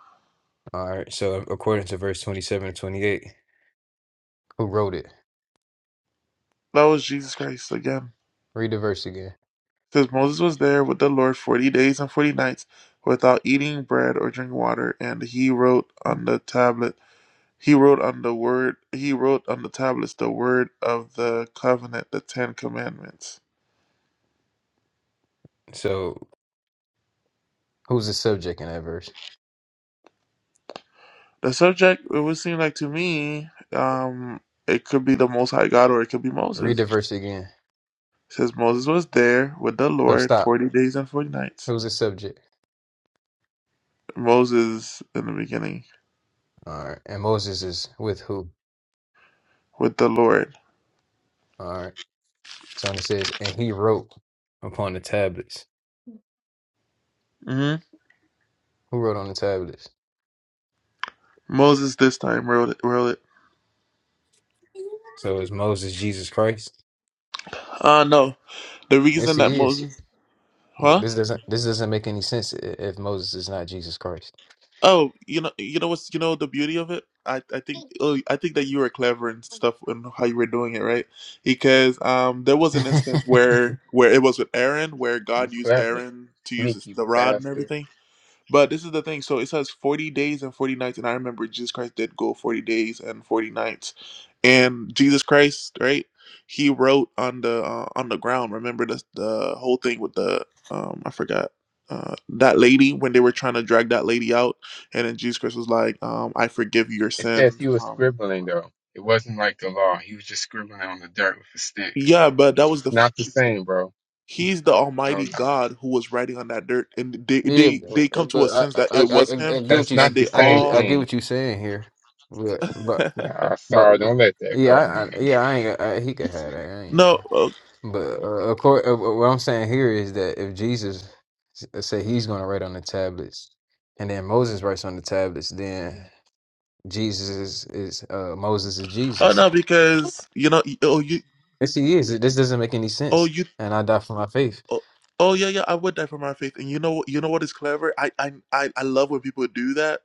Speaker 3: All right. So according to verse twenty-seven and twenty-eight, who wrote it?
Speaker 11: that was Jesus Christ again.
Speaker 3: Read the verse again.
Speaker 11: says Moses was there with the Lord forty days and forty nights without eating bread or drinking water, and he wrote on the tablet he wrote on the word he wrote on the tablets the word of the covenant, the Ten Commandments.
Speaker 3: So who's the subject in that verse?
Speaker 11: The subject it would seem like to me, um, it could be the most high God or it could be
Speaker 3: Read
Speaker 11: Moses.
Speaker 3: the
Speaker 11: It
Speaker 3: verse again.
Speaker 11: says Moses was there with the
Speaker 3: So
Speaker 11: Lord
Speaker 3: stop.
Speaker 11: forty days and forty nights.
Speaker 3: Who's the subject?
Speaker 11: Moses in the beginning
Speaker 3: All right. And Moses is with who?
Speaker 11: with the Lord.
Speaker 3: All right. So when it says, and he wrote upon the tablets.
Speaker 11: hmm
Speaker 3: Who wrote on the tablets?
Speaker 11: Moses this time wrote it, wrote it.
Speaker 3: So is Moses Jesus Christ?
Speaker 11: Uh no. The
Speaker 3: Yes,
Speaker 11: reason that
Speaker 3: he is.
Speaker 11: Moses
Speaker 3: Th-
Speaker 11: Huh?
Speaker 3: This doesn't this doesn't make any sense i- if Moses is not Jesus Christ.
Speaker 11: Oh, you know you know what's you know the beauty of it? I I think oh I think that you were clever and stuff and how you were doing it, right? Because um there was an instance where where it was with Aaron where
Speaker 6: You
Speaker 11: God used
Speaker 6: clever,
Speaker 11: Aaron to use his,
Speaker 6: sneaky
Speaker 11: the rod and
Speaker 6: bastard.
Speaker 11: everything. But this is the thing. So it says 40 days and 40 nights. And I remember Jesus Christ did go 40 days and 40 nights. And Jesus Christ, right? He wrote on the uh, on the ground. Remember the the whole thing with the um I forgot uh that lady when they were trying to drag that lady out and then Jesus Christ was like um I forgive your
Speaker 6: It says
Speaker 11: sins.
Speaker 6: he was
Speaker 11: Um
Speaker 6: scribbling though. It wasn't like the law. He was just scribbling on the dirt with a stick.
Speaker 11: yeah, but that was
Speaker 6: It's
Speaker 11: the f-
Speaker 6: not the same, bro. No,
Speaker 11: he's the
Speaker 6: no.
Speaker 11: almighty
Speaker 6: no.
Speaker 11: God who was writing on that dirt and they
Speaker 3: Yeah,
Speaker 11: they they
Speaker 3: b-
Speaker 11: come to
Speaker 3: but
Speaker 11: a
Speaker 3: I
Speaker 11: sense that
Speaker 3: I
Speaker 11: it
Speaker 3: I,
Speaker 11: was
Speaker 3: I I
Speaker 11: him
Speaker 3: get what
Speaker 6: That's
Speaker 3: you
Speaker 11: and
Speaker 6: not
Speaker 3: s-
Speaker 6: the
Speaker 11: they
Speaker 3: I
Speaker 6: same
Speaker 3: get I
Speaker 11: all
Speaker 3: get
Speaker 6: thing.
Speaker 3: what you're saying here, but but
Speaker 6: Nah,
Speaker 3: but
Speaker 6: sorry, don't let that
Speaker 3: yeah
Speaker 6: go,
Speaker 3: I, I,
Speaker 6: man.
Speaker 3: yeah I ain't I, he could have that I ain't
Speaker 11: No, uh,
Speaker 3: but uh, of course uh, what I'm saying here is that if Jesus s- say he's going to write on the tablets, and then Moses writes on the tablets, then Jesus is, is uh Moses is
Speaker 11: Oh
Speaker 3: Jesus.
Speaker 11: no, because you know, y- oh you,
Speaker 3: Yes, he is. This doesn't make any
Speaker 11: oh
Speaker 3: sense.
Speaker 11: you,
Speaker 3: And I die for my faith.
Speaker 11: oh, oh yeah, yeah. I would die for my faith, and you know, you know what is clever? I, I, I, I love when people do that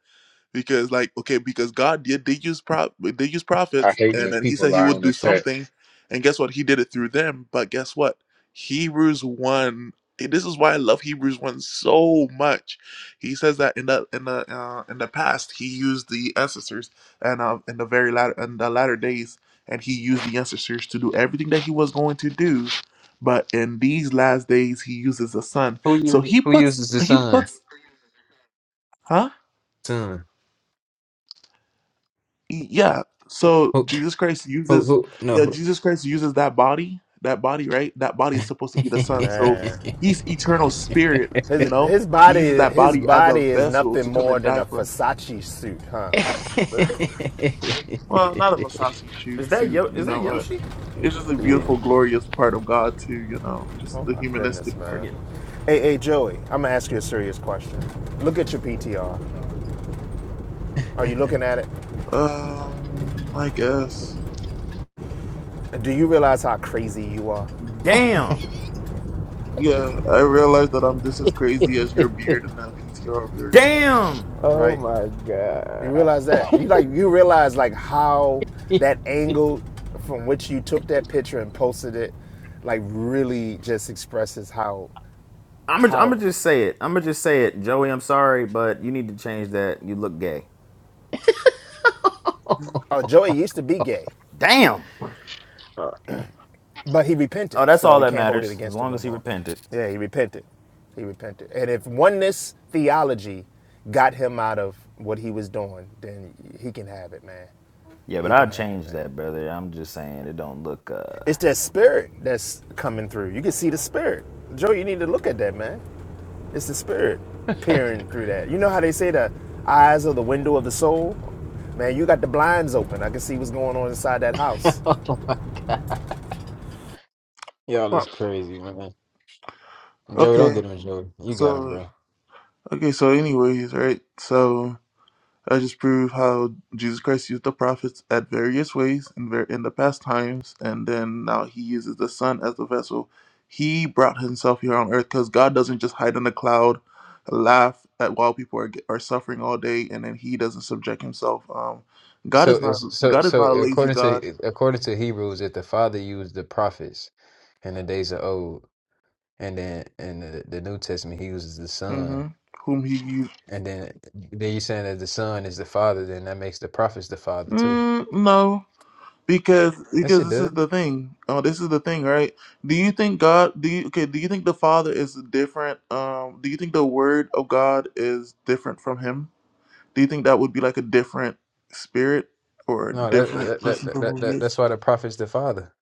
Speaker 11: because like okay because god did they use prop they use
Speaker 6: I
Speaker 11: prophets
Speaker 6: hate
Speaker 11: and
Speaker 6: when
Speaker 11: then he
Speaker 6: people
Speaker 11: said he
Speaker 6: lie on
Speaker 11: would
Speaker 6: the
Speaker 11: do
Speaker 6: text.
Speaker 11: something and guess what he did it through them but guess what hebrews 1 this is why i love hebrews 1 so much he says that in the in the uh, in the past he used the ancestors and uh, in the very latter in the latter days and he used the ancestors to do everything that he was going to do but in these last days he uses the son
Speaker 3: Who
Speaker 11: so
Speaker 3: u-
Speaker 11: he
Speaker 3: who
Speaker 11: puts
Speaker 3: uses the
Speaker 11: he
Speaker 3: sun?
Speaker 11: puts huh
Speaker 3: Sun.
Speaker 11: Yeah. So
Speaker 3: Who
Speaker 11: Jesus Christ
Speaker 3: who
Speaker 11: uses
Speaker 3: who? No.
Speaker 11: yeah,
Speaker 3: who-
Speaker 11: Jesus Christ uses that body, that body, right? That body is supposed to be the son. So
Speaker 12: Man,
Speaker 11: he's eternal spirit, you
Speaker 12: his
Speaker 11: know?
Speaker 12: his
Speaker 11: He uses
Speaker 12: body
Speaker 11: that
Speaker 12: his
Speaker 11: body as a
Speaker 12: body is
Speaker 11: vessel
Speaker 12: nothing
Speaker 11: to come
Speaker 12: more
Speaker 11: and
Speaker 12: than
Speaker 11: die
Speaker 12: a
Speaker 11: for us.
Speaker 12: Versace suit, huh?
Speaker 11: well, not a Versace
Speaker 10: Is
Speaker 11: shoot
Speaker 10: that
Speaker 11: suit,
Speaker 10: Yo?
Speaker 11: you
Speaker 10: Is that
Speaker 11: know, but
Speaker 10: Yoshi?
Speaker 11: it's just a beautiful, glorious part of God too, you know,
Speaker 12: Oh
Speaker 11: just the
Speaker 12: my goodness,
Speaker 11: humanistic part.
Speaker 12: man.
Speaker 10: Yeah.
Speaker 12: Hey, hey, Joey, I'm gonna ask you a serious question. Look at your PTR. Are you looking at it?
Speaker 11: Um, I guess.
Speaker 12: Do you realize how crazy you are?
Speaker 10: Damn.
Speaker 11: Yeah, I realize that I'm just as crazy as your beard and that PTR of yours.
Speaker 10: Damn.
Speaker 12: Right? You realize that you like you realize like how that angle from which you took that picture and posted it, like really just expresses how
Speaker 10: I'm gonna I'm gonna
Speaker 12: how.
Speaker 10: just say it. I'm gonna just say it, Joey. I'm sorry, but you need to change that. You look gay.
Speaker 12: Oh, Joey used to be gay.
Speaker 10: Damn.
Speaker 12: But he
Speaker 10: Oh,
Speaker 12: repented,
Speaker 10: that's
Speaker 12: so
Speaker 10: all
Speaker 12: you
Speaker 10: that
Speaker 12: can't hold it
Speaker 10: matters. As
Speaker 12: against him
Speaker 10: long
Speaker 12: no
Speaker 10: as he
Speaker 12: more.
Speaker 10: repented.
Speaker 12: Yeah, he repented. He repented. And if oneness theology got him out of what he was doing, then he can have it, man.
Speaker 10: Yeah,
Speaker 12: He
Speaker 10: but I
Speaker 12: can have it,
Speaker 10: changed
Speaker 12: man.
Speaker 10: that, brother. I'm just saying it don't look uh
Speaker 12: It's that spirit that's coming through. You can see the spirit. Joe, you need to look at that, man. It's the spirit peering through that. You know how they say the eyes are the window of the soul? Man, you got the blinds open. I can see what's going on inside that house.
Speaker 3: oh my god, y'all
Speaker 11: Wow.
Speaker 3: is crazy, man. Joey, don't
Speaker 11: Okay,
Speaker 3: get him, Joey. You got him,
Speaker 11: so
Speaker 3: bro.
Speaker 11: Okay, so anyways, right? So I just prove how Jesus Christ used the prophets at various ways in ver- in the past times, and then now he uses the sun as the vessel. He brought himself here on earth because God doesn't just hide in the cloud, laugh at while people are ge- are suffering all day, and then he doesn't subject himself. Um, God
Speaker 3: So
Speaker 11: is not
Speaker 3: it's so
Speaker 11: God is
Speaker 3: so
Speaker 11: not a lazy
Speaker 3: according
Speaker 11: God.
Speaker 3: to according to Hebrews, if the Father used the prophets in the days of old, and then in the, the New Testament, He uses the Son,
Speaker 11: hmm Whom he used?
Speaker 3: and then then you're saying that the Son is the Father, then that makes the prophets the Father too.
Speaker 11: Mm, no. Because
Speaker 3: Yes,
Speaker 11: because
Speaker 3: it
Speaker 11: this
Speaker 3: does.
Speaker 11: is the thing. Oh, this is the thing, right? Do you think God do you okay, do you think the Father is different? Um do you think the word of God is different from him? Do you think that would be like a different spirit or a
Speaker 3: No,
Speaker 11: different
Speaker 3: that, that,
Speaker 11: person
Speaker 3: that,
Speaker 11: from
Speaker 3: that,
Speaker 11: who he
Speaker 3: that
Speaker 11: is?
Speaker 3: that's why the prophet's the father.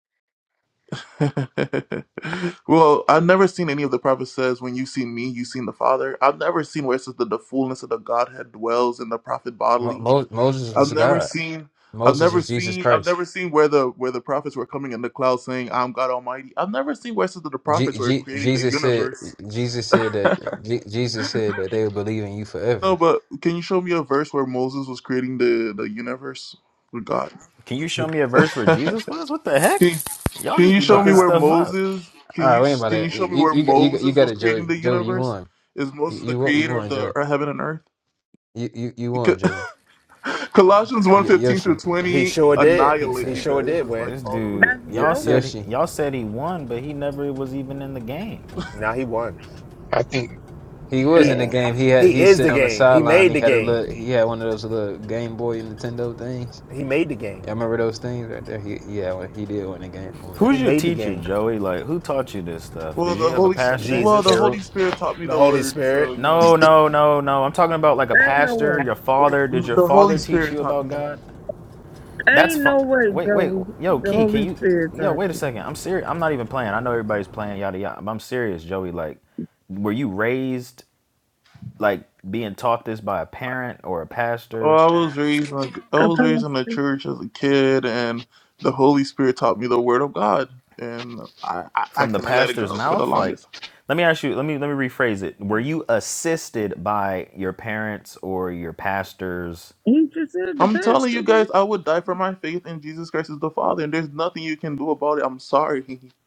Speaker 11: well, I've never seen any of the prophets says when you see me, you seen the Father. I've never seen where it says that the fullness of the Godhead dwells in the prophet
Speaker 3: Mo,
Speaker 11: bodily.
Speaker 3: Mo, Moses
Speaker 11: I've
Speaker 3: was
Speaker 11: never
Speaker 3: God.
Speaker 11: seen I've
Speaker 3: Moses
Speaker 11: never
Speaker 3: was Jesus
Speaker 11: seen I've
Speaker 3: Christ.
Speaker 11: never seen where the where the prophets were coming in the cloud saying, I'm God Almighty. I've never seen where it says that the prophets
Speaker 3: G,
Speaker 11: were
Speaker 3: G,
Speaker 11: creating the
Speaker 3: Jesus said
Speaker 11: universe.
Speaker 3: Jesus said that G, Jesus said that they will believe in you
Speaker 11: no,
Speaker 3: forever.
Speaker 11: but can you show me a verse where Moses was creating the, the universe with God?
Speaker 10: Can you show me a verse where
Speaker 11: can,
Speaker 10: Jesus was? What the heck?
Speaker 11: can
Speaker 10: Y'all just
Speaker 11: you
Speaker 10: be
Speaker 3: All
Speaker 11: show me
Speaker 10: making
Speaker 3: right,
Speaker 11: where
Speaker 10: stuff up.
Speaker 11: Moses
Speaker 3: all
Speaker 11: can
Speaker 3: right,
Speaker 11: you
Speaker 3: wait about
Speaker 11: can you
Speaker 3: that.
Speaker 11: show me
Speaker 3: You
Speaker 11: where
Speaker 3: you got- you got- you
Speaker 11: Moses
Speaker 3: got
Speaker 11: was
Speaker 3: it, Joey.
Speaker 11: creating the
Speaker 3: Joey, you
Speaker 11: universe?
Speaker 3: won.
Speaker 11: Is
Speaker 3: You
Speaker 11: Moses the
Speaker 3: you won. You
Speaker 11: creator of
Speaker 3: won,
Speaker 11: the
Speaker 3: Joey.
Speaker 11: ear- heaven and earth?
Speaker 3: You you you won,
Speaker 11: Because-
Speaker 3: Joey.
Speaker 11: Colossians one
Speaker 3: Y-
Speaker 11: fifteen through
Speaker 3: Yoshi,
Speaker 12: He
Speaker 11: 20
Speaker 12: sure did.
Speaker 10: He
Speaker 11: annihilate
Speaker 12: He
Speaker 11: you
Speaker 10: said
Speaker 12: sure
Speaker 11: guys,
Speaker 12: did
Speaker 11: just
Speaker 12: win.
Speaker 11: like
Speaker 10: this
Speaker 11: all of them.
Speaker 10: dude
Speaker 13: That's
Speaker 3: y-
Speaker 10: y'all
Speaker 13: Joey?
Speaker 10: said
Speaker 3: Yoshi.
Speaker 10: y'all said he won, but he never was even in the game.
Speaker 12: Now he won.
Speaker 6: I think,
Speaker 3: He was
Speaker 12: He
Speaker 3: in the
Speaker 6: yeah.
Speaker 3: game. He had
Speaker 12: he
Speaker 3: he was
Speaker 12: is
Speaker 3: sitting
Speaker 12: the
Speaker 3: on the
Speaker 12: game. He
Speaker 3: sideline.
Speaker 12: made
Speaker 3: He
Speaker 12: the
Speaker 3: had a
Speaker 12: game.
Speaker 3: little. He had one of those little Game Boy Nintendo things.
Speaker 12: He made the game.
Speaker 3: I remember those things right there. He yeah, when he did win the game over there.
Speaker 12: He
Speaker 10: Who's your
Speaker 12: made the
Speaker 10: teacher,
Speaker 12: game.
Speaker 10: Joey? Like who taught you this stuff?
Speaker 11: Well,
Speaker 10: Did you
Speaker 11: the
Speaker 10: have a
Speaker 11: Holy
Speaker 10: pastor?
Speaker 11: well, the
Speaker 12: Jesus,
Speaker 11: Holy Spirit taught me
Speaker 12: the
Speaker 11: the
Speaker 12: Holy
Speaker 11: word, so
Speaker 12: Spirit.
Speaker 11: you know,
Speaker 10: No, no, no, no. I'm talking about like a
Speaker 13: Ain't no
Speaker 10: pastor,
Speaker 13: way.
Speaker 10: your father. Did your
Speaker 11: the Holy
Speaker 10: father teach
Speaker 11: Spirit
Speaker 10: you
Speaker 11: taught
Speaker 10: about
Speaker 11: me.
Speaker 10: God? That's
Speaker 13: Ain't
Speaker 10: fine.
Speaker 13: no way,
Speaker 10: Wait, wait,
Speaker 13: Joey.
Speaker 10: yo,
Speaker 13: The
Speaker 10: Key, can
Speaker 13: Holy
Speaker 10: you?
Speaker 13: Spirit
Speaker 10: Yo,
Speaker 13: taught
Speaker 10: wait a
Speaker 13: you.
Speaker 10: second. I'm serious. I'm not even playing. I know everybody's playing yada yada. But I'm serious, Joey. Like, were you raised like being taught this by a parent or a
Speaker 11: Oh,
Speaker 10: pastor
Speaker 11: I was raised in a, I
Speaker 13: A
Speaker 11: was raised in the
Speaker 13: pastor.
Speaker 11: church as a kid, and the Holy Spirit taught me the word of God, and I I, I
Speaker 10: from the
Speaker 11: couldn't let it
Speaker 10: pastor's
Speaker 11: go for the
Speaker 10: mouth? Like,
Speaker 11: longest.
Speaker 10: let me ask you. Let me let me rephrase it. Were you assisted by your parents or your pastors?
Speaker 13: He just said the
Speaker 11: I'm telling you
Speaker 13: pastor, man.
Speaker 11: guys, I would die for my faith in Jesus Christ as the Father, and there's nothing you can do about it. I'm sorry.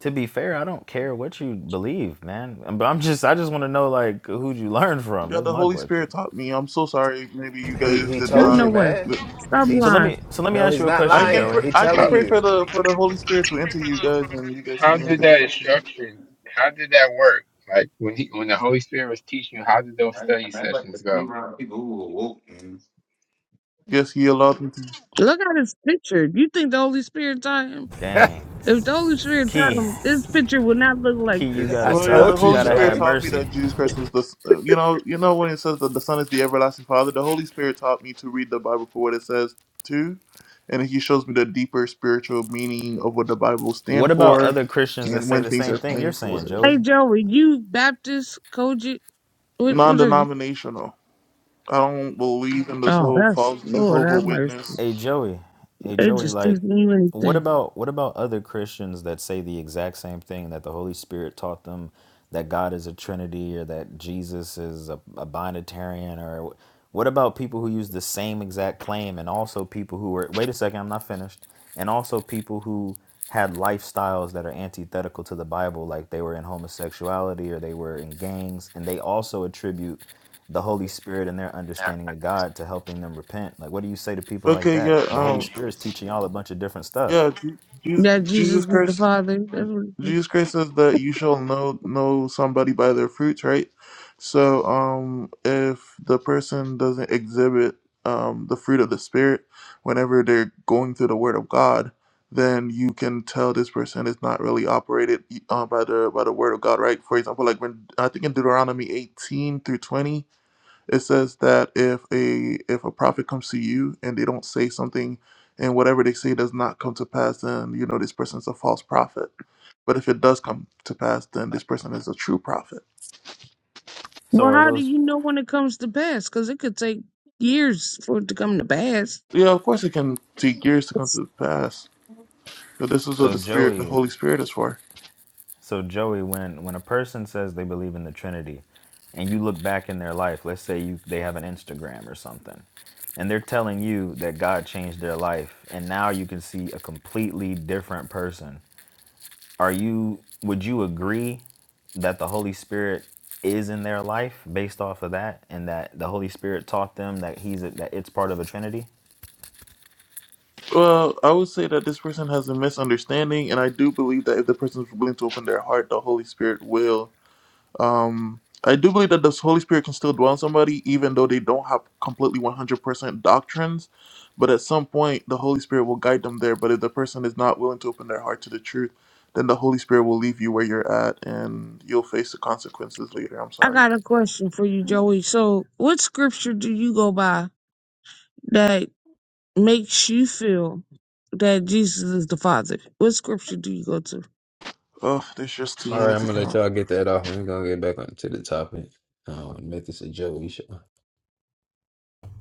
Speaker 10: To be fair, I don't care what you believe, man. But I'm just I just want to know like who'd you learn from?
Speaker 11: Yeah,
Speaker 10: That's
Speaker 11: the
Speaker 10: my
Speaker 11: Holy Spirit
Speaker 10: question.
Speaker 11: taught me. I'm so sorry. Maybe you
Speaker 12: He
Speaker 11: guys
Speaker 12: he
Speaker 11: did
Speaker 13: Ain't
Speaker 12: told you,
Speaker 13: no
Speaker 11: not.
Speaker 13: way.
Speaker 12: man.
Speaker 13: Stop
Speaker 12: He
Speaker 10: So
Speaker 12: t-
Speaker 10: let
Speaker 13: lying.
Speaker 10: me so let me
Speaker 12: no,
Speaker 10: ask
Speaker 12: he's
Speaker 10: you a
Speaker 12: not
Speaker 11: I
Speaker 10: question,
Speaker 11: can
Speaker 12: lying.
Speaker 10: Joey.
Speaker 11: pr-
Speaker 12: He
Speaker 11: I can
Speaker 12: telling
Speaker 11: pray
Speaker 12: you.
Speaker 11: for the for the Holy Spirit to enter you guys, and you guys
Speaker 6: How
Speaker 11: can learn
Speaker 6: did
Speaker 11: the
Speaker 6: that
Speaker 11: truth too.
Speaker 6: instruction? How did that work? Like when he, when the Holy Spirit was teaching you, how did those
Speaker 9: Right,
Speaker 6: study
Speaker 9: and I'd like to
Speaker 6: sessions
Speaker 9: be
Speaker 6: go?
Speaker 9: around people who are woke, man.
Speaker 11: Yes, He allowed me to.
Speaker 13: Look at his picture. You think the Holy Spirit taught him?
Speaker 10: Dang.
Speaker 13: If the Holy Spirit taught
Speaker 10: Key,
Speaker 13: him, this picture would not look like
Speaker 10: Key, you
Speaker 13: this.
Speaker 12: I
Speaker 10: gotta
Speaker 11: Well, yeah,
Speaker 10: stop.
Speaker 11: the
Speaker 12: told
Speaker 10: You
Speaker 12: you,
Speaker 11: Holy
Speaker 10: gotta
Speaker 11: Spirit
Speaker 10: have
Speaker 12: Joey.
Speaker 11: taught me
Speaker 10: mercy.
Speaker 11: that Jesus Christ was the. s- Uh, you know, you know when it says that the Son is the everlasting Father, the Holy Spirit taught me to read the Bible for what it says too, and He shows me the deeper spiritual meaning of what the Bible
Speaker 10: What
Speaker 11: stands
Speaker 10: about
Speaker 11: for,
Speaker 10: other Christians that
Speaker 11: and
Speaker 10: say
Speaker 11: when
Speaker 10: the
Speaker 11: things
Speaker 10: same
Speaker 11: are
Speaker 10: thing you're
Speaker 11: plain for what
Speaker 10: saying,
Speaker 11: it
Speaker 10: Joey?
Speaker 13: Hey,
Speaker 11: is.
Speaker 13: Joey, you Baptist, Koji? What, what are you?
Speaker 11: Non-denominational. I don't believe in this
Speaker 13: Oh,
Speaker 11: whole
Speaker 13: that's
Speaker 11: false
Speaker 13: Lord
Speaker 11: Jehovah
Speaker 13: have mercy.
Speaker 11: Witness.
Speaker 10: Hey, Joey. Hey,
Speaker 13: They
Speaker 10: Joey.
Speaker 13: just
Speaker 10: Like,
Speaker 13: didn't do
Speaker 10: what
Speaker 13: anything.
Speaker 10: about what about other Christians that say the exact same thing that the Holy Spirit taught them, that God is a Trinity or that Jesus is a, a binitarian or wh- what about people who use the same exact claim and also people who are wait a second, I'm not finished. And also people who had lifestyles that are antithetical to the Bible, like they were in homosexuality or they were in gangs, and they also attribute the Holy Spirit and their understanding of God to helping them repent. Like, what do you say to people like
Speaker 11: Okay,
Speaker 10: that?
Speaker 11: yeah,
Speaker 10: The Holy
Speaker 11: um,
Speaker 10: Spirit's teaching y'all a bunch of different stuff.
Speaker 11: yeah, Je- Jesus
Speaker 13: That Jesus
Speaker 11: Jesus
Speaker 13: was the
Speaker 11: Christ
Speaker 13: Father. That's what it says.
Speaker 11: Jesus Christ says that you shall know know somebody by their fruits, right? So, um, if the person doesn't exhibit um, the fruit of the Spirit whenever they're going through the Word of God, then you can tell this person is not really operated uh, by the by the Word of God, right? For example, like when I think in Deuteronomy eighteen through twenty, it says that if a if a prophet comes to you and they don't say something, and whatever they say does not come to pass, then you know this person's a false prophet but if it does come to pass, then this person is a true prophet.
Speaker 10: So
Speaker 13: Well,
Speaker 10: are
Speaker 13: how do
Speaker 10: those?
Speaker 13: you know when it comes to pass? Because it could take years for it to come to pass.
Speaker 11: Yeah, of course it can take years to come to pass. But this is what
Speaker 10: So
Speaker 11: the Spirit, the
Speaker 10: Joey,
Speaker 11: Holy Spirit is for.
Speaker 10: so Joey, when when a person says they believe in the Trinity, and you look back in their life, let's say you they have an Instagram or something, and they're telling you that God changed their life, and now you can see a completely different person are you would you agree that the holy spirit is in their life based off of that and that the holy spirit taught them that he's a, that it's part of a trinity
Speaker 11: Well, I would say that this person has a misunderstanding, and I do believe that if the person is willing to open their heart, the Holy Spirit will Um, I do believe that the Holy Spirit can still dwell on somebody, even though they don't have completely 100% doctrines. But at some point, the Holy Spirit will guide them there. But if the person is not willing to open their heart to the truth, then the Holy Spirit will leave you where you're at and you'll face the consequences later. I'm
Speaker 13: I
Speaker 11: sorry.
Speaker 13: got a question for you, Joey. So, what scripture do you go by that makes you feel that Jesus is the Father? What scripture do you go to?
Speaker 11: Oh, there's just too
Speaker 3: All right,
Speaker 11: many
Speaker 3: I'm
Speaker 11: to
Speaker 3: gonna let
Speaker 11: count.
Speaker 3: y'all get that off. We're gonna get back onto the topic. Um, make this a Joey show.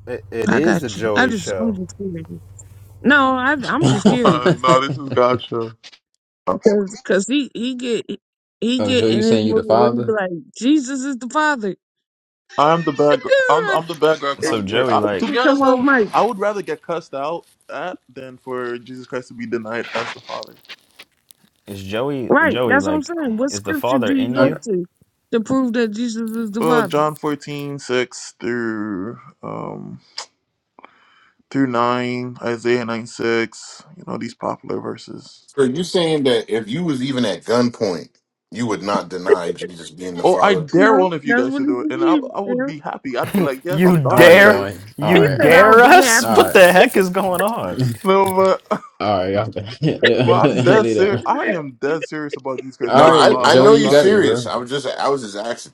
Speaker 12: It, it
Speaker 13: I
Speaker 12: is the
Speaker 13: got you. I
Speaker 12: Joey
Speaker 13: just, I'm
Speaker 12: show.
Speaker 13: just curious. No, I, I'm just
Speaker 11: Come
Speaker 13: curious
Speaker 11: on. No, this is God's show.
Speaker 13: because cause he he get he
Speaker 3: oh, Joe,
Speaker 13: get in
Speaker 3: you
Speaker 13: his
Speaker 3: saying you
Speaker 13: mood
Speaker 3: the
Speaker 13: where he be
Speaker 3: father?
Speaker 13: like, Jesus is the Father.
Speaker 11: I'm the bad. gr- I'm, I'm the bad guy
Speaker 13: It's like, it
Speaker 10: so
Speaker 13: just-
Speaker 11: character.
Speaker 10: joey
Speaker 11: I,
Speaker 13: it
Speaker 10: like
Speaker 11: to be
Speaker 13: just Come
Speaker 11: honest,
Speaker 13: on,
Speaker 11: though,
Speaker 13: Mike.
Speaker 11: I would rather get cussed out at than for Jesus Christ to be denied as the Father.
Speaker 10: is joey
Speaker 13: Right,
Speaker 10: joey
Speaker 13: that's what I'm
Speaker 10: like
Speaker 13: saying. What
Speaker 10: is the
Speaker 13: scripture
Speaker 10: father
Speaker 13: do you
Speaker 10: in
Speaker 13: go
Speaker 3: Okay.
Speaker 10: you
Speaker 13: to to prove that Jesus is the
Speaker 11: Well,
Speaker 13: Father?
Speaker 11: John 14 6 through um through 9, Isaiah 9, 6, you know, these popular verses.
Speaker 9: So you saying that if you was even at gunpoint, you would not deny Jesus being the
Speaker 11: Oh, I
Speaker 9: Father?
Speaker 11: dare
Speaker 13: No,
Speaker 11: one of you
Speaker 13: that's
Speaker 11: guys
Speaker 13: what
Speaker 11: to do it, and I,
Speaker 13: he believes.
Speaker 11: I would be happy. I'd be like, yes,
Speaker 10: you
Speaker 11: I'm
Speaker 3: All
Speaker 11: dying
Speaker 3: right,
Speaker 11: for
Speaker 10: dare
Speaker 3: Joey.
Speaker 11: this.
Speaker 3: All
Speaker 10: you
Speaker 13: He
Speaker 3: right,
Speaker 13: said,
Speaker 3: all
Speaker 13: I'll
Speaker 10: dare
Speaker 3: right,
Speaker 13: be
Speaker 10: us what
Speaker 13: happy.
Speaker 3: all
Speaker 10: the heck is going on
Speaker 3: right,
Speaker 11: No, but
Speaker 3: all right, y'all. Do
Speaker 11: well, I'm dead serious.
Speaker 3: that.
Speaker 11: I am dead serious about Jesus Christ
Speaker 9: No,
Speaker 3: All
Speaker 11: being the
Speaker 9: I,
Speaker 3: right,
Speaker 9: I
Speaker 11: Father. I'm
Speaker 9: know
Speaker 3: Joey, you
Speaker 9: you're
Speaker 3: got it,
Speaker 11: sorry.
Speaker 9: serious.
Speaker 3: bro.
Speaker 9: I was just I was just asking.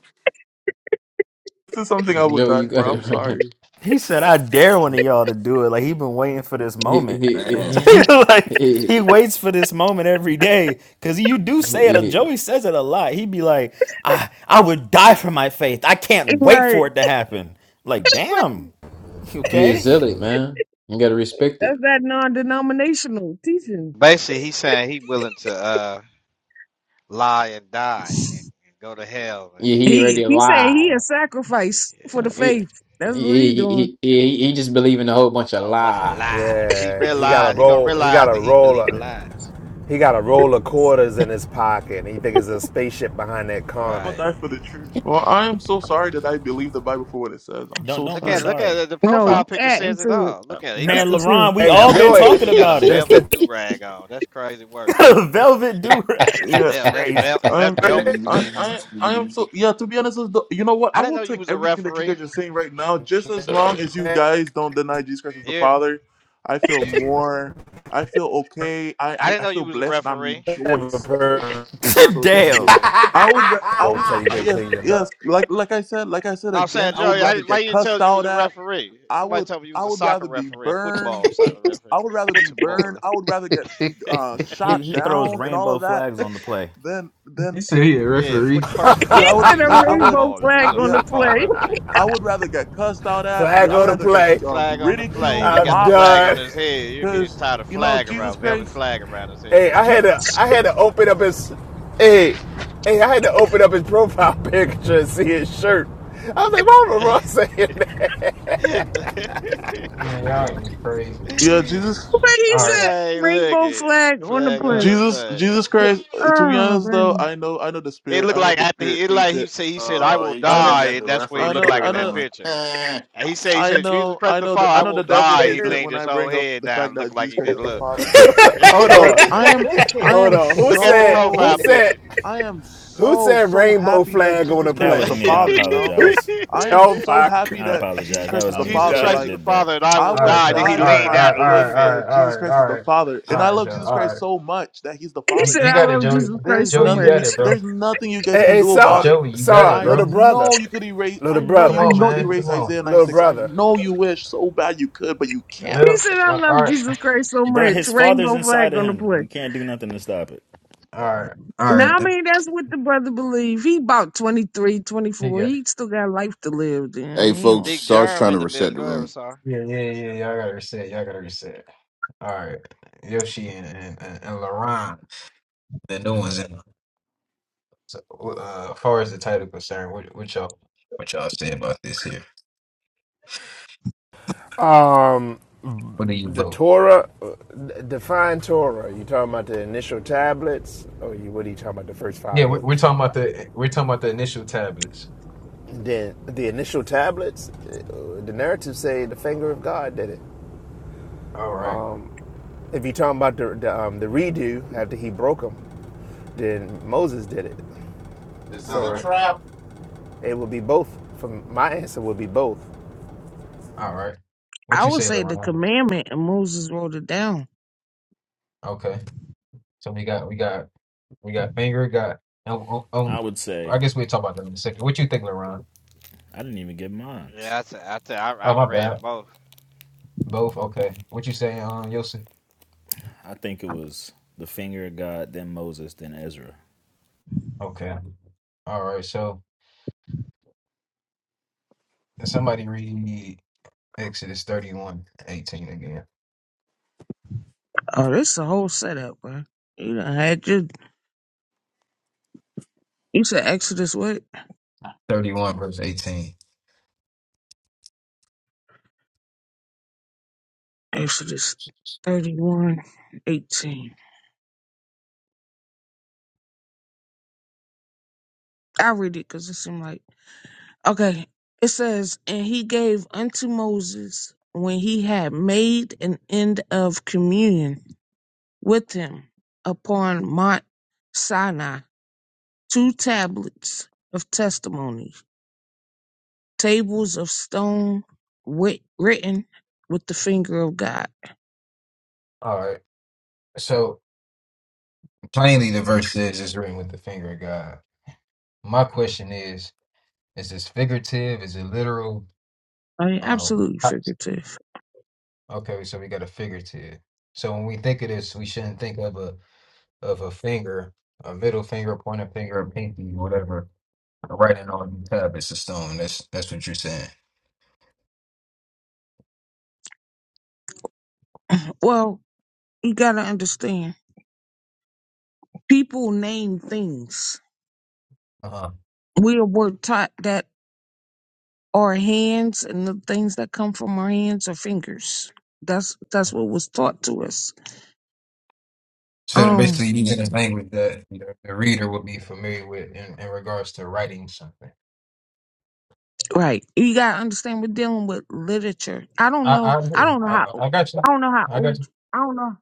Speaker 11: This is something I would
Speaker 3: Joey, you
Speaker 11: die
Speaker 3: got
Speaker 11: for.
Speaker 3: it.
Speaker 11: I'm
Speaker 3: Bro.
Speaker 11: sorry.
Speaker 10: He said, "I dare one of y'all to do it." Like he been waiting for this
Speaker 3: He,
Speaker 10: moment.
Speaker 3: he,
Speaker 9: Man.
Speaker 3: he,
Speaker 10: like
Speaker 3: he,
Speaker 10: he waits for this moment every day because you do say it.
Speaker 3: he,
Speaker 10: Joey says it a lot. He be like, "I I would die for my faith. I can't wait
Speaker 13: right.
Speaker 10: for it to happen." Like, damn.
Speaker 3: he is
Speaker 10: Okay,
Speaker 3: zealot, man. You gotta respect it.
Speaker 13: That's that non denominational teaching.
Speaker 14: Basically, he's saying he willing to uh, lie and die and, and go to hell. And
Speaker 3: Yeah, he
Speaker 13: He
Speaker 3: already
Speaker 13: he said
Speaker 3: alive.
Speaker 13: he a sacrifice for the
Speaker 14: yeah,
Speaker 3: Uh,
Speaker 14: he
Speaker 3: He,
Speaker 14: said
Speaker 13: faith. That's what he
Speaker 3: he,
Speaker 13: doing.
Speaker 3: he, he, he just believing a whole bunch
Speaker 14: a
Speaker 3: of
Speaker 14: whole bunch of
Speaker 3: lies.
Speaker 14: lies. He
Speaker 12: Yeah, he got a
Speaker 14: realized he gonna
Speaker 12: roll. He got
Speaker 14: realize
Speaker 12: a
Speaker 14: that he
Speaker 12: roll.
Speaker 14: believe in
Speaker 12: Of,
Speaker 14: lies.
Speaker 12: he got a roll of quarters in his pocket. And he think it's a spaceship behind that
Speaker 11: I'll
Speaker 12: comment.
Speaker 14: Right.
Speaker 11: die for the truth. Well, I am so sorry that I believe the Bible for what it says. I'm
Speaker 10: don't
Speaker 11: so
Speaker 10: don't
Speaker 14: Look
Speaker 10: be
Speaker 14: at it.
Speaker 11: sorry.
Speaker 14: Look at
Speaker 10: sorry,
Speaker 14: it. The
Speaker 13: No,
Speaker 3: Oh.
Speaker 13: you
Speaker 14: profile picture
Speaker 13: adding
Speaker 14: says it
Speaker 13: to it.
Speaker 14: all. Look at it. He
Speaker 13: That's
Speaker 14: got
Speaker 10: man.
Speaker 13: for
Speaker 14: the
Speaker 13: sure.
Speaker 10: LaRon, we
Speaker 12: Hey,
Speaker 10: all
Speaker 14: velvet
Speaker 10: been
Speaker 14: do.
Speaker 12: Joey,
Speaker 14: That
Speaker 10: talking
Speaker 14: thing got a
Speaker 10: about it.
Speaker 12: that's
Speaker 14: velvet
Speaker 12: the.
Speaker 14: do rag on. That's crazy work.
Speaker 10: Velvet Durag,
Speaker 14: Oh,
Speaker 11: Yeah.
Speaker 10: it's
Speaker 14: vel. That's
Speaker 10: crazy.
Speaker 14: vel. Is that
Speaker 11: I'm,
Speaker 14: velvet?
Speaker 11: I, I, I am so yeah. To be honest, with the, you know what?
Speaker 14: I
Speaker 11: I
Speaker 14: didn't
Speaker 11: will
Speaker 14: know you
Speaker 11: take
Speaker 14: was a
Speaker 11: everything that you
Speaker 14: referee.
Speaker 11: guys are saying right now, just as long as you guys don't deny Jesus Christ as
Speaker 14: You
Speaker 11: the
Speaker 14: hear me?
Speaker 11: Father. I feel more. I feel okay. I,
Speaker 14: I
Speaker 11: I,
Speaker 14: didn't
Speaker 11: I
Speaker 14: know
Speaker 11: feel
Speaker 14: you was a
Speaker 11: blessed and I'm
Speaker 14: referee.
Speaker 11: rejoiced right now. So thank
Speaker 10: damn.
Speaker 11: you.
Speaker 12: thing.
Speaker 11: I would, ra- I
Speaker 12: won't
Speaker 11: would,
Speaker 12: tell you
Speaker 11: uh,
Speaker 12: go
Speaker 11: yes,
Speaker 12: clean your
Speaker 11: yes.
Speaker 12: nuts.
Speaker 11: Like, like I said, like I said
Speaker 14: No, I'm
Speaker 11: again,
Speaker 14: saying,
Speaker 11: I would
Speaker 14: Joey, I,
Speaker 11: rather
Speaker 14: why
Speaker 11: get
Speaker 14: you didn't tell
Speaker 11: cussed
Speaker 14: us you was
Speaker 11: out
Speaker 14: a
Speaker 11: at.
Speaker 14: referee?
Speaker 11: I
Speaker 14: Somebody
Speaker 11: would,
Speaker 14: told me you was
Speaker 11: I
Speaker 14: a
Speaker 11: would
Speaker 14: soccer
Speaker 11: rather be
Speaker 14: referee, a
Speaker 11: burned.
Speaker 14: football soccer referee.
Speaker 11: I would rather be burned.
Speaker 14: Football.
Speaker 11: I would rather get uh,
Speaker 10: He
Speaker 11: shot
Speaker 10: he throws
Speaker 11: down and all
Speaker 10: rainbow
Speaker 11: of that
Speaker 10: flags on the play.
Speaker 11: then
Speaker 3: Yeah,
Speaker 14: Yeah,
Speaker 3: referee.
Speaker 14: foot first and
Speaker 13: He
Speaker 11: yeah, I
Speaker 14: goal.
Speaker 11: would,
Speaker 13: said
Speaker 14: He's
Speaker 13: a
Speaker 14: a
Speaker 11: yeah, I would,
Speaker 13: rainbow
Speaker 14: football. He's
Speaker 13: flag
Speaker 14: a
Speaker 13: on
Speaker 11: yeah,
Speaker 13: the
Speaker 14: football
Speaker 13: play.
Speaker 14: referee.
Speaker 11: I would rather get cussed out
Speaker 12: So
Speaker 11: at.
Speaker 12: I
Speaker 11: Yeah, I'd
Speaker 12: go to
Speaker 11: rather get
Speaker 12: play.
Speaker 11: um,
Speaker 14: Flag on the play. He
Speaker 11: ridiculed,
Speaker 14: got
Speaker 12: I'm
Speaker 14: the
Speaker 11: mocked,
Speaker 14: flag on
Speaker 12: done.
Speaker 14: his head. You mean he
Speaker 11: because
Speaker 14: tied a
Speaker 11: you know
Speaker 14: flag
Speaker 11: Jesus
Speaker 14: around, velvet
Speaker 11: Christ.
Speaker 14: flag around his head.
Speaker 12: Hey, I
Speaker 11: G-
Speaker 12: had to I had to open up his hey hey I had to open up his profile picture and see his shirt. I was like, why am I saying that?
Speaker 11: yeah, Jesus,
Speaker 13: But he
Speaker 14: look
Speaker 13: said
Speaker 14: how
Speaker 13: a
Speaker 14: he
Speaker 13: rainbow
Speaker 14: looking.
Speaker 13: flag on the
Speaker 14: Flag on
Speaker 13: play.
Speaker 14: the
Speaker 11: Jesus,
Speaker 14: play.
Speaker 11: Jesus Christ. uh, To be
Speaker 13: Oh
Speaker 11: honest, though,
Speaker 13: man.
Speaker 11: I know, I know the
Speaker 14: It
Speaker 11: spirit.
Speaker 14: looked
Speaker 11: I know
Speaker 14: like
Speaker 11: the
Speaker 14: after
Speaker 11: spirit
Speaker 14: he, it
Speaker 11: hates
Speaker 14: like he
Speaker 11: it.
Speaker 14: said, he said, I
Speaker 9: oh,
Speaker 14: will
Speaker 9: he
Speaker 11: I
Speaker 9: comes. He
Speaker 11: know,
Speaker 14: die,
Speaker 9: got
Speaker 14: and
Speaker 9: the
Speaker 14: that's what he
Speaker 11: I
Speaker 9: referee
Speaker 14: looked
Speaker 11: know,
Speaker 14: like in
Speaker 11: I
Speaker 9: shirt
Speaker 14: that
Speaker 11: know.
Speaker 9: on.
Speaker 14: picture. And he said, he
Speaker 11: I
Speaker 14: said, Jesus
Speaker 11: know,
Speaker 14: Christ
Speaker 11: I
Speaker 14: the
Speaker 11: know, the,
Speaker 14: Father,
Speaker 11: I
Speaker 14: I
Speaker 11: know
Speaker 14: will
Speaker 11: the devil
Speaker 14: die. He
Speaker 11: hates it
Speaker 14: leaned
Speaker 11: when
Speaker 14: his
Speaker 11: I
Speaker 14: whole
Speaker 11: bring up
Speaker 14: head
Speaker 11: the
Speaker 14: down,
Speaker 11: fact
Speaker 14: looked
Speaker 11: that
Speaker 14: like
Speaker 11: Jesus
Speaker 14: he
Speaker 11: Christ
Speaker 14: just
Speaker 11: is the
Speaker 14: looked.
Speaker 11: Father.
Speaker 12: Hold
Speaker 11: But I
Speaker 12: on.
Speaker 11: am, I
Speaker 12: Hold
Speaker 11: am
Speaker 12: on. Who
Speaker 14: Look at the
Speaker 12: said who
Speaker 14: profile
Speaker 11: so
Speaker 14: picture.
Speaker 12: said
Speaker 11: I am
Speaker 12: who
Speaker 11: so,
Speaker 12: said
Speaker 11: so
Speaker 12: rainbow
Speaker 11: happy that
Speaker 12: flag on
Speaker 11: Jesus
Speaker 12: the
Speaker 10: That
Speaker 11: Christ is
Speaker 10: was
Speaker 12: play?
Speaker 11: the
Speaker 10: me. I
Speaker 11: Father, you know?
Speaker 10: apologize.
Speaker 12: Who's
Speaker 11: I am
Speaker 12: oh
Speaker 11: so
Speaker 12: my
Speaker 11: happy
Speaker 10: I
Speaker 12: god.
Speaker 11: that Jesus
Speaker 10: apologize. That
Speaker 11: Christ is
Speaker 10: was
Speaker 11: the
Speaker 12: I'm
Speaker 10: me. I
Speaker 14: Jesus
Speaker 11: Father.
Speaker 10: shouldn't
Speaker 14: Christ
Speaker 12: done.
Speaker 10: have
Speaker 14: is
Speaker 11: Like,
Speaker 14: the
Speaker 10: did that.
Speaker 14: Father, and I
Speaker 11: I
Speaker 14: will
Speaker 11: would
Speaker 14: die. Then he
Speaker 11: die for
Speaker 14: leaned
Speaker 11: my
Speaker 14: down and looked
Speaker 11: faith
Speaker 14: at it.
Speaker 11: that Jesus Christ is the Father. And I love Jesus Christ so much that he's the
Speaker 13: He
Speaker 11: Father,
Speaker 13: said
Speaker 11: you
Speaker 13: I
Speaker 11: know?
Speaker 13: love Jesus Christ
Speaker 11: There's
Speaker 13: so
Speaker 11: nothing
Speaker 13: much.
Speaker 11: we there's nothing you guys
Speaker 12: Hey
Speaker 11: can
Speaker 12: hey
Speaker 11: do about
Speaker 12: saw
Speaker 11: it.
Speaker 12: saw
Speaker 11: I
Speaker 12: little brother.
Speaker 11: know you could erase
Speaker 12: Little
Speaker 11: I know you
Speaker 12: brother.
Speaker 11: wish you could erase Isaiah 9
Speaker 12: Little
Speaker 11: 6. I
Speaker 12: brother.
Speaker 11: know you wish so bad you could, but you can't
Speaker 13: He said I love Jesus Christ so
Speaker 10: Bruh,
Speaker 13: much.
Speaker 10: his father's
Speaker 13: Rainbow
Speaker 10: inside
Speaker 13: flag
Speaker 10: of
Speaker 13: on the
Speaker 10: him.
Speaker 13: play.
Speaker 10: We can't do nothing to stop it.
Speaker 13: Now, I mean, that's what the brother believe. He about 23, 24. He still got life to live.
Speaker 9: hey,
Speaker 13: Then. He
Speaker 9: folks,
Speaker 14: Big
Speaker 9: Sarge
Speaker 14: germ
Speaker 9: trying to
Speaker 14: in the
Speaker 9: reset
Speaker 14: building.
Speaker 9: the
Speaker 14: Go ahead,
Speaker 9: room.
Speaker 14: sorry.
Speaker 3: Yeah, yeah, yeah. Y'all gotta reset. Y'all gotta reset. All right, Yoshi and and, and, and Laron, the new ones. In. So, uh, as far as the title concerned, what, what y'all what y'all say about this here?
Speaker 12: Um,
Speaker 3: What do you
Speaker 12: the
Speaker 3: vote?
Speaker 12: Torah, uh, define Torah. You talking about the initial tablets, or you what are you talking about? The first
Speaker 3: Yeah,
Speaker 12: five
Speaker 3: we, we're
Speaker 12: books.
Speaker 3: talking about the we're talking about the initial tablets.
Speaker 12: Then the initial tablets, uh, the narratives say the finger of God did it.
Speaker 3: All right,
Speaker 12: If you talking about the the, um, the redo after he broke them, then Moses did it.
Speaker 9: This is
Speaker 3: all
Speaker 9: a
Speaker 12: So
Speaker 3: right,
Speaker 9: trap.
Speaker 12: it would be both. From my answer would be both.
Speaker 3: all right. What
Speaker 13: I
Speaker 3: you
Speaker 13: would
Speaker 3: say,
Speaker 13: say the
Speaker 3: Laron?
Speaker 13: commandment, and Moses wrote it down.
Speaker 3: Okay. So we got we got we got finger got
Speaker 10: I would say I didn't even get mine.
Speaker 14: Yeah, I said, I said, I, I've read both.
Speaker 10: I think it was the finger of God, then Moses, then Ezra.
Speaker 13: Oh, this a whole setup, bro. You done had your, you said Exodus what?
Speaker 3: thirty one verse eighteen.
Speaker 13: Exodus thirty one eighteen. I read it because it seemed like, okay. It says, and he gave unto Moses when he had made an end of communion with him upon Mount Sinai two tablets of testimony, tables of stone writ- written with the finger of God.
Speaker 3: All right. So plainly, the verse says it's written with the finger of God. My question is. Is this figurative? Is it literal?
Speaker 13: I mean,
Speaker 3: Um,
Speaker 13: absolutely
Speaker 3: Abs-
Speaker 13: figurative.
Speaker 3: okay, so we got a figurative. So when we think of this, we shouldn't think of a of a finger, a middle finger, pointer finger, a pinky, whatever, writing on the tab. It's a stone. That's that's what you're saying.
Speaker 13: Well, you got to understand, people name things.
Speaker 3: Uh-huh.
Speaker 13: We were taught that our hands and the things that come from our hands are fingers. That's that's what was taught to us.
Speaker 3: So they're
Speaker 13: Um,
Speaker 3: basically, using a language that the the reader would be familiar with in, in regards to writing something.
Speaker 13: right. You gotta understand we're dealing with literature. I don't
Speaker 3: I
Speaker 13: know.
Speaker 3: I
Speaker 13: I
Speaker 3: agree.
Speaker 13: don't know
Speaker 3: I,
Speaker 13: how.
Speaker 3: I I got
Speaker 13: I
Speaker 3: you.
Speaker 13: don't know how
Speaker 3: I got
Speaker 13: old.
Speaker 3: you.
Speaker 13: I don't know.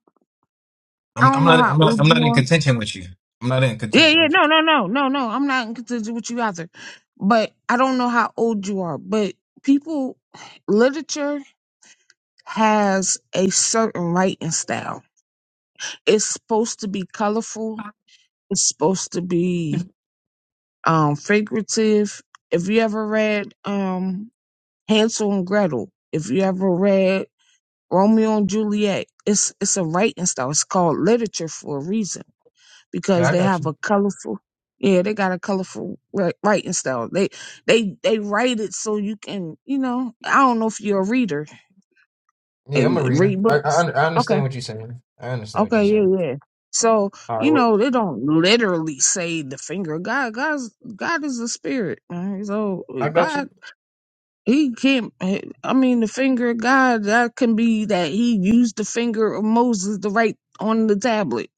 Speaker 3: I'm,
Speaker 13: I don't
Speaker 3: I'm
Speaker 13: know
Speaker 3: not.
Speaker 13: how
Speaker 3: I'm not.
Speaker 13: old
Speaker 3: I'm not
Speaker 13: you
Speaker 3: in
Speaker 13: are.
Speaker 3: contention with you. I'm not in
Speaker 13: Yeah,
Speaker 3: contention
Speaker 13: yeah,
Speaker 3: with you.
Speaker 13: no, no, no, no, no. I'm not inconsistent with you either. But I don't know how old you are, but people, literature has a certain writing style. It's supposed to be colorful. It's supposed to be um figurative. If you ever read um Hansel and Gretel, if you ever read Romeo and Juliet, it's it's a writing style. It's called literature for a reason
Speaker 3: Yeah,
Speaker 13: because
Speaker 3: I
Speaker 13: they
Speaker 3: got
Speaker 13: have
Speaker 3: you.
Speaker 13: a colorful yeah they got a colorful wri- writing style they they they write it so you can you know i don't know if you're a reader
Speaker 3: Yeah, I'm a
Speaker 13: and
Speaker 3: reader.
Speaker 13: read
Speaker 3: I I,
Speaker 13: books
Speaker 3: un- I
Speaker 13: okay
Speaker 3: understand what you're saying. I understand what you're
Speaker 13: okay
Speaker 3: saying.
Speaker 13: yeah yeah so
Speaker 3: All right,
Speaker 13: you
Speaker 3: well,
Speaker 13: know they don't literally say the finger of god god's god is a spirit right? so
Speaker 3: I got you.
Speaker 13: god he can't i mean the finger of god that can be that he used the finger of moses to write on the tablet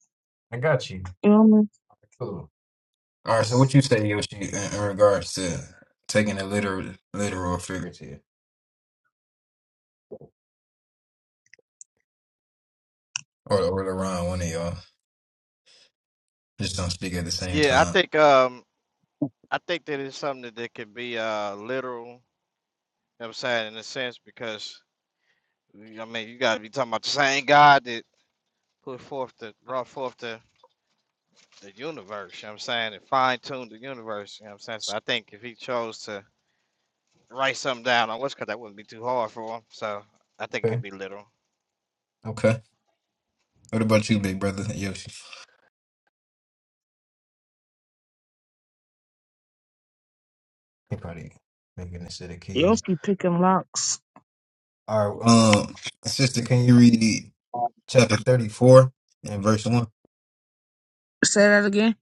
Speaker 3: I got you.
Speaker 13: you know what i mean
Speaker 3: Cool. All right. So what you say, Yoshi, in, in regards to taking a literal, literal figure, Great or or around one of y'all just don't speak at the same
Speaker 14: Yeah, I
Speaker 3: time.
Speaker 14: think, um, I think that it's something that, that can be uh literal. You know what I'm saying in a sense because I mean you got to be talking about the same God that put forth the brought forth the the universe, you know what I'm saying, and fine tune the universe, you know what I'm saying? So I think if he chose to write something down on what's because that wouldn't be too hard for him. So I think it could
Speaker 3: Okay.
Speaker 14: be literal.
Speaker 3: Okay. Okay. What about you, big brother Yoshi? He probably making the set of
Speaker 13: you
Speaker 3: keys.
Speaker 13: also be picking locks
Speaker 3: All right. Um, sister, can you read? chapter 34 and verse 1.
Speaker 13: say that again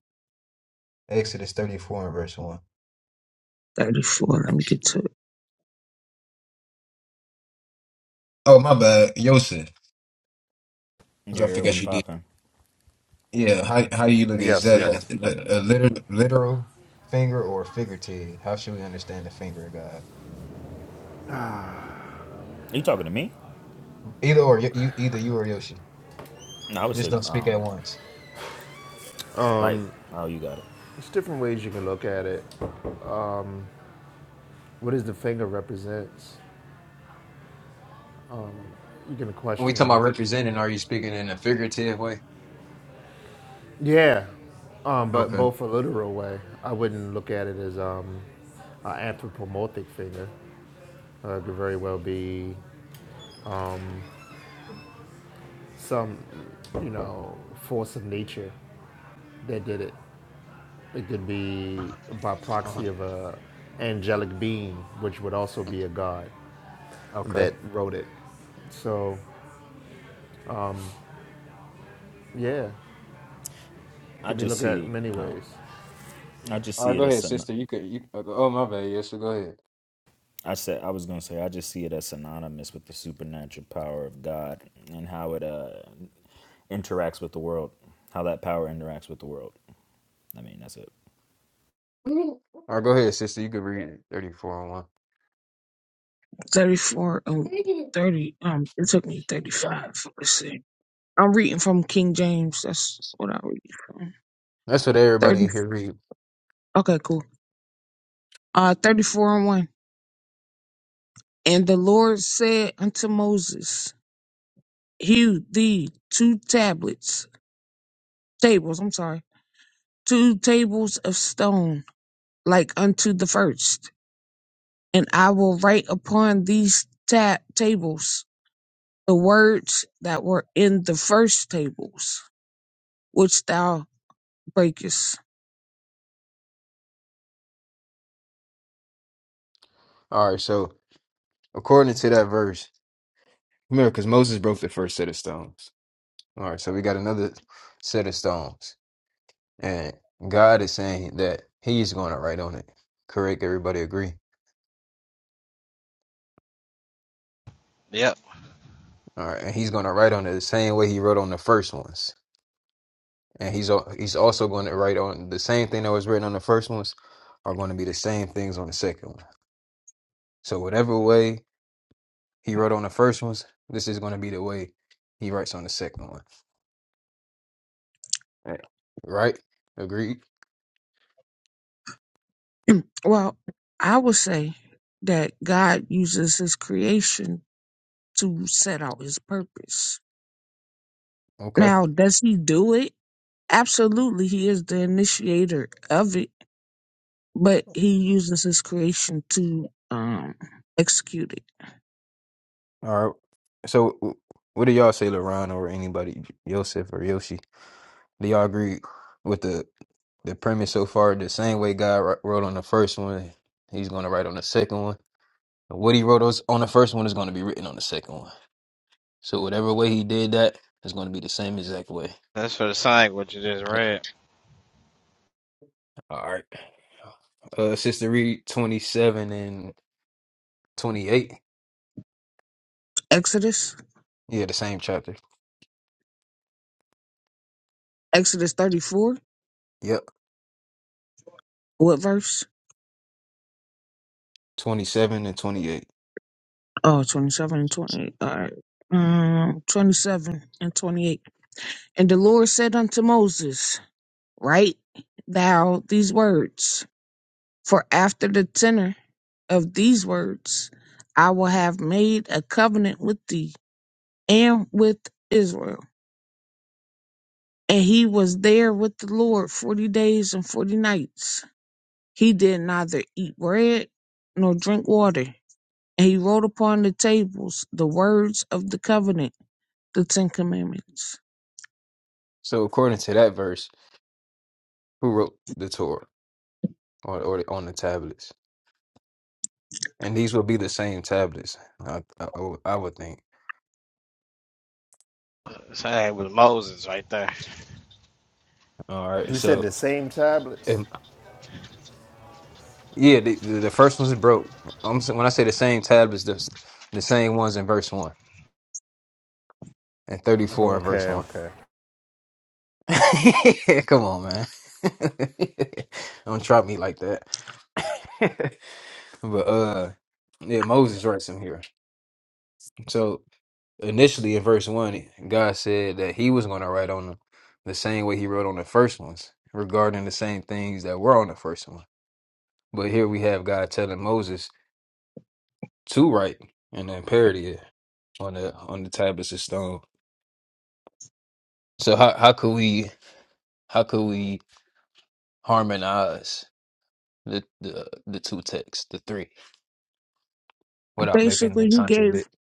Speaker 3: Exodus 34 and verse 1.
Speaker 13: 34. Let me get to it.
Speaker 3: Oh, my bad. Yosef. Because
Speaker 10: Your
Speaker 3: I
Speaker 10: ear was
Speaker 3: forgot you did.
Speaker 10: popping.
Speaker 3: Yeah, how, how do you look at is
Speaker 12: Yes,
Speaker 3: that
Speaker 12: yes.
Speaker 3: like a, a literal, literal finger or figurative? How should we understand the finger of God?
Speaker 10: Are you talking to me?
Speaker 3: Either or, you, you either you or Yoshi.
Speaker 10: No, I would
Speaker 3: Just
Speaker 10: say,
Speaker 3: don't speak at
Speaker 10: um,
Speaker 3: once.
Speaker 10: like, oh, you got it.
Speaker 12: There's different ways you can look at it. What does the finger represents? You can
Speaker 3: When we talking
Speaker 12: question
Speaker 3: about representing, are you speaking in a figurative way?
Speaker 12: Yeah, um, but
Speaker 3: Okay.
Speaker 12: both a literal way. I wouldn't look at it as um, an anthropomorphic figure. Uh, it could very well be some, you know, force of nature that did it. It could be by proxy
Speaker 3: Uh-huh.
Speaker 12: of a angelic being, which would also be a god
Speaker 3: Okay.
Speaker 12: that wrote it. So, yeah, it
Speaker 10: I
Speaker 12: could be
Speaker 10: just
Speaker 12: looked
Speaker 10: see
Speaker 12: at
Speaker 10: it.
Speaker 12: many
Speaker 10: Oh,
Speaker 12: ways.
Speaker 10: I just
Speaker 3: All
Speaker 10: see
Speaker 3: right,
Speaker 10: it
Speaker 3: go
Speaker 10: as
Speaker 3: ahead,
Speaker 10: an.
Speaker 3: sister. You could. You, uh, oh, my bad. Yes, sir. Go ahead.
Speaker 10: I said I was gonna say I just see it as synonymous with the supernatural power of God and how it uh interacts with the world, how that power interacts with the world. I mean, that's it.
Speaker 3: All right, go ahead, sister. You could read 34 and 1.
Speaker 13: Thirty-four. Um, thirty. Um, it took me thirty-five. Let's see. I'm reading from King James. That's what I read from.
Speaker 3: That's what everybody
Speaker 13: Thirty.
Speaker 3: in here read.
Speaker 13: Okay, cool. Uh, thirty-four and one. And the Lord said unto Moses, Hew thee two tablets, tables. I'm sorry, two tables of stone, like unto the first. and I will write upon these ta- tables the words that were in the first tables, which thou breakest.
Speaker 3: All right, so. according to that verse. Remember, because Moses broke the first set of stones. All right, so we got another set of stones, and God is saying that He's going to write on it. Correct? Everybody agree?
Speaker 14: Yep.
Speaker 3: All right, and He's going to write on it the same way He wrote on the first ones, and He's al- He's also going to write on the same thing that was written on the first ones are going to be the same things on the second one. So whatever way He wrote on the first ones, this is going to be the way He writes on the second one. Right? Agreed?
Speaker 13: Well, I would say that God uses his creation to set out his purpose.
Speaker 3: Okay.
Speaker 13: Now, does he do it? Absolutely, he is the initiator of it, but he uses his creation to um, execute it.
Speaker 3: All right. So, w- what do y'all say, LaRon or anybody, Yosef or Yoshi? Do y'all agree with the the premise so far? The same way God wr- wrote on the first one, He's going to write on the second one. And what He wrote us on the first one is going to be written on the second one. So, whatever way He did that is going to be the same exact way.
Speaker 14: That's for the sign what you just read.
Speaker 3: All right. Uh, Sister Reed, twenty-seven and twenty-eight.
Speaker 13: Exodus,
Speaker 3: Yeah, the same chapter.
Speaker 13: Exodus 34,
Speaker 3: Yep,
Speaker 13: what verse?
Speaker 3: twenty-seven and twenty-eight.
Speaker 13: Oh, 27 and 28. All right. Um, 27 and 28. And the Lord said unto Moses, Write thou these words, for after the tenor of these words, I will have made a covenant with thee and with Israel. And he was there with the Lord 40 days and 40 nights. He did neither eat bread nor drink water. And he wrote upon the tables the words of the covenant, the Ten Commandments.
Speaker 3: So, according to that verse, who wrote the Torah? or, or on the tablets. And these will be the same tablets, I, I, I would I would think.
Speaker 14: The Sign was Moses right there.
Speaker 3: All right,
Speaker 12: You said
Speaker 3: so
Speaker 12: the same tablets.
Speaker 3: and yeah, the, the, the first ones broke. I'm s- when I say the same tablets, the, s- the same ones in verse one and 34 in verse
Speaker 12: Okay,
Speaker 3: one.
Speaker 12: okay.
Speaker 3: Come on, man. Don't try me like that. but uh, yeah, Moses writes them here. So Initially, in verse one, God said that He was going to write on them the same way He wrote on the first ones, regarding the same things that were on the first one. But here we have God telling Moses to write and then parody it on the on the tablets of stone. So how how could we how could we harmonize the the the two texts, the three, without making
Speaker 13: Basically,
Speaker 3: them
Speaker 13: he gave
Speaker 3: contradict?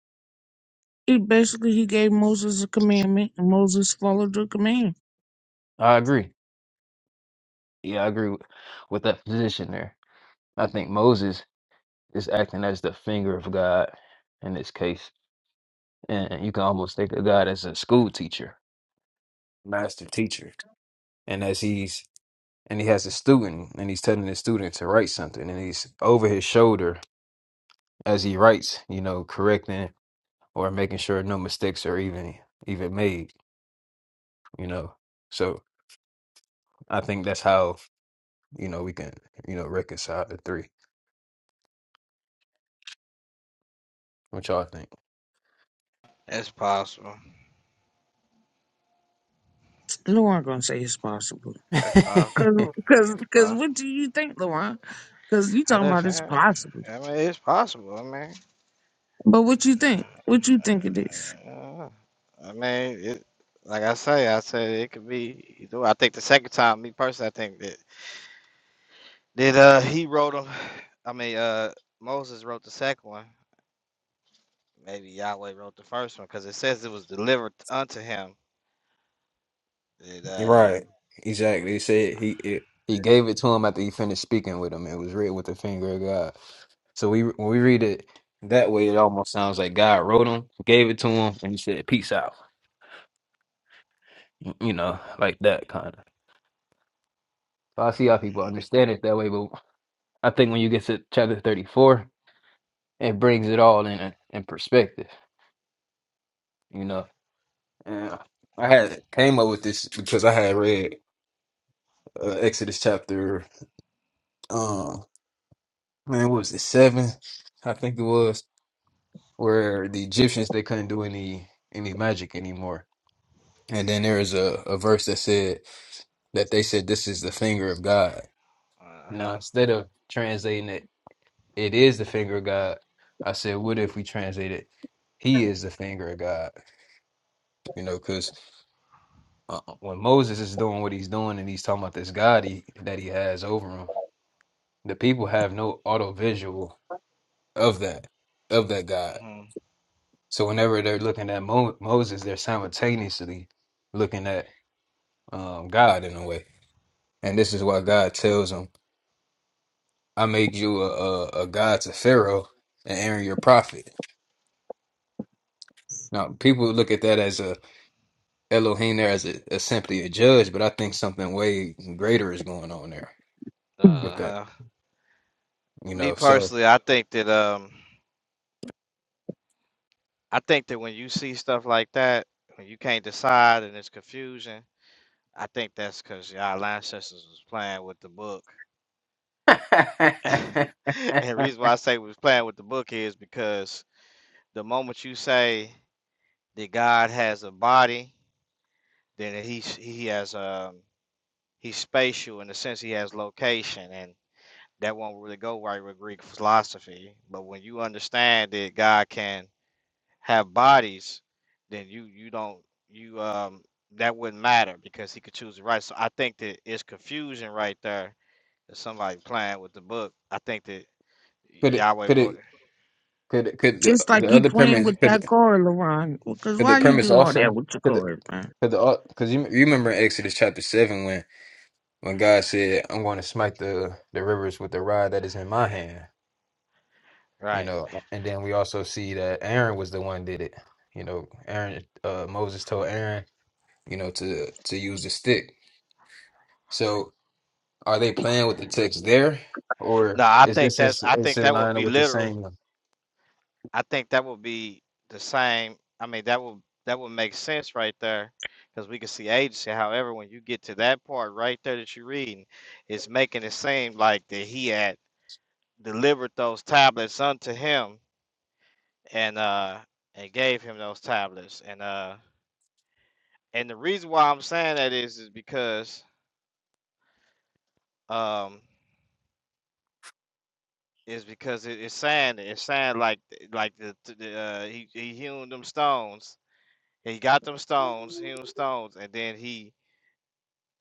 Speaker 13: he basically he gave Moses a commandment, and Moses followed the command.
Speaker 3: I agree. Yeah, I agree with, with that position there. I think Moses is acting as the finger of God in this case and you can almost think of God as a school teacher, master teacher, and as he's and he has a student and he's telling the student to write something and he's over his shoulder as he writes, you know, correcting or making sure no mistakes are even even made, you know. So I think that's how you know we can you know reconcile the three. What y'all think?
Speaker 14: That's possible.
Speaker 13: No gonna say it's possible,
Speaker 14: That's possible.
Speaker 13: cause cause
Speaker 14: That's
Speaker 13: cause what
Speaker 14: possible.
Speaker 13: do you think, Luan? Cause you
Speaker 14: I'm
Speaker 13: talking
Speaker 14: just
Speaker 13: about it's
Speaker 14: saying.
Speaker 13: possible,
Speaker 14: I mean, it's possible. I mean,
Speaker 13: but what you think? What you think it is?
Speaker 14: uh, I mean, it, like I say, I said it could be. Either. way. I think the second time, me personally, I think that. Did uh he wrote them? I mean, uh Moses wrote the second one. Maybe Yahweh wrote the first one because it says it was delivered unto him. It uh
Speaker 3: Right. Exactly. He said he it, he gave it to him after he finished speaking with him. It was read with the finger of God. So we when we read it that way, it almost sounds like God wrote him, gave it to him, and he said, "Peace out," you know, like that kind of. So I see how people understand it that way, but I think when you get to chapter thirty-four, it brings it all in in perspective, you know. And I had came up with this because I had read uh, Exodus chapter, um, man, what was it seven? I think it was where the Egyptians they couldn't do any any magic anymore. And then there is a, a verse that said that they said this is the finger of God.
Speaker 14: uh
Speaker 3: Now
Speaker 14: huh
Speaker 3: instead of translating it, it is the finger of God. I said, what if we translate it? He is the finger of God. You know, because uh, when Moses is doing what he's doing and he's talking about this God he, that he has over him, the people have no auto visual of that of that God. So whenever they're looking at Mo- Moses, they're simultaneously looking at um, God in a way. And this is why God tells them, "I made you a, a, a god to Pharaoh and Aaron your prophet." Now people look at that as a Elohim there as a, as simply a judge, but I think something way greater is going on there
Speaker 13: Mm.
Speaker 3: with
Speaker 14: uh
Speaker 3: that.
Speaker 14: huh.
Speaker 3: You
Speaker 14: Me
Speaker 3: know, so
Speaker 14: personally, I think that um I think that when you see stuff like that, when you can't decide and it's confusion, I think that's because y'all ancestors was playing with the book. and the reason why I say was playing with the book is because the moment you say that God has a body. then he's he has um he's spatial in the sense he has location and that won't really go right with Greek philosophy. But when you understand that God can have bodies, then you you don't you um that wouldn't matter because he could choose the right. So I think that it's confusion right there that somebody playing with the book. I think that
Speaker 3: could it
Speaker 14: Yahweh
Speaker 3: could
Speaker 14: wrote
Speaker 3: it
Speaker 14: it.
Speaker 3: could it, could the,
Speaker 13: Just like
Speaker 3: the
Speaker 13: you
Speaker 3: other
Speaker 13: playing
Speaker 3: premise
Speaker 13: with
Speaker 3: could,
Speaker 13: that card, Lauren. Cause
Speaker 3: could the
Speaker 13: why you
Speaker 14: Yeah.
Speaker 3: premise
Speaker 13: do all that
Speaker 3: also
Speaker 13: with your
Speaker 3: could the,
Speaker 13: card, man?
Speaker 3: could the because you, you remember in Exodus chapter seven when God said, I'm going to smite the, the rivers with the rod that is in my hand, you
Speaker 14: Right.
Speaker 3: know, and then we also see that Aaron was the one did it. You know, Aaron, uh, Moses told Aaron, you know, to, to use the stick. So are they playing with the text there or
Speaker 14: No, I
Speaker 3: is
Speaker 14: think
Speaker 3: this,
Speaker 14: that's
Speaker 3: is,
Speaker 14: I
Speaker 3: is
Speaker 14: think
Speaker 3: in
Speaker 14: that would
Speaker 3: line
Speaker 14: be
Speaker 3: with the
Speaker 14: literal
Speaker 3: same,
Speaker 14: I think that would be the same. I mean, that would that would make sense right there, because we can see agency. However, when you get to that part right there that you're reading, it's making it seem like that he had delivered those tablets unto him and uh and gave him those tablets. And uh and the reason why I'm saying that is is because um is because it, it's saying it's saying like like the, the uh he he hewn them stones. He got them stones, hewn stones, and then he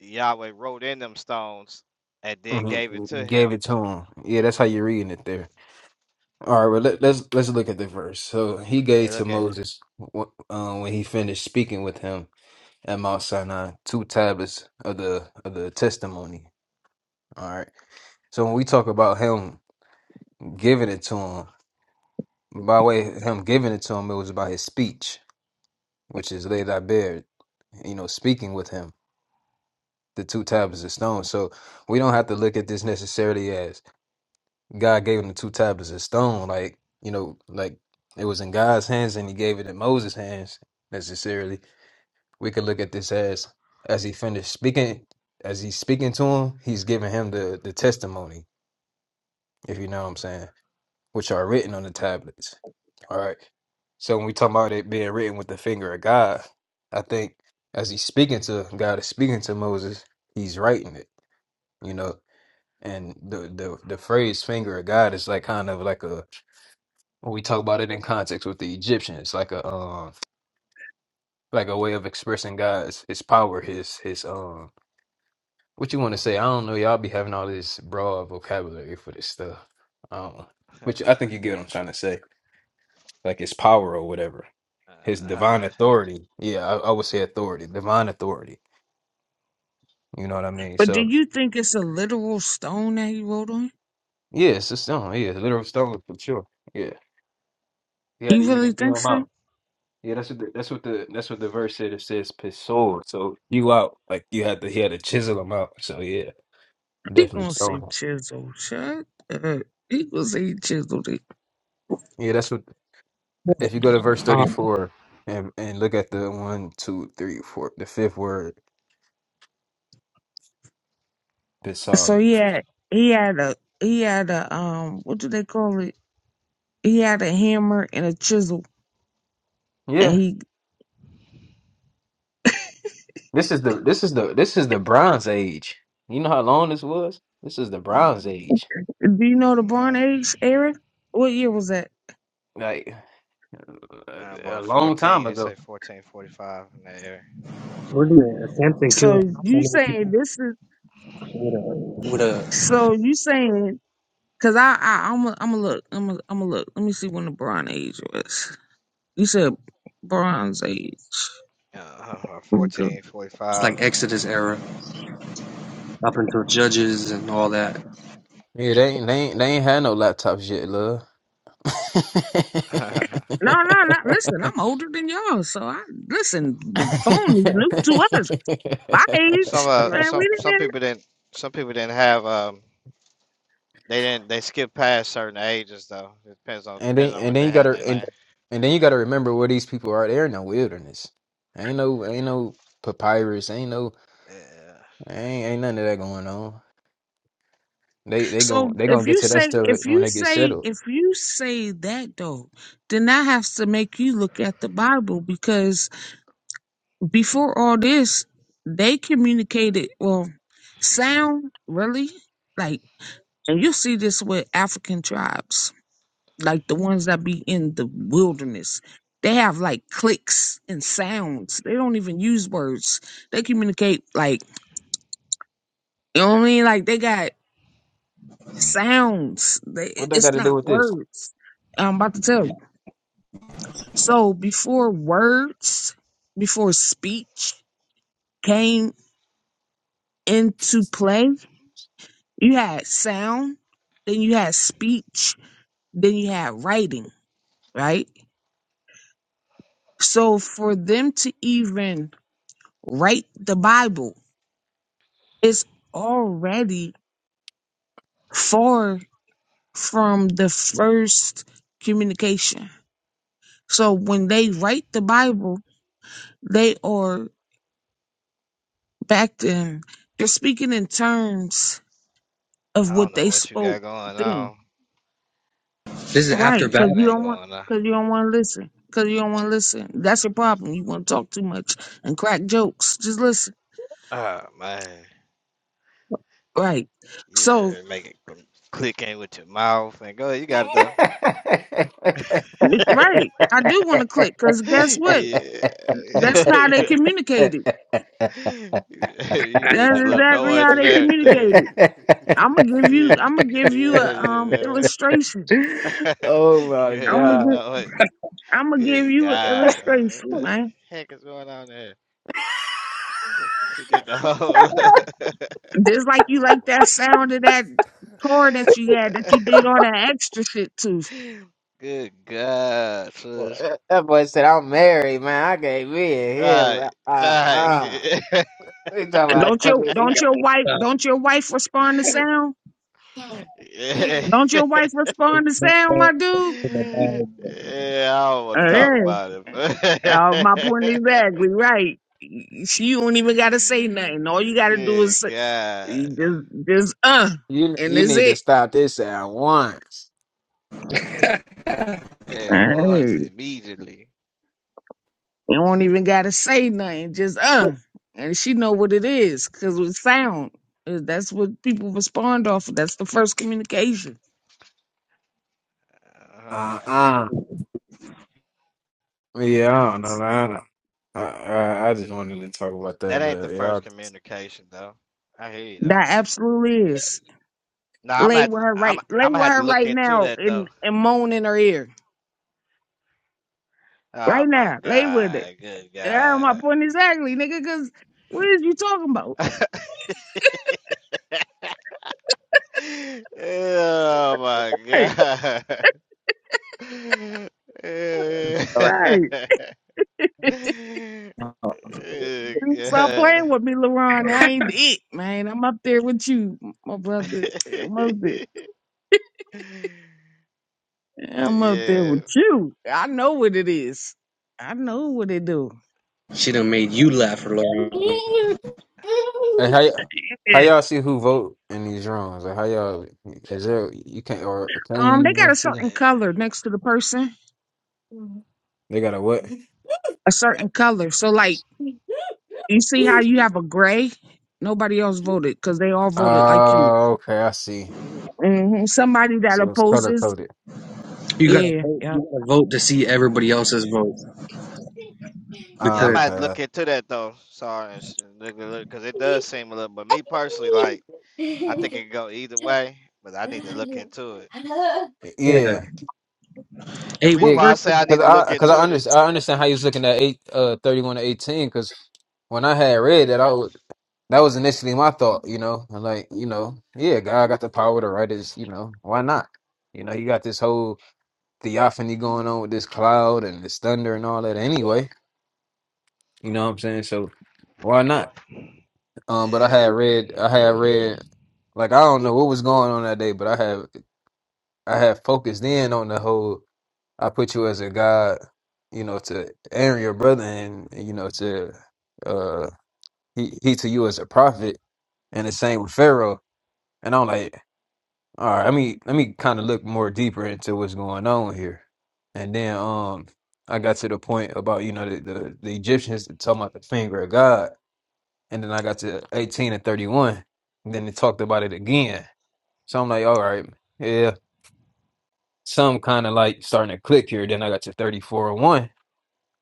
Speaker 14: Yahweh wrote in them stones and then gave it to
Speaker 3: Mhm, gave
Speaker 14: him.
Speaker 3: it to him. Yeah, that's how you're reading it there. All right, well, let, let's, let's look at the verse. So he
Speaker 14: Yeah,
Speaker 3: gave to
Speaker 14: look at it.
Speaker 3: Moses wh- uh, when he finished speaking with him. at Mount Sinai, two tablets of the of the testimony. All right. So when we talk about him giving it to him, by way of him giving it to him, it was by his speech, which is laid I bared, you know, speaking with him, the two tablets of stone. So we don't have to look at this necessarily as God gave him the two tablets of stone, like, you know, like it was in God's hands and he gave it in Moses' hands necessarily we could look at this as as he finished speaking as he's speaking to him he's giving him the the testimony if you know what i'm saying which are written on the tablets all right so when we talk about it being written with the finger of god i think as he's speaking to god is speaking to moses he's writing it you know and the the, the phrase finger of god is like kind of like a when we talk about it in context with the egyptians like a um like a way of expressing god's his power his his um What you want to say? I don't know. Y'all be having all this broad vocabulary for this stuff. I Which I think you get what I'm trying to say. Like his power or whatever. His
Speaker 14: Uh-huh.
Speaker 3: divine authority. Yeah, I, I would say authority. Divine authority. You know what I mean?
Speaker 13: But do
Speaker 3: So,
Speaker 13: you think it's a literal stone that he wrote on?
Speaker 3: yeah, it's a stone. Yeah, it's a literal stone for sure. Yeah. He had to
Speaker 13: You really
Speaker 3: even you
Speaker 13: think
Speaker 3: him out.
Speaker 13: so?
Speaker 3: Yeah, that's what the, that's what the that's what the verse said. It says pisor. So you out like you had to he had to chisel him out. So yeah,
Speaker 13: He
Speaker 3: definitely
Speaker 13: gonna say
Speaker 3: stones.
Speaker 13: chisel, shut up. He gonna say chisel.
Speaker 3: Yeah, that's what. If you go to verse
Speaker 15: Um,
Speaker 3: 34 and, and look at the one, two, three, four, the fifth word,
Speaker 13: So
Speaker 3: beside.
Speaker 13: he had he had a he had a um what do they call it? He had a hammer and a chisel. And
Speaker 3: Yeah.
Speaker 13: he
Speaker 3: This is the this is the this is the bronze age. You know how long this was? This is the bronze age.
Speaker 13: do you know the Bronze
Speaker 14: Mhm.
Speaker 13: Age, Eric? What year was that?
Speaker 3: Like
Speaker 14: Uh,
Speaker 3: a a
Speaker 14: about
Speaker 3: long time
Speaker 14: 14, it
Speaker 3: ago.
Speaker 14: said 1445 in that area.
Speaker 15: we're gonna Samson
Speaker 13: So
Speaker 15: killed so
Speaker 13: you
Speaker 15: many
Speaker 13: saying
Speaker 15: people
Speaker 13: this is
Speaker 15: with a with a
Speaker 13: so you saying because I I I'm a, I'm a look I'm a, I'm a look. Let me see when the Bronze Age was. You said Bronze Age.
Speaker 14: Uh-huh.
Speaker 13: Let me go.
Speaker 15: it's
Speaker 14: 1445.
Speaker 15: like Exodus era up until Judges and all that.
Speaker 3: Yeah, they ain't they ain't, they ain't had no laptops yet, love.
Speaker 13: No, no, no. Listen, I'm older than y'all, so I listen. The phone is new to us. My
Speaker 14: some
Speaker 13: age,
Speaker 14: uh,
Speaker 13: man. We
Speaker 14: some some
Speaker 13: didn't.
Speaker 14: people didn't some people didn't have um they didn't they skipped past certain ages though. It depends on
Speaker 3: And then
Speaker 14: depending on
Speaker 3: and
Speaker 14: what
Speaker 3: then
Speaker 14: they
Speaker 3: you
Speaker 14: had in
Speaker 3: gotta
Speaker 14: their
Speaker 3: and
Speaker 14: land.
Speaker 3: and then you gotta remember where these people are. They're in the wilderness. Ain't no ain't no papyrus. Ain't no
Speaker 14: Yeah.
Speaker 3: ain't ain't none of that going on. They they gon'
Speaker 13: So
Speaker 3: they gonna
Speaker 13: if
Speaker 3: get
Speaker 13: you
Speaker 3: to that
Speaker 13: say
Speaker 3: stuff
Speaker 13: if
Speaker 3: when
Speaker 13: you
Speaker 3: they get
Speaker 13: say
Speaker 3: settled.
Speaker 13: if you say that though, then I have to make you look at the Bible because before all this, they communicated well sound really like and you see this with African tribes, like the ones that be in the wilderness. They have like clicks and sounds. They don't even use words. They communicate like you know what I mean? Like they got sounds. They, it-
Speaker 3: What they
Speaker 13: it's
Speaker 3: gotta do
Speaker 13: not
Speaker 3: with this?
Speaker 13: words. I'm about to tell you. So before words, before speech came into play, you had sound, then you had speech, then you had writing, right? So for them to even write the Bible, it's already far from the first communication. So when they write the Bible, they are back then. You're speaking in terms of
Speaker 14: I
Speaker 13: what
Speaker 14: don't know
Speaker 13: they
Speaker 14: what you
Speaker 13: spoke
Speaker 14: got going
Speaker 13: then,
Speaker 14: on,
Speaker 15: This is
Speaker 14: but it,
Speaker 15: after
Speaker 13: right? Because
Speaker 14: it
Speaker 15: battle.
Speaker 13: you
Speaker 14: ain't
Speaker 13: don't want,
Speaker 14: going on.
Speaker 13: because you don't want to listen, because you don't want to listen. That's your problem. You want to talk too much and crack jokes. Just listen,
Speaker 14: Oh man.
Speaker 13: right? So,
Speaker 14: You're making clicking with your mouth and go. ahead, You got it though.
Speaker 13: right, I do want to click because guess what? That's
Speaker 14: Yeah,
Speaker 13: how they
Speaker 14: Yeah.
Speaker 13: communicated.
Speaker 14: you did
Speaker 13: That's
Speaker 14: the little
Speaker 13: exactly
Speaker 14: noise
Speaker 13: how
Speaker 14: and
Speaker 13: they
Speaker 14: everything.
Speaker 13: communicated. I'm gonna give you,
Speaker 14: Yeah,
Speaker 13: I'm gonna give you
Speaker 14: yeah,
Speaker 13: a um
Speaker 14: yeah.
Speaker 13: illustration.
Speaker 3: oh my
Speaker 14: Yeah, Did
Speaker 13: I'm
Speaker 14: the
Speaker 13: gonna,
Speaker 3: god.
Speaker 14: noise.
Speaker 13: I'm gonna give
Speaker 14: Good
Speaker 13: you an
Speaker 14: God, uh, what
Speaker 13: illustration,
Speaker 14: the
Speaker 13: man.
Speaker 14: heck is going on there? She did the whole.
Speaker 13: Just like you
Speaker 12: Oh
Speaker 13: like
Speaker 12: my
Speaker 13: that sound of that
Speaker 12: goodness.
Speaker 13: car that you had that you did all that extra shit to.
Speaker 14: Good God, sis.
Speaker 3: That boy said, I'm married, man. I can't be in
Speaker 14: All Right,
Speaker 3: here. Uh
Speaker 14: all
Speaker 3: uh
Speaker 14: right.
Speaker 3: They talking about
Speaker 13: Don't
Speaker 3: put
Speaker 13: your
Speaker 3: it-
Speaker 13: don't your wife don't your wife respond to sound?
Speaker 14: yeah.
Speaker 13: Don't your wife respond to sound, my dude?
Speaker 14: Yeah, I don't want to
Speaker 13: Uh,
Speaker 14: talk
Speaker 13: yeah.
Speaker 14: about him.
Speaker 13: Uh, my point is exactly right. She don't even gotta say nothing. All you gotta do is
Speaker 14: Good
Speaker 13: say-
Speaker 14: God.
Speaker 13: you just just uh,
Speaker 3: you
Speaker 13: and
Speaker 3: you
Speaker 13: is
Speaker 3: need to
Speaker 13: it.
Speaker 3: stop this at once.
Speaker 14: It
Speaker 13: Hey.
Speaker 14: was immediately.
Speaker 13: You don't even gotta say nothing. Just uh, and she know what it is because with sound, uh, that's what people respond off. of. That's the first communication.
Speaker 14: Uh-huh.
Speaker 3: Uh uh Yeah, I don't know, man. I, I I just wanted to talk about
Speaker 14: That
Speaker 3: that.
Speaker 14: ain't the
Speaker 3: But
Speaker 14: first
Speaker 3: y'all,
Speaker 14: communication though. I hear you though.
Speaker 13: That absolutely is.
Speaker 14: No, I'm gonna
Speaker 13: Lay
Speaker 14: have
Speaker 13: with
Speaker 14: to
Speaker 13: her
Speaker 14: I'm
Speaker 13: right. Lay
Speaker 14: I'm gonna
Speaker 13: with
Speaker 14: have to
Speaker 13: her
Speaker 14: look
Speaker 13: right
Speaker 14: into
Speaker 13: now
Speaker 14: that though.
Speaker 13: and and moan in her ear
Speaker 14: Oh
Speaker 13: right
Speaker 14: my
Speaker 13: now. Lay with it.
Speaker 14: God, good
Speaker 13: Yeah,
Speaker 14: God.
Speaker 13: my point exactly, nigga. Because what is you talking about?
Speaker 14: Oh my
Speaker 13: Right,
Speaker 14: God.
Speaker 13: all right.
Speaker 14: Eh. Oh,
Speaker 13: You Stop
Speaker 14: God.
Speaker 13: playing with me, LaRon. I ain't it, man. I'm up there with you, my brother. I'm up there.
Speaker 14: But
Speaker 13: I'm up there
Speaker 14: yeah,
Speaker 13: with you. I know what it is. I know what they do.
Speaker 15: She done made you laugh for long.
Speaker 3: Hey, how y- how
Speaker 13: Yeah.
Speaker 3: y'all see who vote in these rooms? Like how y'all is there? You can't or can
Speaker 13: Um,
Speaker 3: you
Speaker 13: they got a
Speaker 3: even see
Speaker 14: eh,
Speaker 3: them?
Speaker 13: certain color next to the person,
Speaker 3: They got a what?
Speaker 13: a certain color. So, like, you see how you have a gray? Nobody else voted because they all voted like you.
Speaker 3: Oh, okay, I see.
Speaker 13: hmm Somebody that
Speaker 3: So it's color
Speaker 13: opposes,
Speaker 3: coded.
Speaker 15: You gotta
Speaker 13: yeah,
Speaker 15: vote.
Speaker 13: yeah.
Speaker 15: You gotta vote to see everybody else's vote
Speaker 14: yeah, I
Speaker 3: Oh,
Speaker 15: because
Speaker 14: might look
Speaker 3: okay,
Speaker 14: into that though. Sorry, it's- look, look, because it does seem a little. But me personally, like, I think it could go either way. But I need to look into it.
Speaker 15: yeah.
Speaker 3: yeah.
Speaker 14: And
Speaker 15: Hey,
Speaker 14: reason
Speaker 15: what
Speaker 3: Yeah,
Speaker 14: why I
Speaker 15: verse
Speaker 14: say
Speaker 15: was
Speaker 14: I
Speaker 15: that?
Speaker 14: need
Speaker 3: because
Speaker 14: to
Speaker 3: I
Speaker 14: look
Speaker 3: because
Speaker 14: into
Speaker 3: I,
Speaker 14: it,
Speaker 3: under,
Speaker 14: is-
Speaker 3: I understand how you was looking at eight uh thirty one to eighteen. Because when I had read that, I was, that was initially my thought. You know, I'm like you know, yeah, God got the power to write his. You know, why not? You know, you got this whole theophany going on with this cloud and this thunder and all that. Anyway, you know what I'm saying? So why not? Um, but I had read, I had read, like I don't know what was going on that day, but I had I had focused in on the whole. I put you as a God, you know, to Aaron your brother, and you know to uh he he to you as a prophet, and the same with Pharaoh. And I'm like, all right, let me let me kind of look more deeper into what's going on here. And then um, I got to the point about you know the the, the Egyptians talking about the finger of God, and then I got to 18 and 31. And then they talked about it again. So I'm like, all right, yeah, some kind of like starting to click here. Then I got to 34 and 1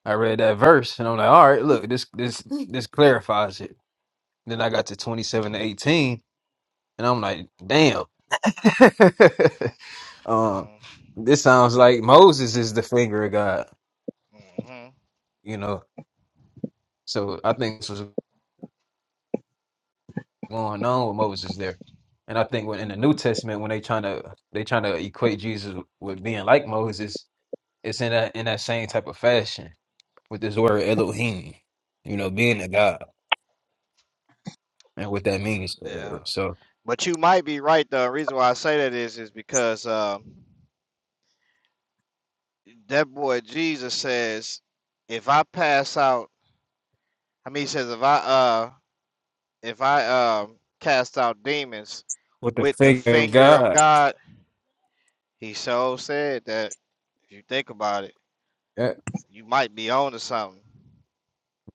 Speaker 3: I read that verse and I'm like, all right, look, this this this clarifies it. Then I got to 27 to 18 and I'm like, damn.
Speaker 14: yeah,
Speaker 3: um, this sounds like Moses is the finger of God,
Speaker 14: hmm hmm
Speaker 3: you know. So I think this was going on with Moses there. And I think when in the New Testament, when they trying to they trying to equate Jesus with being like Moses, it's in that in that same type of fashion with this word Elohim, you know, being a God and what that means.
Speaker 14: yeah.
Speaker 3: whatever. So.
Speaker 14: But you might be right though. Reason why I say that is is because um, that boy Jesus says, if I pass out. I mean, he says if I uh if I um cast out demons
Speaker 3: with the
Speaker 14: with the
Speaker 3: figure of
Speaker 14: finger of
Speaker 3: God.
Speaker 14: God, he so said that if you think about it,
Speaker 3: Yeah,
Speaker 14: you might be on to something.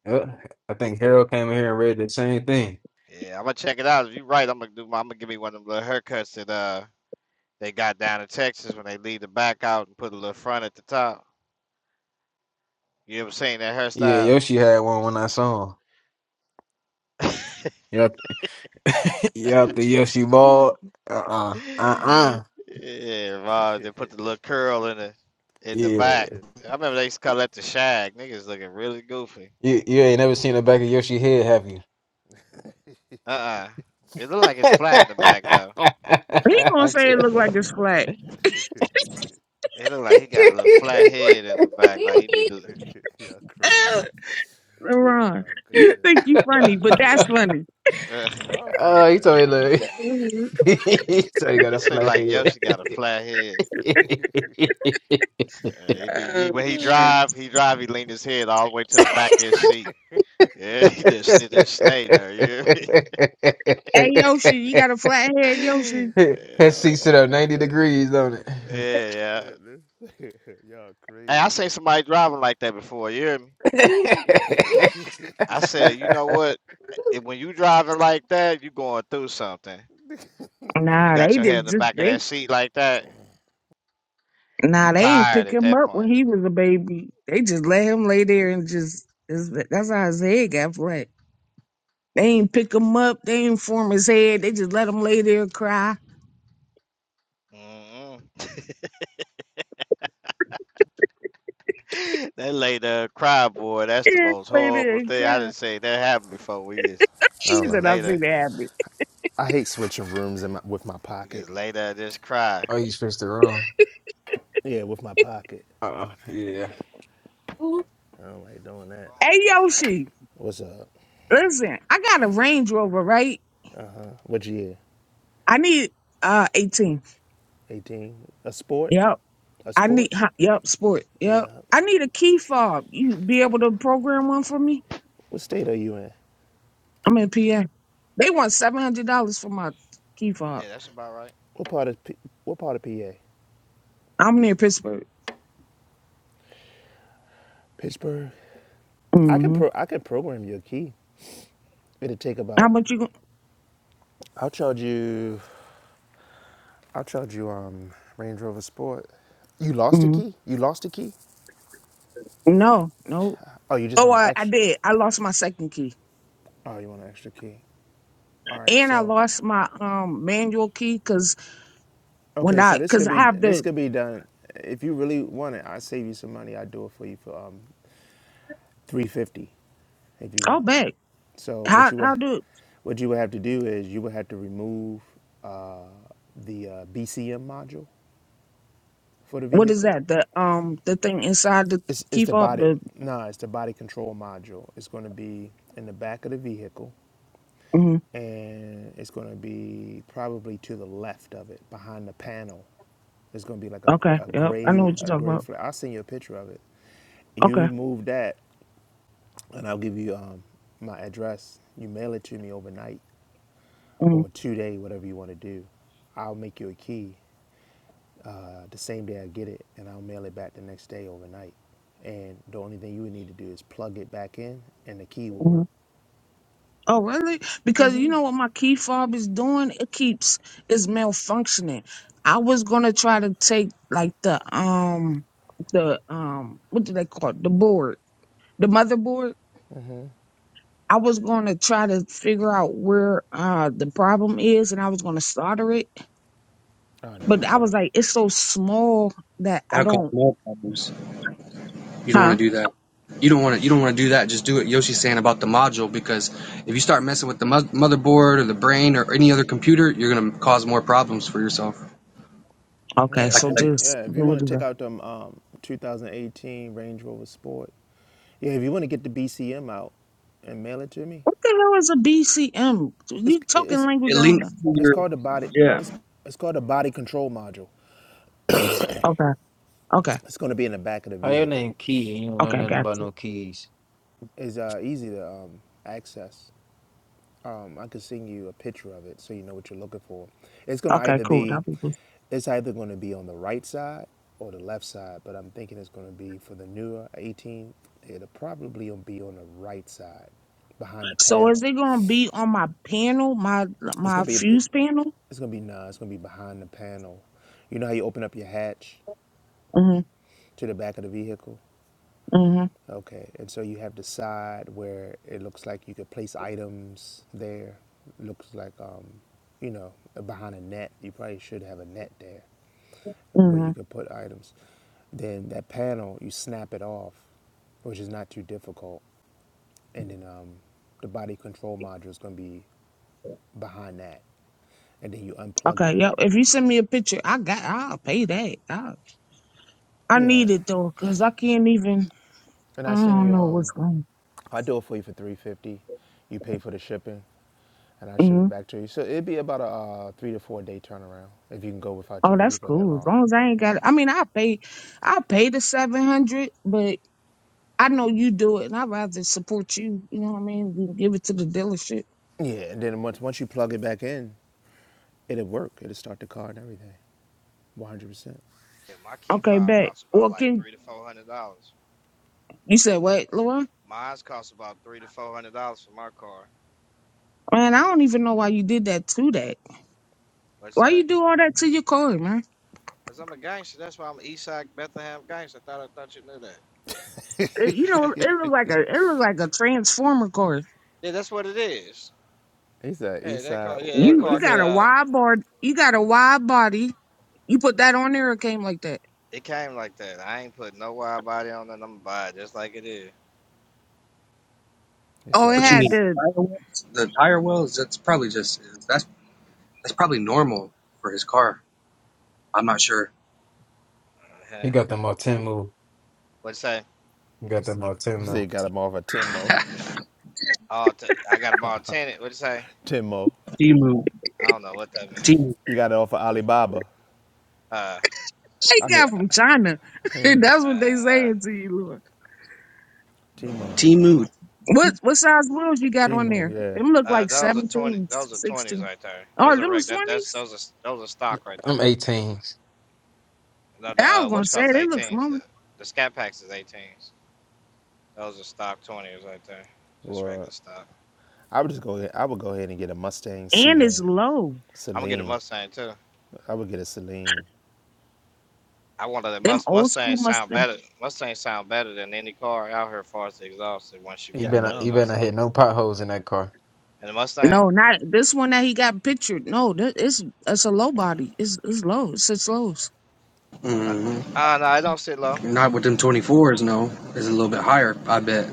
Speaker 3: yeah. I think Harold came in here and read the same thing.
Speaker 14: Yeah, I'm gonna check it out. If you're right, I'm gonna do. My, I'm gonna give me one of them little haircuts that uh they got down in Texas when they leave the back out and put a little front at the top. You ever seen that
Speaker 3: Yeah,
Speaker 14: hairstyle?
Speaker 3: Yoshi had one when I saw him. Yep, yep, the Yoshi ball. Uh uh-uh, uh, uh uh.
Speaker 14: yeah, man, they put the little curl in the in the
Speaker 3: Yeah,
Speaker 14: back. I remember they used to call that the shag. Niggas looking really goofy.
Speaker 3: you, you ain't never seen the back of Yoshi head, have you?
Speaker 14: Uh-uh. It look like it's flat in the back though.
Speaker 13: He gonna say it look like it's flat.
Speaker 14: It look like he got a little flat head in the back. Like he need to.
Speaker 12: Y'all crazy.
Speaker 13: Eh,
Speaker 12: Oh
Speaker 13: LeBron,
Speaker 12: my
Speaker 13: you
Speaker 12: goodness.
Speaker 13: think you funny, but that's funny.
Speaker 14: Uh,
Speaker 12: LeBron funny,
Speaker 3: oh, you
Speaker 12: man.
Speaker 3: told me, look, You told me you got
Speaker 14: it
Speaker 3: a
Speaker 14: seem
Speaker 3: flat
Speaker 14: like Yoshi got a flat head. Uh, he be he, when he drive, he drive. He lean his head all the way to the back of his seat. Yeah, he just he just stay there. You hear
Speaker 13: Hey Yoshi,
Speaker 3: head.
Speaker 13: you got a flat head, Yoshi?
Speaker 14: me?
Speaker 3: That
Speaker 14: yeah,
Speaker 12: Oh
Speaker 3: seats it
Speaker 12: my
Speaker 3: up 90 degrees,
Speaker 12: goodness.
Speaker 3: don't
Speaker 14: yeah.
Speaker 12: Oh my
Speaker 14: yeah.
Speaker 12: goodness. Y'all
Speaker 14: Hey, I
Speaker 12: crazy.
Speaker 14: seen somebody driving like that before. You hear me?
Speaker 3: it?
Speaker 14: I said, you know what? If, when you driving like that, you going through something. When you
Speaker 13: Nah,
Speaker 14: got
Speaker 13: they
Speaker 14: your head in
Speaker 13: did
Speaker 14: the
Speaker 13: just
Speaker 14: back of
Speaker 13: they
Speaker 14: that seat like that, You
Speaker 13: Nah, they ain't
Speaker 14: tired
Speaker 13: pick
Speaker 14: at
Speaker 13: him
Speaker 14: that
Speaker 13: up when
Speaker 14: point.
Speaker 13: he was a baby. They just let him lay there and just that's that's how his head got flat. They ain't pick him up. They ain't form his head. They just let him lay there and cry.
Speaker 14: mm That lady uh, cry, boy. That's the
Speaker 13: Yeah,
Speaker 14: most
Speaker 13: lay there
Speaker 14: horrible
Speaker 13: and
Speaker 14: thing. I
Speaker 13: cry.
Speaker 14: didn't say that happened before. We just
Speaker 12: I
Speaker 13: She
Speaker 12: don't
Speaker 14: just
Speaker 12: know.
Speaker 13: said, "I've
Speaker 14: later,
Speaker 13: seen that happen."
Speaker 12: I hate switching rooms in my, with my
Speaker 14: you just
Speaker 12: pocket.
Speaker 14: later just cry.
Speaker 3: oh, you switched it wrong.
Speaker 12: Yeah, with my pocket.
Speaker 3: Uh, yeah.
Speaker 12: I don't like doing that.
Speaker 13: Hey
Speaker 14: Bones be hurt.
Speaker 13: Yoshi,
Speaker 12: What's up?
Speaker 13: listen, I got a Range Rover, right?
Speaker 12: What year?
Speaker 13: I need uh eighteen.
Speaker 12: 18. A sport?
Speaker 13: Yep,
Speaker 12: A
Speaker 13: I
Speaker 12: sport?
Speaker 13: need. huh, Yep, sport. Yep,
Speaker 12: Yeah.
Speaker 13: I need a key fob. You be able to program one for me?
Speaker 12: What state are you in?
Speaker 13: I'm in PA. They want seven hundred dollars for my key fob.
Speaker 14: Yeah, that's about right.
Speaker 12: What part of P- what part of PA?
Speaker 13: I'm near Pittsburgh.
Speaker 12: Pittsburgh. I can
Speaker 13: hmm
Speaker 12: pro I can program your key. It'll take
Speaker 13: How
Speaker 12: about
Speaker 13: much you?
Speaker 12: I'll charge you. I'll charge you. Um, Range Rover Sport. You lost a
Speaker 13: mm
Speaker 12: key. You lost a key.
Speaker 13: No, no.
Speaker 12: Oh, you just
Speaker 13: Oh,
Speaker 12: want an
Speaker 13: I, I
Speaker 12: extra.
Speaker 13: did. I lost my second key,
Speaker 12: Oh, you want an extra key. All right.
Speaker 13: and I
Speaker 12: So,
Speaker 13: lost my um manual key because when
Speaker 12: okay.
Speaker 13: I
Speaker 12: So this
Speaker 13: because
Speaker 12: could
Speaker 13: I
Speaker 12: be.
Speaker 13: have
Speaker 12: This
Speaker 13: the
Speaker 12: could be done. If you really want it, I save you some money. I do it for you for um, three fifty, if you
Speaker 13: oh
Speaker 12: want.
Speaker 13: back
Speaker 12: So what
Speaker 13: how
Speaker 12: you would,
Speaker 13: how do
Speaker 12: what you would have to do is you would have to remove uh, the uh, BCM module for the
Speaker 13: what is
Speaker 12: vehicle.
Speaker 13: that the um the thing inside the
Speaker 12: It's, it's
Speaker 13: key
Speaker 12: the
Speaker 13: fob
Speaker 12: body.
Speaker 13: the
Speaker 12: Nah, it's the body control module. It's going to be in the back of the vehicle,
Speaker 13: mm
Speaker 12: and it's going to be probably to the left of it, behind the panel. There's going to be like a,
Speaker 13: okay
Speaker 12: a
Speaker 13: yep I know
Speaker 12: gray
Speaker 13: what you're
Speaker 12: a gray
Speaker 13: talking
Speaker 12: flare. I'll send you a picture of it. You
Speaker 13: about
Speaker 12: remove that, and I'll give you um, my address. You mail it to me overnight or
Speaker 13: okay
Speaker 12: two day, whatever you want to do. I'll make you a key, uh, the same day I get it, and I'll mail it back the next day overnight. And the only thing you would need to do is plug it back in, and the key will work.
Speaker 13: Oh, really? Because you know what my key fob is doing? It keeps it's malfunctioning. I was gonna try to take like the um the um what do they call it? The board, the motherboard. I was gonna try to figure out where uh the problem is, and I was gonna solder it.
Speaker 12: Oh no,
Speaker 13: But I
Speaker 12: you
Speaker 13: was
Speaker 12: go.
Speaker 13: like, it's so small that I
Speaker 15: That'll cause
Speaker 13: don't.
Speaker 15: more problems. You don't want
Speaker 13: Huh?
Speaker 15: to do that. You don't want to. You don't want to do that. Just do what Yoshi's saying about the module because if you start messing with the mo- motherboard or the brain or any other computer, you're gonna cause more problems for yourself.
Speaker 13: Okay,
Speaker 12: Yeah,
Speaker 15: Like,
Speaker 13: so
Speaker 12: if
Speaker 15: like
Speaker 12: you,
Speaker 13: just
Speaker 12: yeah, if you
Speaker 13: what
Speaker 12: want
Speaker 13: the
Speaker 12: to check
Speaker 13: hell
Speaker 12: out them um, 2018 Range Rover Sport, yeah, if you want to get the BCM out and mail it to me,
Speaker 13: what the hell is a BCM?
Speaker 12: it's
Speaker 13: You talking
Speaker 12: it's
Speaker 13: language?
Speaker 15: it
Speaker 13: I don't
Speaker 15: links
Speaker 13: know.
Speaker 15: to
Speaker 12: it's
Speaker 15: your
Speaker 12: called the body
Speaker 15: Yeah.
Speaker 12: it's it's called the body control module.
Speaker 13: Okay, okay,
Speaker 12: It's going to be in the back of the
Speaker 3: How your
Speaker 12: vehicle.
Speaker 3: name Key? You don't know
Speaker 13: okay,
Speaker 3: nothing
Speaker 13: gotcha.
Speaker 3: about no keys.
Speaker 12: It's uh, easy to um, access. um, I could send you a picture of it so you know what you're looking for. It's gonna
Speaker 13: Okay,
Speaker 12: either
Speaker 13: cool.
Speaker 12: be,
Speaker 13: That'll be good.
Speaker 12: it's either gonna be on the right side or the left side, but I'm thinking it's gonna be for the newer 18. It'll probably be on the right side, behind the
Speaker 13: So is
Speaker 12: panel.
Speaker 13: it gonna be on my panel, my
Speaker 12: It's
Speaker 13: my
Speaker 12: gonna be,
Speaker 13: fuse panel?
Speaker 12: it's gonna be nah. It's gonna be behind the panel. You know how you open up your hatch
Speaker 13: Mhm,
Speaker 12: to the back of the vehicle?
Speaker 13: mhm,
Speaker 12: Okay, and so you have the side where it looks like you could place items there. Looks like, um, you know, behind a net. You probably should have a net there where you
Speaker 13: mhm.
Speaker 12: could put items. Then that panel, you snap it off, which is not too difficult. And then um, the body control module is going to be behind that. And then you unplug it.
Speaker 13: Okay, yep. If you send me a picture, I got. I'll pay that. I, I
Speaker 12: Yeah,
Speaker 13: need it though, cause I can't even.
Speaker 12: and
Speaker 13: I
Speaker 12: I send
Speaker 13: don't
Speaker 12: you.
Speaker 13: know
Speaker 12: Um,
Speaker 13: what's going.
Speaker 12: If I do it for you for 350, you pay for the shipping, and I ship
Speaker 13: hmm
Speaker 12: it back to you. So it'd be about a uh, three to four day turnaround if you can go without
Speaker 13: Oh,
Speaker 12: your
Speaker 13: that's
Speaker 12: vehicle that
Speaker 13: cool. As
Speaker 12: long.
Speaker 13: long as I ain't got. it. I mean, I pay. I pay the seven hundred, but I know you do it, and I'd rather support you. You know what I mean? You give it to the dealership.
Speaker 12: Yeah, and then once once you plug it back in, it'll work. It'll start the car and everything, 100%.
Speaker 14: Yeah, my key
Speaker 13: Okay,
Speaker 14: fob
Speaker 13: bet.
Speaker 14: costs about
Speaker 13: Well,
Speaker 14: like
Speaker 13: can
Speaker 14: three to four hundred dollars.
Speaker 13: you said what, Laura?
Speaker 14: Mine's cost about three to four hundred dollars for my car.
Speaker 13: Man, I don't even know why you did that to that.
Speaker 14: Let's
Speaker 13: Why
Speaker 14: say,
Speaker 13: you do all that to your car, man?
Speaker 14: cause I'm a gangster. That's why I'm an Eastside Bethlehem gangster. I thought I thought you knew that.
Speaker 13: It- you know, it look like a it look like a transformer car.
Speaker 14: Yeah, that's what it is.
Speaker 12: He said
Speaker 14: Yeah,
Speaker 12: east
Speaker 14: that
Speaker 12: side.
Speaker 14: car. Yeah, that
Speaker 12: What,
Speaker 13: You
Speaker 12: what
Speaker 13: you
Speaker 14: car
Speaker 12: is
Speaker 14: can
Speaker 13: got a
Speaker 12: that?
Speaker 14: uh
Speaker 13: wide bar, you got a wide body. You put that on there, it came like that.
Speaker 14: It came like that. I ain't put no wide body on it. I'm gonna buy it just like it is.
Speaker 12: He
Speaker 13: Oh,
Speaker 12: said
Speaker 13: it
Speaker 15: what you
Speaker 13: had
Speaker 15: mean
Speaker 12: West.
Speaker 13: the
Speaker 15: tire wells? The tire wells. That's probably just that's that's probably normal for his car. I'm not sure.
Speaker 14: Uh-huh.
Speaker 3: You got them all 10 move.
Speaker 14: What you say?
Speaker 3: He got them all 10
Speaker 12: He said
Speaker 3: move.
Speaker 12: you got him off of Timo.
Speaker 14: Oh, t- I got them all tinted. What you say?
Speaker 12: Timo.
Speaker 15: Timu,
Speaker 14: I don't know what that means.
Speaker 15: Timu,
Speaker 12: You got it off of Alibaba.
Speaker 14: Uh,
Speaker 13: it
Speaker 12: I mean
Speaker 13: got from
Speaker 12: uh,
Speaker 13: China. That's what they
Speaker 14: uh, uh,
Speaker 13: saying to you, Lord.
Speaker 12: Timo.
Speaker 15: Timu.
Speaker 13: What what size wheels you got on
Speaker 12: Timo.
Speaker 13: there?
Speaker 12: Yeah.
Speaker 13: Them look
Speaker 14: uh,
Speaker 13: like
Speaker 14: those are twenty.
Speaker 13: 17s,
Speaker 14: Those are twenties
Speaker 13: 16.
Speaker 14: right there.
Speaker 13: Oh,
Speaker 14: Those are
Speaker 13: them is
Speaker 14: reg- that. That's
Speaker 13: twenties.
Speaker 14: those are those are stock right there.
Speaker 3: I'm
Speaker 14: Yeah,
Speaker 3: 18.
Speaker 14: stock. No, the
Speaker 13: I
Speaker 14: uh,
Speaker 13: was gonna
Speaker 14: what you
Speaker 13: say
Speaker 14: call it,
Speaker 13: they look
Speaker 14: eighteens. The,
Speaker 13: smaller,
Speaker 14: the scat packs is eighteens. Those are stock twenties right there. Just regular
Speaker 12: Well,
Speaker 14: stock.
Speaker 12: I would just go. Ahead, I would go ahead and get a Mustang
Speaker 13: and it's
Speaker 12: Sealand,
Speaker 13: low.
Speaker 14: I'm gonna get a
Speaker 12: Celine.
Speaker 14: Mustang too.
Speaker 12: I would get a Celine.
Speaker 14: I wanted that
Speaker 13: Them
Speaker 14: Must
Speaker 13: old
Speaker 14: Mustang
Speaker 13: school
Speaker 14: sound
Speaker 13: Mustangs.
Speaker 14: better. Mustang sound better than any car out here, as far as the exhaust. and Once you
Speaker 3: He
Speaker 12: Yeah, I
Speaker 14: get put
Speaker 3: better,
Speaker 14: an
Speaker 3: he
Speaker 12: know.
Speaker 3: better
Speaker 14: exhaust on,
Speaker 3: not hit no potholes in that car.
Speaker 14: and the Mustang,
Speaker 13: No, not this one that he got pictured. No, that it's it's a low body. It's it's low. It's six lows.
Speaker 14: uh,
Speaker 15: hmm
Speaker 14: uh no, it don't sit low.
Speaker 15: Not with them 24s. No, it's a little bit higher. I bet.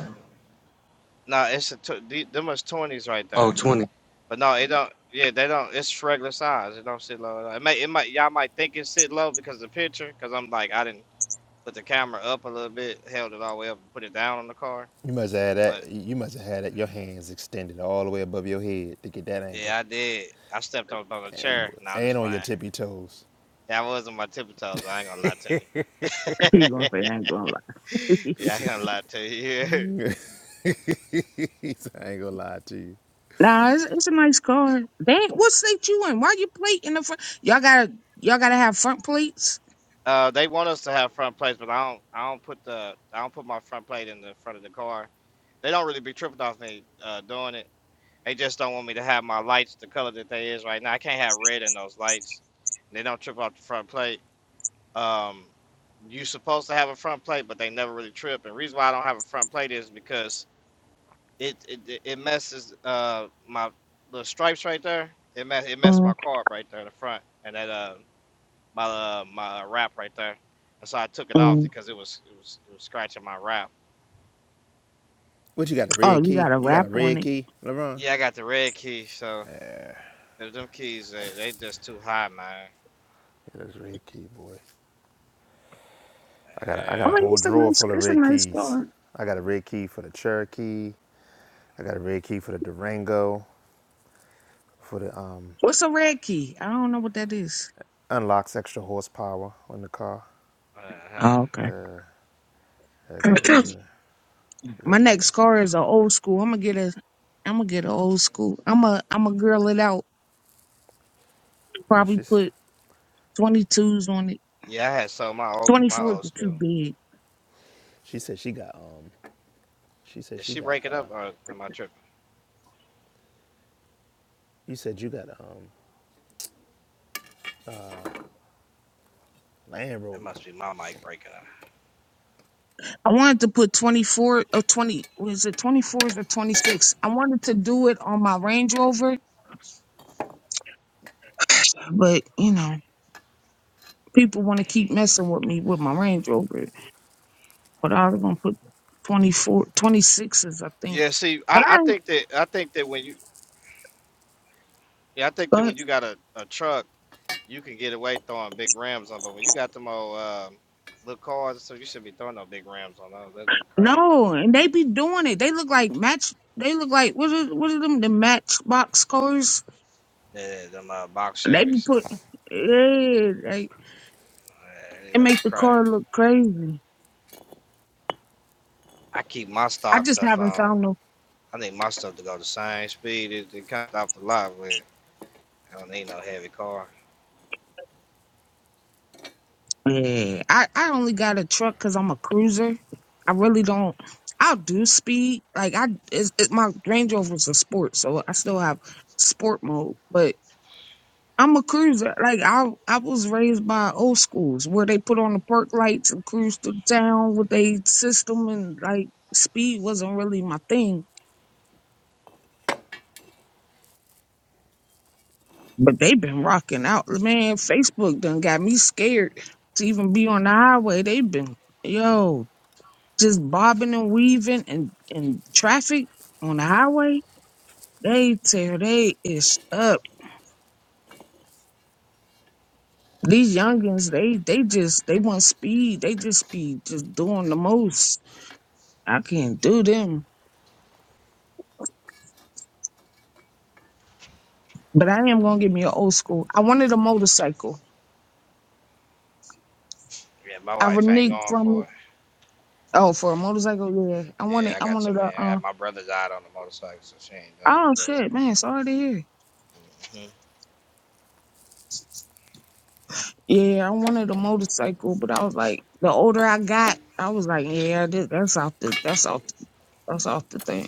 Speaker 14: No, it's a tw- them is twenties right
Speaker 15: Oh,
Speaker 14: there.
Speaker 15: 20s.
Speaker 14: But no, it don't. Yeah, they don't. It's regular size. It don't sit low. at all. It may. It might. Y'all might think it sit low because of the picture. Because I'm like, I didn't put the camera up a little bit, held it all the way up, and put it down on the car.
Speaker 12: You must have had
Speaker 14: But
Speaker 12: that. You must have had that, your hands extended all the way above your head to get that angle,
Speaker 14: yeah, I did. I stepped up on a
Speaker 12: and,
Speaker 14: chair. Now I'm
Speaker 12: and
Speaker 14: just
Speaker 12: on
Speaker 14: playing.
Speaker 12: your tippy toes.
Speaker 14: Yeah, I was on my tippy toes. I ain't gonna lie to
Speaker 13: you gonna
Speaker 14: you.
Speaker 13: say I ain't gonna
Speaker 14: Yeah, I ain't gonna lie to you.
Speaker 12: I ain't gonna lie to you.
Speaker 13: Nah, it's, it's a nice car. They what state you in? Why you plate in the front? Y'all gotta y'all gotta have front plates.
Speaker 14: Uh, they want us to have front plates, but I don't. I don't put the. I don't put my front plate in the front of the car. They don't really be tripping off me uh, doing it. They just don't want me to have my lights the color that they is right now. I can't have red in those lights. They don't trip off the front plate. Um, you supposed to have a front plate, but they never really trip. And reason why I don't have a front plate is because it it, it messes uh my the stripes right there. It mess it messed
Speaker 13: mm
Speaker 14: my car up right there in the front, and that uh my uh, my wrap right there, and so I took it off
Speaker 13: mm.
Speaker 14: because it was it was it was scratching my wrap.
Speaker 12: What you got a
Speaker 13: Oh,
Speaker 12: red
Speaker 13: you
Speaker 12: key?
Speaker 13: got a
Speaker 12: You got a
Speaker 13: wrap on
Speaker 12: red
Speaker 13: it.
Speaker 12: key, LeBron?
Speaker 14: Yeah, I got the red key, so if them keys they, they just too high, man.
Speaker 12: Yeah, that's red key, boy. I got a, I
Speaker 13: I
Speaker 12: got a
Speaker 14: Yeah,
Speaker 13: mean,
Speaker 12: whole
Speaker 13: it's a
Speaker 12: drawer
Speaker 13: nice
Speaker 12: full of
Speaker 13: it's a
Speaker 12: red
Speaker 13: nice
Speaker 12: keys.
Speaker 13: car.
Speaker 12: I got a red key for the Cherokee. I got a red key for the Durango. For the um
Speaker 13: What's a red key? I don't know what that is.
Speaker 12: unlocks extra horsepower on the car.
Speaker 14: uh-huh.
Speaker 13: Oh, okay.
Speaker 12: Uh, I got that red. Yep,
Speaker 13: My
Speaker 12: I
Speaker 13: next
Speaker 12: got.
Speaker 13: car is a old school. I'm gonna get a I'm gonna get an old school. I'm a I'm a girl it out.
Speaker 12: Yeah,
Speaker 13: Probably
Speaker 12: she's
Speaker 13: put. 22s on it.
Speaker 14: yeah, I had sold my old
Speaker 13: Twenty
Speaker 14: my
Speaker 13: fours
Speaker 14: old
Speaker 13: are too
Speaker 14: school.
Speaker 13: big.
Speaker 12: She said she got um she said
Speaker 14: Did
Speaker 12: she
Speaker 14: she
Speaker 12: got
Speaker 14: break it
Speaker 12: uh
Speaker 14: up or am I tripping?
Speaker 12: you said you got um Land
Speaker 14: It
Speaker 12: Rover.
Speaker 14: must be my mic breaking up.
Speaker 13: I wanted to put 24 or 20, was it 24s or 26? I wanted to do it on my Range Rover, but you know, people want to keep messing with me with my Range Rover. But I was going to put twenty four, twenty sixes, I think.
Speaker 14: Yeah, see,
Speaker 13: But
Speaker 14: I, I
Speaker 13: I,
Speaker 14: think that I think that when you yeah I think that
Speaker 13: but
Speaker 14: when you got a, a truck, you can get away throwing big rims on, but when you got them old um, little cars, so you should be throwing no big rims on those. That look crazy.
Speaker 13: no, and they be doing it. They look like match, they look like, what are, what are them, the matchbox cars?
Speaker 14: Yeah, them uh, box
Speaker 13: They be
Speaker 14: Chevys.
Speaker 13: put, yeah, they,
Speaker 14: Yeah, they
Speaker 13: it
Speaker 14: looking
Speaker 13: make the
Speaker 14: crazy.
Speaker 13: car look crazy.
Speaker 14: I keep my
Speaker 13: I
Speaker 14: stock
Speaker 13: just
Speaker 14: stuff
Speaker 13: haven't
Speaker 14: on.
Speaker 13: found no
Speaker 14: I need my stuff to go the same speed as it comes off the lot with. I don't need no heavy car.
Speaker 13: Yeah, I, I only got a truck because I'm a cruiser. I really don't. I'll do speed. Like I, it's, it, my Range Rover's a sport, so I still have sport mode. But I'm a cruiser. Like I, I was raised by old schools where they put on the park lights and cruise through town with a system, and like speed wasn't really my thing. But they've been rocking out, man. Facebook done got me scared to even be on the highway. They've been yo. just bobbing and weaving and in traffic on the highway, they tear they ish up. These youngins, they they just they want speed. They just be just doing the most. I can't do them. But I am gonna give me an old school. I wanted a motorcycle.
Speaker 14: Yeah, my
Speaker 13: I
Speaker 14: wife ain't
Speaker 13: reneged
Speaker 14: going
Speaker 13: from
Speaker 14: for
Speaker 13: it.
Speaker 14: it.
Speaker 13: Oh, for a motorcycle, yeah. I wanted
Speaker 14: Yeah, I
Speaker 13: I
Speaker 14: got some.
Speaker 13: wanted a
Speaker 14: I
Speaker 13: uh
Speaker 14: got my brother died on the motorcycle, so she ain't done
Speaker 13: oh shit, man, sorry to hear.
Speaker 14: me good.
Speaker 13: Yeah, I wanted a motorcycle, but I was like, the older I got, I was like, yeah, that- that's out the that's out That's off the thing.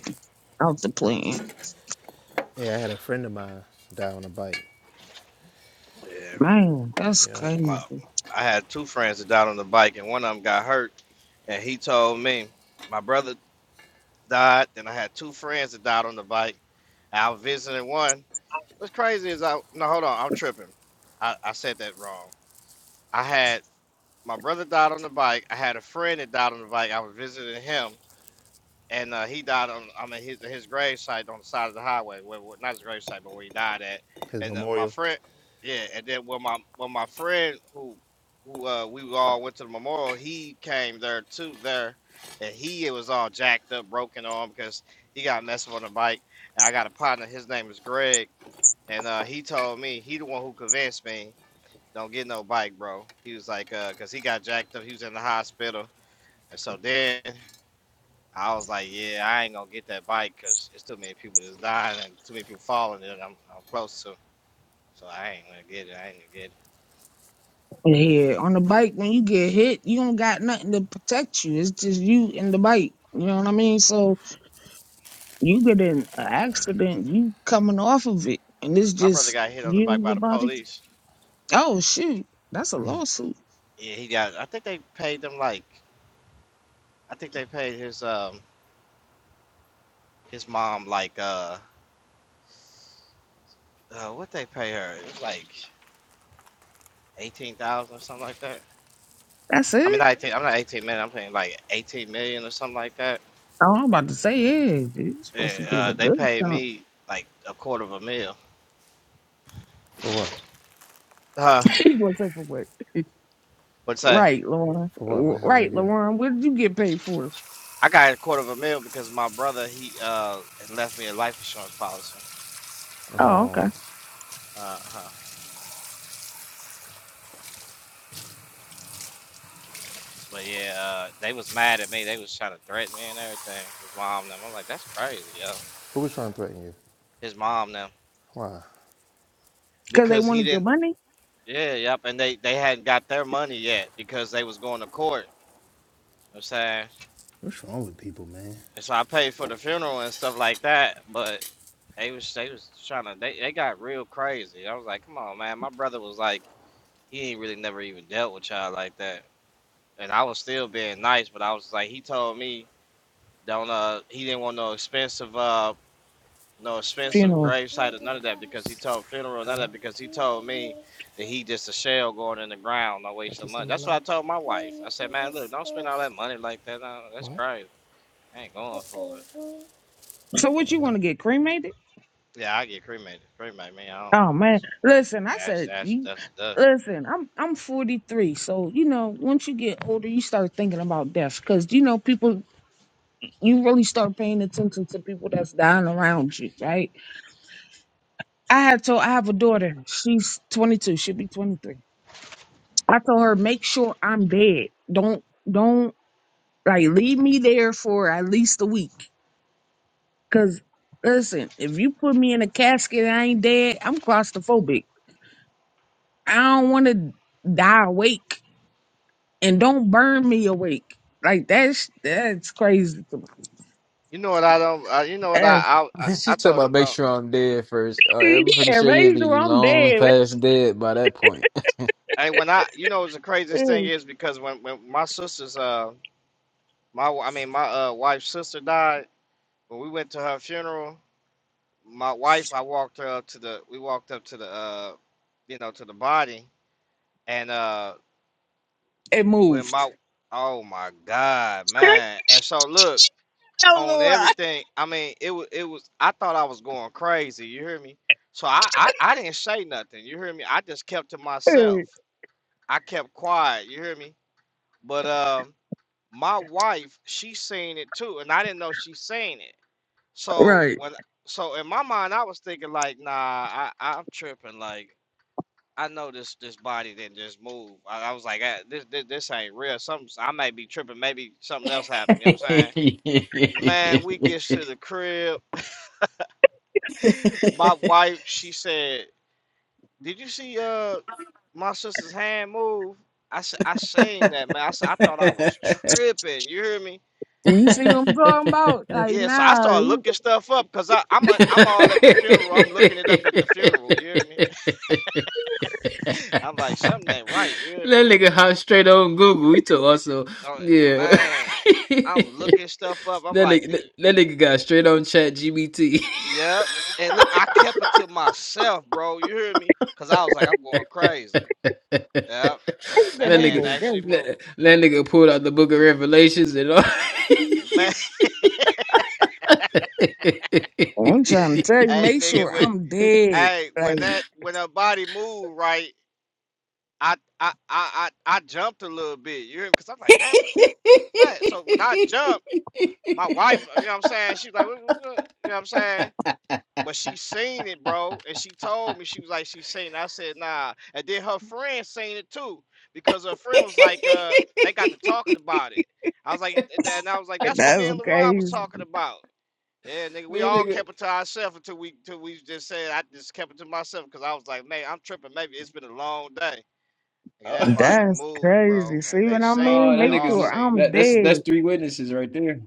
Speaker 13: Off the plan.
Speaker 12: Yeah, I had a friend of mine die on a bike.
Speaker 14: hmm Yeah,
Speaker 13: Man, that's
Speaker 12: Yeah.
Speaker 13: crazy.
Speaker 14: my I had two friends that died on the bike, and one of them got hurt. And he told me my brother died. Then I had two friends that died on the bike. I was visiting one. What's crazy is I no hold on, I'm tripping. I, I said that wrong. I had my brother died on the bike. I had a friend that died on the bike. I was visiting him, and uh, he died on I mean his his grave site on the side of the highway, where where- not his grave site, but where he died at.
Speaker 12: His
Speaker 14: And uh, my
Speaker 12: memorial.
Speaker 14: friend, yeah, and then when my when my friend who who uh, we all went to the memorial, he came there too there, and he was all jacked up, broken arm because he got messed up on the bike. And I got a partner, his name is Greg and uh, he told me he the one who convinced me don't get no bike, bro. He was like, uh, cause he got jacked up. He was in the hospital, and so then I was like, yeah, I ain't gonna get that bike, cause it's too many people that's dying and too many people falling that I'm, I'm close to. So I ain't gonna get it. I ain't gonna get it.
Speaker 13: Yeah, on the bike, when you get hit, you don't got nothing to protect you. It's just you and the bike. You know what I mean? So you get in an accident, you coming off of it, and it's
Speaker 14: My brother
Speaker 13: just
Speaker 14: got hit on the
Speaker 13: you
Speaker 14: bike
Speaker 13: and
Speaker 14: by
Speaker 13: your
Speaker 14: the
Speaker 13: body.
Speaker 14: police.
Speaker 13: Oh shoot, that's a lawsuit.
Speaker 14: Yeah, he got. I think they paid them like. I think they paid his um his mom like uh, uh what they pay her? It was like eighteen thousand or something like that.
Speaker 13: That's
Speaker 14: I mean,
Speaker 13: it.
Speaker 14: not 18, I'm not 18 million. I'm saying like 18 million or something like that.
Speaker 13: Oh, I'm about to say, yeah, you're supposed
Speaker 14: Yeah,
Speaker 13: to get
Speaker 14: uh,
Speaker 13: a
Speaker 14: they
Speaker 13: good
Speaker 14: paid
Speaker 13: chunk.
Speaker 14: me like a quarter of a mil.
Speaker 12: For what?
Speaker 14: Uh,
Speaker 13: you gonna take for what?
Speaker 14: but say
Speaker 13: Right, Lauren.
Speaker 12: For what? What happened
Speaker 13: Right,
Speaker 12: to you?
Speaker 13: Lauren. What did you get paid for?
Speaker 14: I got a quarter of a mil because my brother he uh left me a life insurance policy.
Speaker 13: Oh, okay.
Speaker 14: Uh huh. But yeah, uh, they was mad at me. They was trying to threaten me and everything. His mom and them. I'm like, that's crazy, yo.
Speaker 12: Who was trying to threaten you?
Speaker 14: His mom and them
Speaker 12: Why?
Speaker 13: Because they
Speaker 14: because he
Speaker 13: wanted your
Speaker 14: didn't.
Speaker 13: money.
Speaker 14: Yeah, yep. And they they hadn't got their money yet because they was going to court. You know what I'm saying.
Speaker 12: What's wrong with people, man?
Speaker 14: And so I paid for the funeral and stuff like that, but They was they was trying to they, they got real crazy. I was like, come on, man. My brother was like, he ain't really never even dealt with y'all like that. And I was still being nice, but I was like, he told me don't uh he didn't want no expensive uh no expensive
Speaker 13: funeral.
Speaker 14: gravesite or none of that because he told funeral none of
Speaker 12: Huh?
Speaker 14: that because he told me that he just a shell going in the ground, no waste
Speaker 12: What you
Speaker 14: of
Speaker 12: say,
Speaker 14: money.
Speaker 12: my
Speaker 14: That's what I
Speaker 12: love?
Speaker 14: told my wife. I said, man, look, don't spend all that money like that. No, that's
Speaker 12: What?
Speaker 14: crazy. I ain't going for it.
Speaker 13: So what you
Speaker 12: Hold on.
Speaker 13: want to get cremated?
Speaker 14: Yeah, I get cremated. Cremate me. I don't.
Speaker 13: Oh man, listen, I
Speaker 14: That's
Speaker 13: said
Speaker 14: that's
Speaker 13: you.
Speaker 14: that's duh.
Speaker 13: Listen, I'm I'm 43, so you know once you get older, you start thinking about death because you know people. You really start paying attention to people that's dying around you, right? I had told I have a daughter. She's 22. She'll be 23. I told her make sure I'm dead. Don't don't like leave me there for at least a week. Cause listen, if you put me in a casket and I ain't dead, I'm claustrophobic. I don't want to die awake and don't burn me awake. Like that's that's crazy to me.
Speaker 14: You know what I don't. Uh, you know what I,
Speaker 13: That's
Speaker 14: I I I
Speaker 3: she talking
Speaker 14: told
Speaker 3: about
Speaker 14: them
Speaker 3: make
Speaker 14: don't.
Speaker 3: sure I'm dead first. Uh, I'm pretty
Speaker 13: yeah,
Speaker 3: sure you'd
Speaker 13: basically
Speaker 3: be
Speaker 13: I'm
Speaker 3: long
Speaker 13: dead.
Speaker 3: past dead by that point.
Speaker 14: Hey, when I you know what the craziest thing is because when when my sister's uh my I mean my uh wife's sister died when we went to her funeral. My wife, I walked her up to the we walked up to the uh you know to the body and uh
Speaker 13: It
Speaker 14: when my
Speaker 13: moved.
Speaker 14: oh my god man and so look on everything I mean it was it was I thought I was going crazy you hear me so I I, I didn't say nothing you hear me I just kept to myself I kept quiet. You hear me? But um, my wife, she seen it too, and I didn't know she seen it. So
Speaker 13: right.
Speaker 14: when, so in my mind, I was thinking like, nah, I, I'm tripping. Like I know this this body didn't just move. I, I was like, "Ah, this, this this ain't real. Something I may be tripping. Maybe something else happened. You know what I'm saying? Man, we gets to the crib. My wife, she said, "Did you see uh my sister's hand move?" I said, I seen that man. I said, I thought I was tripping. You hear me?
Speaker 13: You see what I'm talking about? Like
Speaker 14: Yeah, so I
Speaker 13: nah,
Speaker 14: started
Speaker 13: you-
Speaker 14: looking stuff up because I'm a, I'm all at the funeral. I'm looking it up
Speaker 3: that
Speaker 14: at the funeral. You hear me? I'm like something ain't right. You hear me?
Speaker 3: nigga hot straight on Google. He took also,
Speaker 14: Oh
Speaker 3: yeah.
Speaker 14: man, I'm
Speaker 3: that,
Speaker 14: looking stuff up. I'm like,
Speaker 3: nigga,
Speaker 14: dude,
Speaker 3: that, that nigga got straight on Chat GBT.
Speaker 14: yep. And look, I kept it to myself, bro. You hear me? Cause I was like, I'm going
Speaker 3: that
Speaker 14: crazy. Yep.
Speaker 13: I
Speaker 14: That
Speaker 13: said I'm
Speaker 14: hand
Speaker 3: nigga,
Speaker 13: gonna
Speaker 14: actually
Speaker 13: go.
Speaker 3: that, that
Speaker 14: moved.
Speaker 3: nigga pulled out the Book of Revelations and all.
Speaker 14: Man,
Speaker 13: I'm trying
Speaker 14: hey
Speaker 13: to tell you, make
Speaker 14: nigga,
Speaker 13: sure
Speaker 14: when
Speaker 13: I'm dead.
Speaker 14: hey
Speaker 13: Like
Speaker 14: when that when her body moved right, I I I I, I jumped a little bit. You hear me? Cause I'm like, damn, what was that? So when I jumped. my wife, you know what I'm saying? She was like, what, what's up? You know what I'm saying? But she seen it, bro. And she told me, she was like, she seen it. I said, nah. And then her friend seen it too, because her friend was like, uh, they got to talking about it. I was like, and I was like, that's what me
Speaker 13: that's
Speaker 14: and LaRon was
Speaker 13: crazy.
Speaker 14: talking about. Yeah, nigga, we
Speaker 3: That
Speaker 14: all
Speaker 3: nigga,
Speaker 14: kept it to ourselves until we until we just said I just kept it to myself because I was like, man, I'm tripping. Maybe it's been a long day. Nigga, that
Speaker 3: oh,
Speaker 14: body
Speaker 13: That's
Speaker 14: moved,
Speaker 13: crazy.
Speaker 14: bro. And
Speaker 13: See
Speaker 14: they
Speaker 13: what I
Speaker 14: seen it.
Speaker 3: oh,
Speaker 13: mean?
Speaker 14: We
Speaker 3: that
Speaker 13: Make
Speaker 14: all
Speaker 3: nigga's
Speaker 13: sure
Speaker 14: seen
Speaker 13: I'm
Speaker 14: it.
Speaker 3: that, that's that's
Speaker 13: dead.
Speaker 3: three witnesses right there.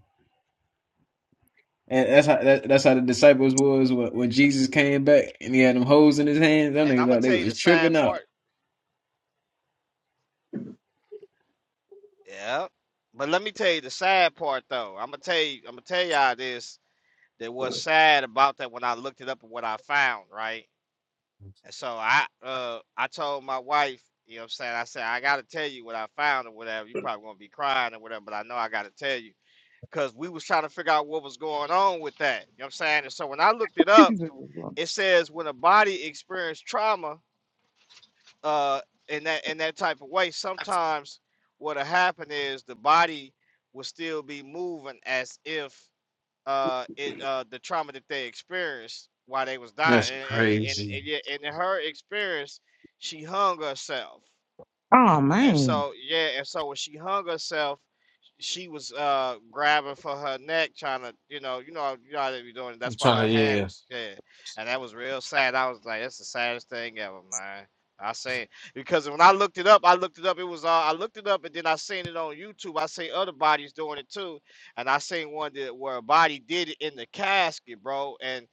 Speaker 3: And that's how that, that's how the disciples was when, when Jesus came back and he had them hoes in his hands. Them
Speaker 14: And
Speaker 3: niggas
Speaker 14: I'm gonna
Speaker 3: thought they
Speaker 14: tell you
Speaker 3: was
Speaker 14: the
Speaker 3: tripping
Speaker 14: sad
Speaker 3: out.
Speaker 14: part. Yeah. But let me tell you the sad part though. I'm gonna tell you, I'm gonna tell y'all this that was sad about that when I looked it up and what I found, right? And so I uh I told my wife, you know what I'm saying? I said, I gotta tell you what I found or whatever. You probably gonna be crying or whatever, but I know I gotta tell you. Cause we was trying to figure out what was going on with that. You know what I'm saying? And so when I looked it up, it says when a body experiences trauma, uh in that in that type of way sometimes what'll happen is the body will still be moving as if uh it uh the trauma that they experienced while they was dying
Speaker 3: That's
Speaker 14: and and, and,
Speaker 3: crazy.
Speaker 14: and yet- and in her experience she hung herself
Speaker 13: Oh
Speaker 14: and
Speaker 13: man.
Speaker 14: so, yeah, and so when she hung herself, she was uh grabbing for her neck, trying to, you know, you know, you know how they be doing. it.
Speaker 3: I'm
Speaker 14: That's why her
Speaker 3: trying to
Speaker 14: hand
Speaker 3: yeah.
Speaker 14: was, yeah, and that was real sad. I was like, that's the saddest thing ever, man. I seen because when I looked it up, I looked it up. It was uh, I looked it up, and then I seen it on YouTube. I seen other bodies doing it too, and I seen one that where a body did it in the casket, bro, and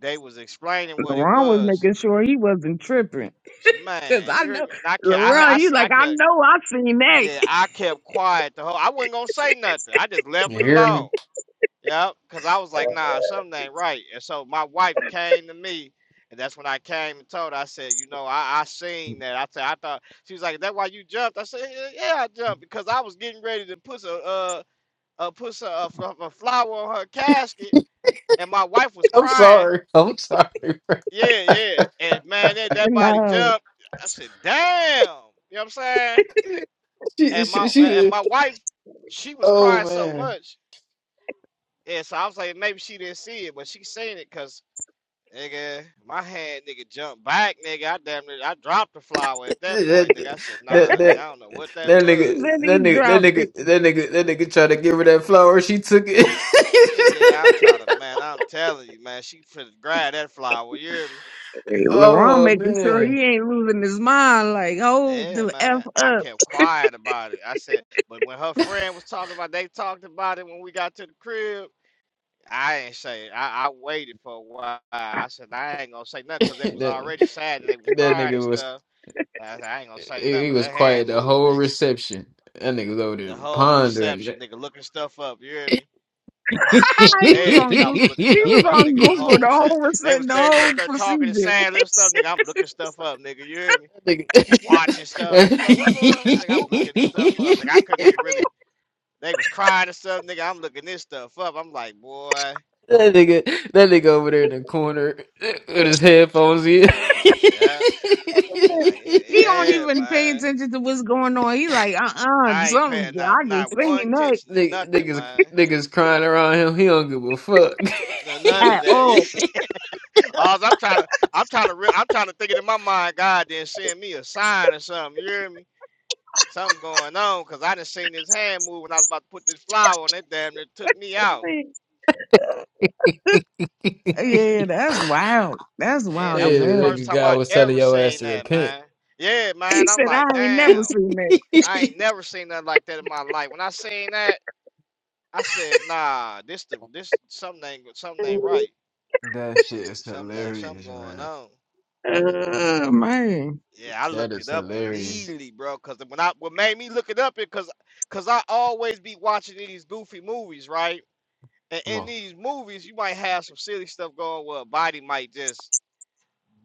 Speaker 14: they was explaining what it
Speaker 13: LaRon was
Speaker 14: was.
Speaker 13: making sure he wasn't tripping.
Speaker 14: So,
Speaker 13: Cause
Speaker 14: man,
Speaker 13: I
Speaker 14: you hear
Speaker 13: know
Speaker 14: me? And I can't, I,
Speaker 13: LaRon,
Speaker 14: I,
Speaker 13: you like,
Speaker 14: I
Speaker 13: I
Speaker 14: can't.
Speaker 13: know I seen
Speaker 14: Yeah,
Speaker 13: that.
Speaker 14: I kept quiet the whole. I wasn't gonna say nothing. I just left
Speaker 3: You
Speaker 14: it
Speaker 3: hear me?
Speaker 14: alone. Yep, cause I was like, nah, something ain't right. And so my wife came to me, and that's when I came and told her. I said, you know, I, I seen that. I said, I thought she was like, that why you jumped? I said, yeah, yeah, I jumped because I was getting ready to put some uh, uh put some uh, fl- a flower on her casket, and my wife was
Speaker 3: I'm
Speaker 14: crying.
Speaker 3: sorry. I'm sorry. bro.
Speaker 14: Yeah, yeah, and man, that that body
Speaker 13: no.
Speaker 14: jumped. I said, damn. You know what I'm saying?
Speaker 3: she,
Speaker 14: and
Speaker 3: she,
Speaker 14: my
Speaker 3: she
Speaker 14: and my
Speaker 3: did.
Speaker 14: wife, she was
Speaker 3: Oh
Speaker 14: crying so
Speaker 3: man.
Speaker 14: much, and so I was like, maybe she didn't see it, but she seen it because nigga, my hand nigga jumped back, nigga. I damn near I dropped the flower at that point, nigga. I
Speaker 3: That,
Speaker 14: said,
Speaker 3: that,
Speaker 14: nah, nigga,
Speaker 3: that,
Speaker 14: I don't know what that
Speaker 3: that
Speaker 14: was,
Speaker 3: nigga,
Speaker 13: Then
Speaker 3: that
Speaker 13: he
Speaker 3: nigga, that
Speaker 13: dropped it.
Speaker 3: nigga, that nigga, that nigga tried to give her that flower. She took it.
Speaker 14: nigga. I'm trying to, man, I'm telling you, man, she finna grab that flower. You hear me?
Speaker 13: LaRon
Speaker 3: Oh
Speaker 13: making sure
Speaker 3: man,
Speaker 13: he ain't losing his mind, like, hold
Speaker 14: Yeah,
Speaker 13: the F
Speaker 14: man.
Speaker 13: up.
Speaker 14: I kept quiet about it. I said, but when her friend was talking about, they talked about it when we got to the crib. I ain't say. I, I waited for a while. I said I ain't gonna say nothing because they was
Speaker 3: that
Speaker 14: already sad that they was
Speaker 3: that
Speaker 14: crying and
Speaker 3: nigga was
Speaker 14: stuff. I, said, I ain't gonna say
Speaker 3: he
Speaker 14: nothing,
Speaker 3: he
Speaker 14: but
Speaker 3: was
Speaker 14: that
Speaker 3: quiet
Speaker 14: hand
Speaker 3: the
Speaker 14: moved,
Speaker 3: whole
Speaker 14: nigga.
Speaker 3: reception. That nigga was over there
Speaker 14: The whole
Speaker 3: pondering.
Speaker 14: reception, nigga, looking stuff up. You hear me? On
Speaker 3: that
Speaker 13: He was on
Speaker 14: everything, I
Speaker 13: Google.
Speaker 14: was looking
Speaker 13: He was
Speaker 14: stuff up,
Speaker 13: on
Speaker 14: nigga. The
Speaker 13: Google
Speaker 14: whole
Speaker 13: the
Speaker 14: reception,
Speaker 13: whole
Speaker 14: they
Speaker 13: receipt-
Speaker 14: was
Speaker 13: the
Speaker 14: they was up
Speaker 13: whole
Speaker 14: there talking and
Speaker 13: procedure.
Speaker 14: saying little stuff, nigga. I'm looking stuff up, nigga. You hear me? Watching stuff. It's like, what's going on? Nigga, I'm looking this stuff up, nigga. I
Speaker 3: nigga.
Speaker 14: couldn't even really. They was crying and stuff, nigga. I'm looking this stuff up. I'm like, boy,
Speaker 3: That nigga, that nigga over there in the corner with his headphones in.
Speaker 14: yeah. They like,
Speaker 13: he don't
Speaker 14: yeah, yeah,
Speaker 13: even pay
Speaker 14: man.
Speaker 13: attention to what's going on. He like, uh uh
Speaker 14: I ain't
Speaker 13: something
Speaker 14: paying not
Speaker 13: I
Speaker 14: not
Speaker 13: just
Speaker 14: one
Speaker 13: seen that
Speaker 14: attention to
Speaker 3: Nigga-
Speaker 14: nothing,
Speaker 3: niggas,
Speaker 14: man.
Speaker 3: niggas crying around him. He don't give a fuck.
Speaker 14: No, none of
Speaker 13: at
Speaker 14: that.
Speaker 13: all.
Speaker 14: Yeah. Alls I'm trying to, I'm trying to, re- I'm trying to think it in my mind. God didn't send me a sign or something. You hear me? Something going on because I didn't seen his hand move when I was about to put this flower on. it. damn it! took me out. I said,
Speaker 13: Yeah, that's wild. That's
Speaker 14: yeah,
Speaker 3: Yeah,
Speaker 13: wild
Speaker 14: that
Speaker 13: as
Speaker 14: was the
Speaker 13: hell.
Speaker 14: first
Speaker 3: nigga,
Speaker 14: time I
Speaker 3: God was telling
Speaker 14: ever
Speaker 3: your ass
Speaker 14: seen
Speaker 3: to
Speaker 14: that,
Speaker 3: repent.
Speaker 14: man. Yeah,
Speaker 13: He
Speaker 14: man. I'm
Speaker 13: said,
Speaker 14: like,
Speaker 13: I ain't never
Speaker 14: damn,
Speaker 13: seen
Speaker 14: I ain't never seen nothing like that in my life. When I seen that, I said, nah, this the this something ain't something ain't
Speaker 13: that.
Speaker 14: right.
Speaker 3: That shit
Speaker 14: eh,
Speaker 3: is
Speaker 14: Something ain't something
Speaker 3: hilarious,
Speaker 14: going
Speaker 3: man.
Speaker 14: on.
Speaker 13: Oh, man.
Speaker 14: Yeah, I
Speaker 3: That
Speaker 14: looked it
Speaker 3: is
Speaker 14: up
Speaker 3: hilarious.
Speaker 14: immediately, bro. Cause when I what made me look it up is cause cause I always be watching these goofy movies, right? And
Speaker 3: Come
Speaker 14: in
Speaker 3: on.
Speaker 14: these movies, you might have some silly stuff going where a body might just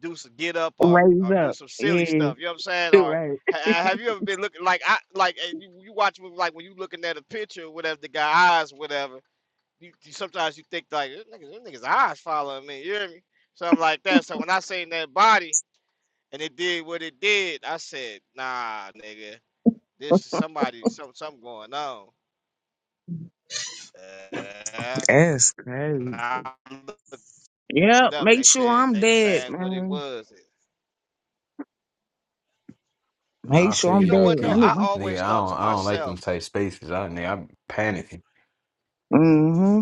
Speaker 14: do some get up or
Speaker 13: Raise
Speaker 14: or do
Speaker 13: up.
Speaker 14: some silly
Speaker 13: Yeah,
Speaker 14: stuff. You know what I'm saying?
Speaker 13: you
Speaker 14: Or
Speaker 13: right.
Speaker 14: ha- have you ever been looking like I like and you, you watch movies like when you looking at a picture, or whatever the guy eyes, or whatever. You, you sometimes you think like "This niggas, this niggas eyes following me. You hear me? Something like that. So when I seen that body. and it did what it did. I said, nah, nigga, this is somebody, some, something going on. Uh,
Speaker 13: That's
Speaker 14: when
Speaker 13: crazy.
Speaker 14: I looked it
Speaker 13: Yep.
Speaker 14: up.
Speaker 13: Make
Speaker 14: They
Speaker 13: sure
Speaker 14: said
Speaker 13: I'm
Speaker 14: they were
Speaker 13: dead,
Speaker 14: saying what it
Speaker 13: man.
Speaker 14: was.
Speaker 3: No,
Speaker 13: Make
Speaker 3: I
Speaker 13: sure
Speaker 3: feel
Speaker 14: You
Speaker 13: I'm
Speaker 3: you
Speaker 14: know
Speaker 13: dead.
Speaker 3: though,
Speaker 14: what though?
Speaker 13: I
Speaker 3: Key.
Speaker 13: need
Speaker 14: I
Speaker 13: my.
Speaker 14: always
Speaker 3: Nigga, I
Speaker 14: thought
Speaker 3: don't,
Speaker 14: to
Speaker 3: I don't like them
Speaker 14: myself,
Speaker 3: tight spaces. I, nigga, I'm panicking.
Speaker 13: Mm hmm.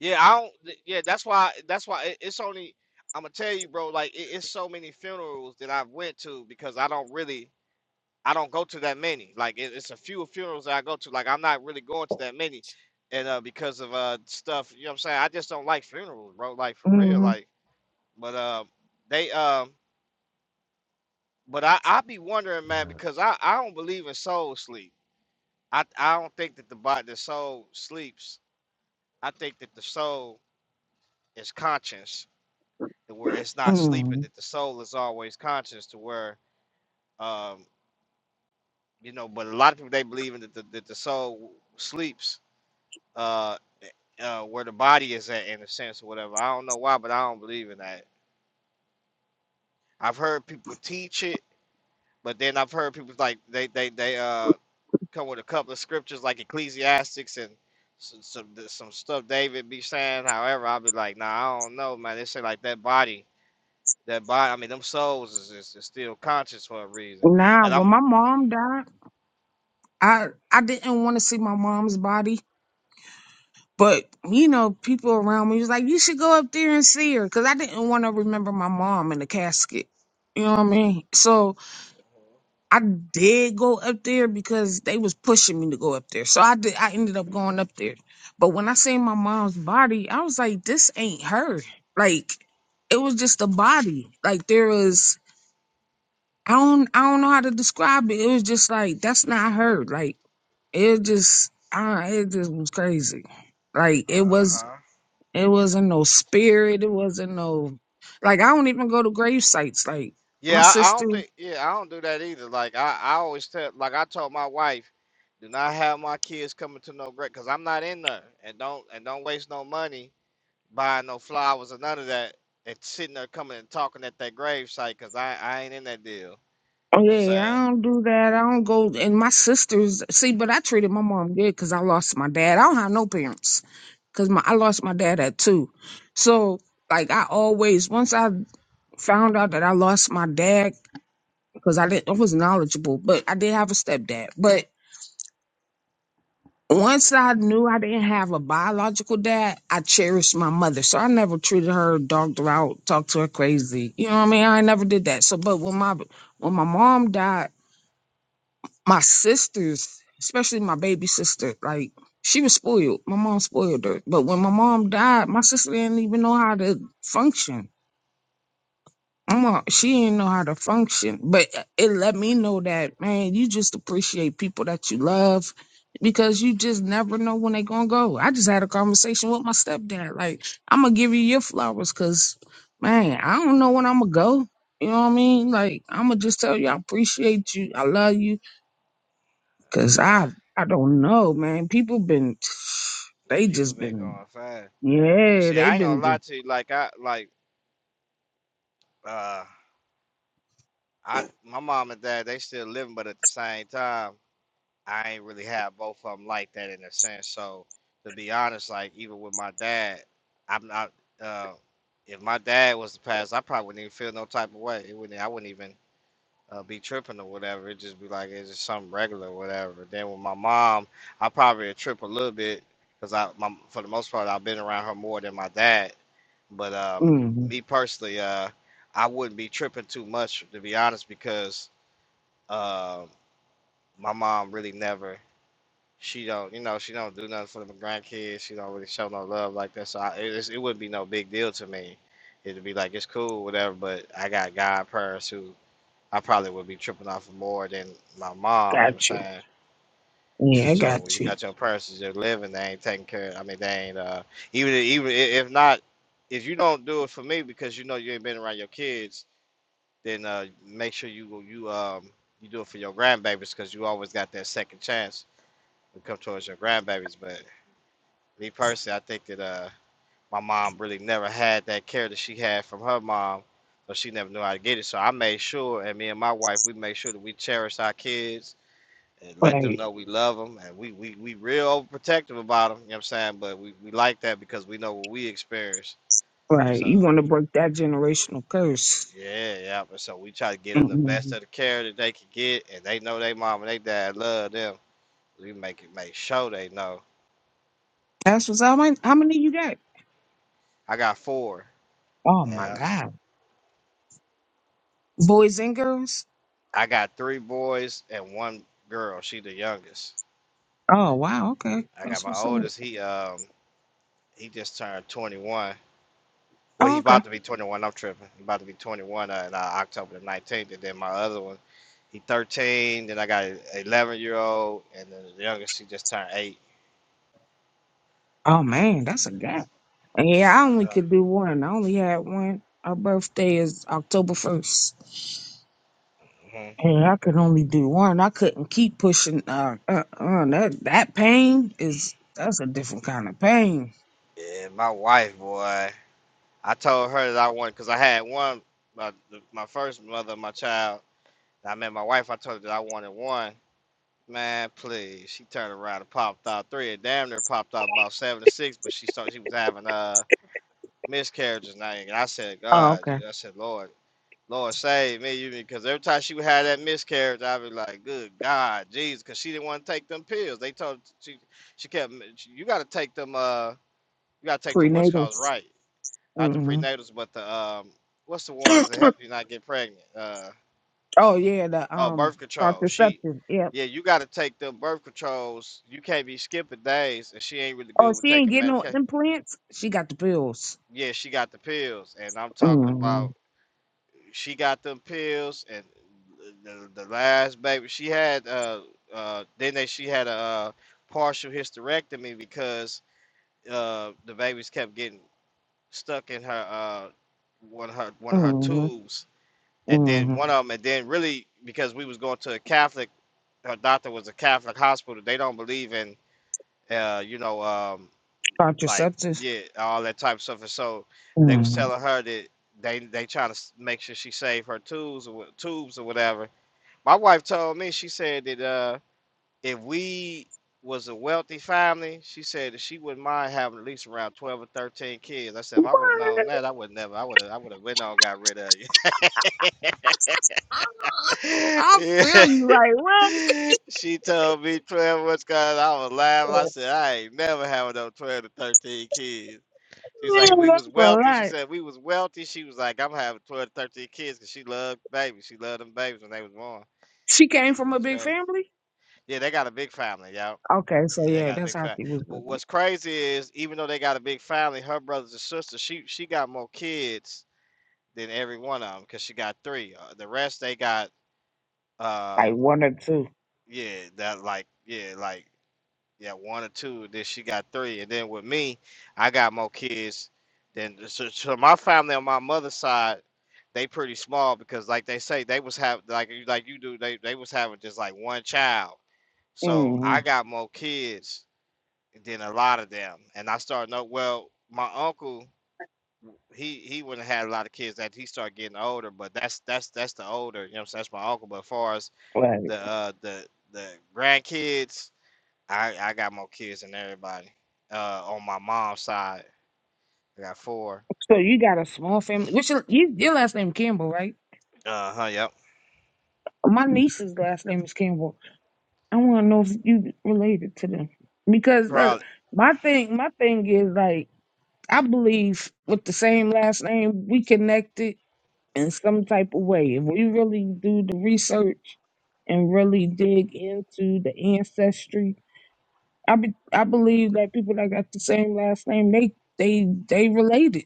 Speaker 14: yeah, I don't. Yeah, that's why. That's why it, it's only. I'm gonna tell you, bro. Like it, it's so many funerals that I've went to because I don't really. I don't go to that many. Like it, it's a few funerals that I go to. Like I'm not really going to
Speaker 3: Oh.
Speaker 14: that many, and uh, because of uh stuff, you know what I'm saying. I just don't like funerals, bro. Like for real,
Speaker 13: Mm
Speaker 14: like. But uh, they um, but I I be wondering, man,
Speaker 3: Yeah.
Speaker 14: because I I don't believe in soul sleep. I I don't think that the body the soul sleeps. I think that the soul is conscious, to where it's
Speaker 13: hmm.
Speaker 14: not sleeping.
Speaker 13: Mm
Speaker 14: That the soul is always conscious, to where um, you know. But a lot of people they believe in that the, that the soul sleeps uh, uh, where the body is at in a sense or whatever. I don't know why, but I don't believe in that. I've heard people teach it, but then I've heard people like they they they uh come with a couple of scriptures like Ecclesiastics and some some, some stuff David be saying. However, I'll be like, nah, I don't know, man. They say like that body, that body. I mean, them souls is, is, is still conscious for a reason,
Speaker 13: Now,
Speaker 14: and I'm
Speaker 13: when my mom died, I, I didn't want to see my mom's body. But, you know, people around me was like, you should go up there and see her. Cause I didn't want to remember my mom in the casket. You know what I mean? So, I did go up there because they was pushing me to go up there. So I did I ended up going up there. But when I seen my mom's body, I was like, this ain't her. Like it was just a body. Like there was I don't I don't know how to describe it. It was just like that's not her. Like it just I it just was crazy. Like
Speaker 14: uh
Speaker 13: it was
Speaker 14: huh.
Speaker 13: it wasn't no spirit. It wasn't no like I don't even go to grave sites. Like my
Speaker 14: Yeah, I, I
Speaker 13: sister
Speaker 14: don't think. Yeah, I don't do that either. Like I, I always tell, like I told my wife, do not have my kids coming to no great, cause I'm not in there, and don't and don't waste no money buying no flowers or none of that, and sitting there coming and talking at that grave site, cause I, I ain't in that deal. You
Speaker 13: Oh
Speaker 14: know what I'm
Speaker 13: yeah, yeah,
Speaker 14: saying?
Speaker 13: I don't do that. I don't go. And my sisters, see, but I treated my mom good because I lost my dad. I don't have no parents because my I lost my dad at two. So like I always, once I found out that I lost my dad because I didn't, I was knowledgeable, but I did have a stepdad. But once I knew I didn't have a biological dad, I cherished my mother. So I never treated her, dogged her out, talked to her crazy. You know what I mean? I never did that. So, but when my when my mom died. my sisters, especially my baby sister, like she was spoiled. My mom spoiled her. But when my mom died, my sister didn't even know how to function. My mom, she didn't know how to function. But it let me know that, man, you just appreciate people that you love because you just never know when they're going to go. I just had a conversation with my stepdad. Like, I'm going to give you your flowers because, man, I don't know when I'm going to go. You know what I mean? Like, I'm going to just tell you, I appreciate you. I love you Cause
Speaker 14: Uh
Speaker 13: I
Speaker 14: huh.
Speaker 13: I don't know, man. People been
Speaker 14: Yeah,
Speaker 13: they
Speaker 14: people
Speaker 13: just
Speaker 14: been
Speaker 13: been
Speaker 14: going fine.
Speaker 13: yeah,
Speaker 14: See,
Speaker 13: they
Speaker 14: I ain't
Speaker 13: been
Speaker 14: gonna
Speaker 13: just
Speaker 14: lie to you. Like I, like uh, I, my mom and dad, they still living, but at the same time. I ain't really have both of them like that in a sense. So to be honest, like even with my dad, I'm not. Uh, if my dad was to pass, I probably wouldn't even feel no type of way. It wouldn't. I wouldn't even uh, be tripping or whatever. It'd just be like it's just something regular or whatever. Then with my mom, I probably would trip a little bit because I, my, for the most part, I've been around her more than my dad. But um,
Speaker 13: mm,
Speaker 14: me personally, uh, I wouldn't be tripping too much to be honest because uh, my mom really never she don't, you know, she don't do nothing for the grandkids. She don't really show no love like that. So I, it, it's- it wouldn't be no big deal to me. It'd be like it's cool, whatever. But I got God' godparents who I probably would be tripping off of more than my mom. You know
Speaker 13: got
Speaker 14: what I'm
Speaker 13: you.
Speaker 14: saying?
Speaker 13: Yeah, I
Speaker 14: So when
Speaker 13: got
Speaker 14: you
Speaker 13: you.
Speaker 14: got your parents that's just living, they ain't taking care. I mean, they ain't uh, even even i- if not, if you don't do it for me because you know you ain't been around your kids, then uh, make sure you you um you do it for your grandbabies because you always got that second chance to come towards your grandbabies. But Me personally, I think that uh, my mom really never had that care that she had from her mom, so she never knew how to get it. So I made sure, and me and my wife, we made sure that we cherish our kids and let them
Speaker 13: Right,
Speaker 14: know we love them, and we we we real overprotective about them. You know what I'm saying? But we we like that because we know what we experienced.
Speaker 13: right.
Speaker 14: So
Speaker 13: You want to break that generational curse?
Speaker 14: yeah, yeah. But so we try to get them the best
Speaker 13: Mm-mm.
Speaker 14: of the care that they can get, and they know they mom and they dad love them. We make it make sure they know.
Speaker 13: That's what's how many how many you got?
Speaker 14: I got four.
Speaker 13: Oh my
Speaker 14: Yeah.
Speaker 13: god, boys and girls.
Speaker 14: I got three boys and one girl. She the youngest.
Speaker 13: Oh wow, okay.
Speaker 14: I got
Speaker 13: That's
Speaker 14: my
Speaker 13: what's up.
Speaker 14: oldest. He um he just turned 21. Well,
Speaker 13: Oh,
Speaker 14: he
Speaker 13: okay.
Speaker 14: about to be 21. I'm tripping. He about to be 21 uh, in uh, October the 19th. And then my other one, he 13. Then I got a 11 year old, and then the youngest she just turned eight.
Speaker 13: Oh man, that's a gap. And yeah, I only
Speaker 14: Uh,
Speaker 13: could do one. I only had one. Our birthday is October first.
Speaker 14: mhm.
Speaker 13: Hey, I could only do one. I couldn't keep pushing. Uh, uh, uh that that pain is that's a different kind of pain.
Speaker 14: And my wife, boy, I told her that I wanted because I had one. My, my first mother, of my child. I met my wife. I told her that I wanted one. Man, please. She turned around and popped out three. It damn near popped out about seven or six, but she started she was having uh miscarriages now. And I said,
Speaker 13: Oh,
Speaker 14: God,
Speaker 13: okay.
Speaker 14: dude," I said, Lord, Lord save me, you because every time she would have that miscarriage, I'd be like, Good God, Jesus, because she didn't want to take them pills. They told she she kept you gotta take them uh you gotta take them what's
Speaker 13: Prenatal.
Speaker 14: called right. Not the
Speaker 13: hmm
Speaker 14: prenatals, but the um what's the ones that help you not get pregnant? Uh,
Speaker 13: oh yeah, the
Speaker 14: Oh,
Speaker 13: um
Speaker 14: birth control. She,
Speaker 13: contraceptive. Yep.
Speaker 14: yeah, you got to take the birth controls. You can't be skipping days, and she ain't really
Speaker 13: Oh,
Speaker 14: good with
Speaker 13: she ain't
Speaker 14: taking
Speaker 13: getting no
Speaker 14: medication.
Speaker 13: implants. She got the pills.
Speaker 14: Yeah, she got the pills, and I'm talking
Speaker 13: hmm
Speaker 14: about she got them pills, and the, the last baby she had, uh, uh, then they she had a uh, partial hysterectomy because uh, the babies kept getting stuck in her uh, one of her one of her
Speaker 13: hmm
Speaker 14: tubes, and then
Speaker 13: hmm
Speaker 14: one of them, and then really because we was going to a Catholic her doctor was a Catholic hospital. They don't believe in, uh, you know, um, like
Speaker 13: Contraceptive.
Speaker 14: yeah, all that type of stuff. And so they was
Speaker 13: hmm
Speaker 14: telling her that they they trying to make sure she save her tubes or wha- tubes or whatever. My wife told me she said that uh, if we was a wealthy family, she said that she wouldn't mind having at least around twelve or thirteen kids. I said if I would have known
Speaker 13: What?
Speaker 14: that, I would never. I would have. I would have went on and got rid of you.
Speaker 13: I
Speaker 14: Yeah.
Speaker 13: feel you. Like what?
Speaker 14: she told me 12 what's going I was laughing. I said, I ain't never having no 12 to 13 kids. She's like,
Speaker 13: Man,
Speaker 14: we
Speaker 13: that's
Speaker 14: was
Speaker 13: a
Speaker 14: wealthy. She
Speaker 13: lot.
Speaker 14: said, we was wealthy. She was like, I'm having 12 to 13 kids because she loved babies. She loved them babies when they was born.
Speaker 13: She came
Speaker 14: She
Speaker 13: from a
Speaker 14: was
Speaker 13: big
Speaker 14: okay.
Speaker 13: family.
Speaker 14: Yeah, they got a big family, y'all.
Speaker 13: Okay, so
Speaker 14: Yeah, they
Speaker 13: yeah,
Speaker 14: got a
Speaker 13: that's
Speaker 14: big
Speaker 13: how
Speaker 14: family.
Speaker 13: she was
Speaker 14: But
Speaker 13: with me.
Speaker 14: what's crazy is, even though they got a big family, her brothers and sisters, she she got more kids than every one of them because she got three. Uh, the rest they got, uh,
Speaker 13: Like one or two.
Speaker 14: yeah, that like, yeah, like yeah, one or two. Then she got three, and then with me, I got more kids than so, so my family on my mother's side. They pretty small because, like they say, they was have like you like you do. They they was having just like one child. So I
Speaker 13: Mm-hmm.
Speaker 14: got more kids than a lot of them, and I started know. Well, my uncle he he wouldn't have had a lot of kids that he started getting older, but that's that's that's the older. You know, what I'm saying? that's my uncle. But as far as
Speaker 13: Right.
Speaker 14: the uh the the grandkids, I I got more kids than everybody. Uh, on my mom's side, I got four.
Speaker 13: So you got a small family. Which your, you, your last name Campbell, right?
Speaker 14: Uh huh. Yep.
Speaker 13: My niece's last name is Campbell. I want to know if you related to them because look,
Speaker 14: Probably.
Speaker 13: my thing, my thing is like I believe with the same last name we connected in some type of way. If we really do the research and really dig into the ancestry I be, I believe that people that got the same last name, they they they related.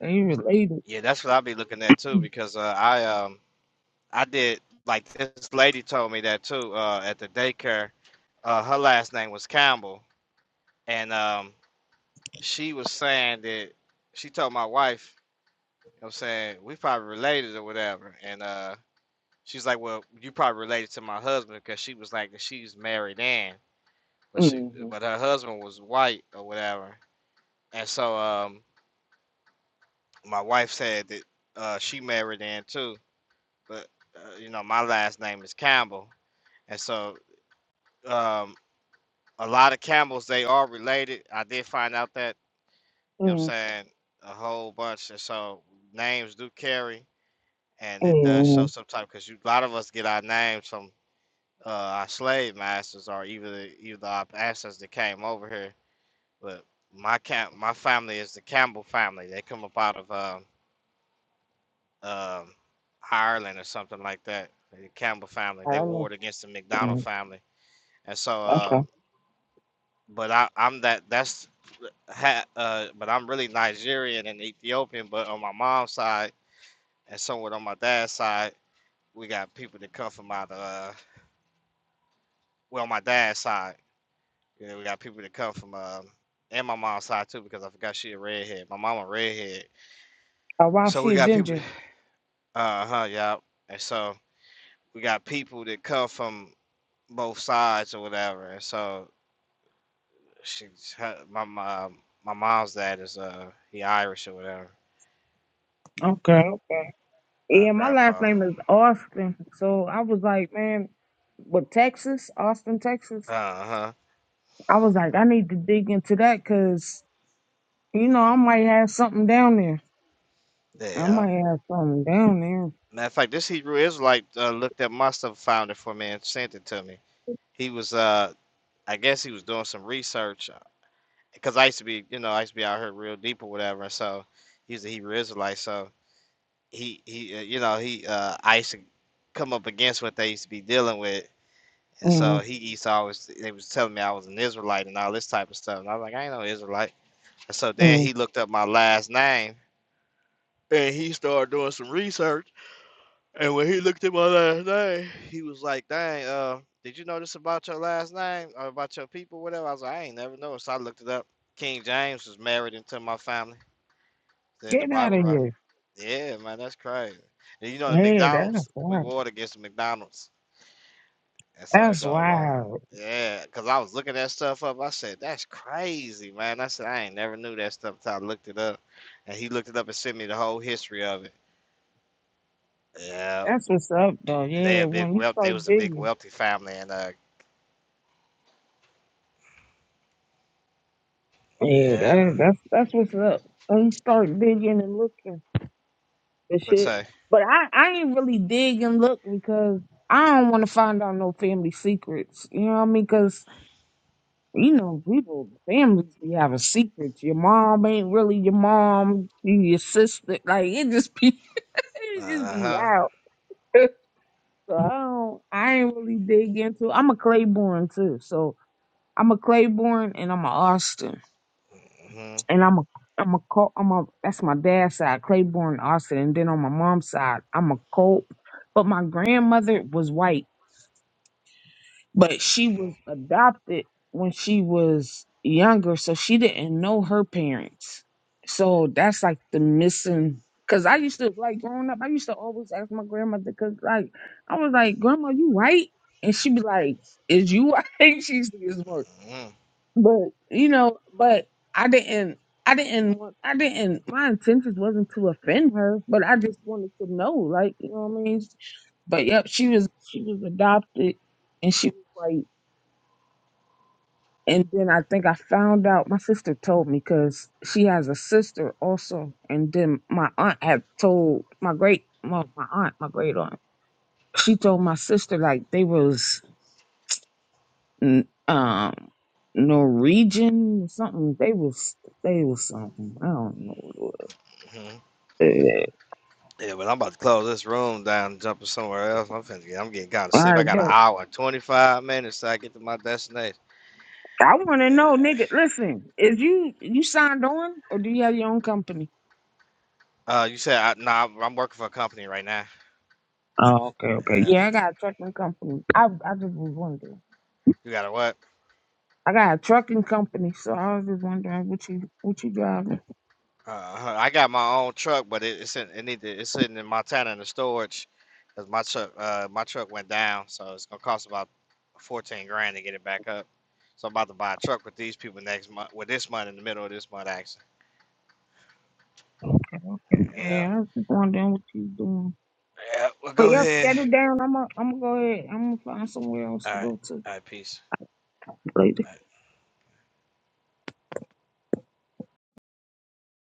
Speaker 13: They related.
Speaker 14: Yeah, that's what I'll be looking at too because uh, I um I did like this lady told me that too uh at the daycare. Uh, her last name was Campbell, and um she was saying that she told my wife, you know, what I'm saying we probably related or whatever, and uh she's like, well, you probably related to my husband because she was like she's married in, but she
Speaker 13: Mm-hmm.
Speaker 14: but her husband was white or whatever And so um, my wife said that uh, she married in too, but uh, you know my last name is Campbell, and so um, a lot of Campbells they are related. I did find out that you know what I'm
Speaker 13: mm
Speaker 14: saying a whole bunch, and so names do carry, and it does show
Speaker 13: mm
Speaker 14: sometimes because a lot of us get our names from uh, our slave masters or either either our ancestors that came over here. But my camp, my family is the Campbell family. They come up out of um, um, Ireland or something like that. The Campbell family
Speaker 13: I
Speaker 14: they
Speaker 13: don't know.
Speaker 14: warred against the McDonald
Speaker 13: Mm,
Speaker 14: family, and so uh,
Speaker 13: Okay.
Speaker 14: but I, I'm that that's ha, uh, but I'm really Nigerian and Ethiopian, but on my mom's side and somewhat on my dad's side, we got people that come from out of uh, well, my dad's side, you know, we got people that come from um, and my mom's side too because I forgot she a redhead. My mama redhead,
Speaker 13: Oh, wow,
Speaker 14: so we
Speaker 13: she a
Speaker 14: got people,
Speaker 13: ginger.
Speaker 14: uh huh, yeah, and so we got people that come from both sides or whatever. And so she's her, my mom. My mom's dad is uh he Irish or whatever.
Speaker 13: Okay.
Speaker 14: Uh,
Speaker 13: Yeah, my last
Speaker 14: grandpa.
Speaker 13: name is Austin. So I was like, man, with Texas, Austin, Texas,
Speaker 14: Uh huh.
Speaker 13: I was like, I need to dig into that because, you know, I might have something down there.
Speaker 14: Yeah.
Speaker 13: I
Speaker 14: yeah.
Speaker 13: might have something down there.
Speaker 14: Matter of fact, this Hebrew Israelite uh, looked at my stuff, found it for me, and sent it to me. He was uh I guess he was doing some research because I used to be you know I used to be out here real deep or whatever. And so he was a Hebrew Israelite. So he he uh, you know he uh I used to come up against what they used to be dealing with And so
Speaker 13: mm
Speaker 14: he Esau was they was telling me I was an Israelite and all this type of stuff. And I was like, I ain't no Israelite. And so then
Speaker 13: mm.
Speaker 14: he looked up my last name and he started doing some research. And when he looked at my last name, he was like, Dang, uh, did you know this about your last name or about your people, whatever? I was like, I ain't never noticed. So I looked it up. King James was married into my family. Then the
Speaker 13: Get out
Speaker 14: Bible
Speaker 13: of
Speaker 14: writer.
Speaker 13: here.
Speaker 14: Yeah, man, that's crazy. And you know the
Speaker 13: Hey,
Speaker 14: McDonald's,
Speaker 13: that's
Speaker 14: we
Speaker 13: wild.
Speaker 14: warred against the McDonald's. That's how it
Speaker 13: That's
Speaker 14: goes, huh?
Speaker 13: wild.
Speaker 14: Yeah, cause I was looking that stuff up. I said, "That's crazy, man." I said, "I ain't never knew that stuff until I looked it up," and he looked it up and sent me the whole history of it. Yeah,
Speaker 13: That's what's up, though.
Speaker 14: they
Speaker 13: Yeah,
Speaker 14: a big
Speaker 13: when you
Speaker 14: wealth. They
Speaker 13: start
Speaker 14: was a big
Speaker 13: digging,
Speaker 14: wealthy family, and uh,
Speaker 13: yeah,
Speaker 14: yeah,
Speaker 13: that, that's that's what's up. When you start digging and looking and
Speaker 14: what
Speaker 13: shit.
Speaker 14: say?
Speaker 13: But I I ain't really dig and look because I don't want to find out no family secrets. You know what I mean? Because you know people families be having secrets. Your mom ain't really your mom. She your sister. Like it just be it just
Speaker 14: Uh
Speaker 13: be
Speaker 14: huh.
Speaker 13: wild. so I don't. I ain't really dig into. I'm a Claiborne too. So I'm a Claiborne and I'm a Austin.
Speaker 14: hmm
Speaker 13: and I'm a I'm a Col- I'm a that's my dad's side, Claiborne Austin, and then on my mom's side, I'm a Colt. But my grandmother was white, but she was adopted when she was younger, so she didn't know her parents. So that's like the missing. Cause I used to like growing up, I used to always ask my grandmother, cause like I was like, Grandma, you white? And she'd be like, Is you white? She used to get smart. But you know, but I didn't. I didn't want. I didn't. My intentions wasn't to offend her, but I just wanted to know, like you know what I mean. But yep, she was she was adopted, and she was like. And then I think I found out. My sister told me because she has a sister also, and then my aunt had told my great well, my aunt, my great aunt. She told my sister like they was n- um Norwegian something. They was they was something. I don't know what it was.
Speaker 14: hmm
Speaker 13: Eh, eh,
Speaker 14: Yeah, but I'm about to close this room down and jump to somewhere else. I'm finna get. I'm getting kind of sleep.
Speaker 13: I
Speaker 14: I got an
Speaker 13: bet.
Speaker 14: hour and 25 minutes till I get to my destination.
Speaker 13: I want to
Speaker 14: Yeah.
Speaker 13: know, nigga. Listen, is you you signed on or do you have your own company?
Speaker 14: Uh, you said I, nah, I'm I'm working for a company right now.
Speaker 13: Oh, okay, okay.
Speaker 14: Yeah.
Speaker 13: Yeah, I gotta check my company. I I just was wondering.
Speaker 14: You gotta what?
Speaker 13: I got a trucking company, so I was just wondering what you what you driving.
Speaker 14: Uh, I got my own truck, but it, it's in, it need to, it's sitting in Montana in the storage because my truck uh my truck went down, so it's gonna cost about fourteen grand to get it back up. So I'm about to buy a truck with these people next month, with this month in the middle of this month, actually. Yeah,
Speaker 13: Yeah, I was just wondering what you doing.
Speaker 14: yeah. Well,
Speaker 13: But
Speaker 14: go
Speaker 13: yeah,
Speaker 14: ahead.
Speaker 13: shut it down. I'm i am gonna i gonna go ahead. I'm gonna find somewhere else
Speaker 14: All
Speaker 13: to
Speaker 14: right,
Speaker 13: go to
Speaker 14: all right. Peace.
Speaker 13: later.
Speaker 14: All right.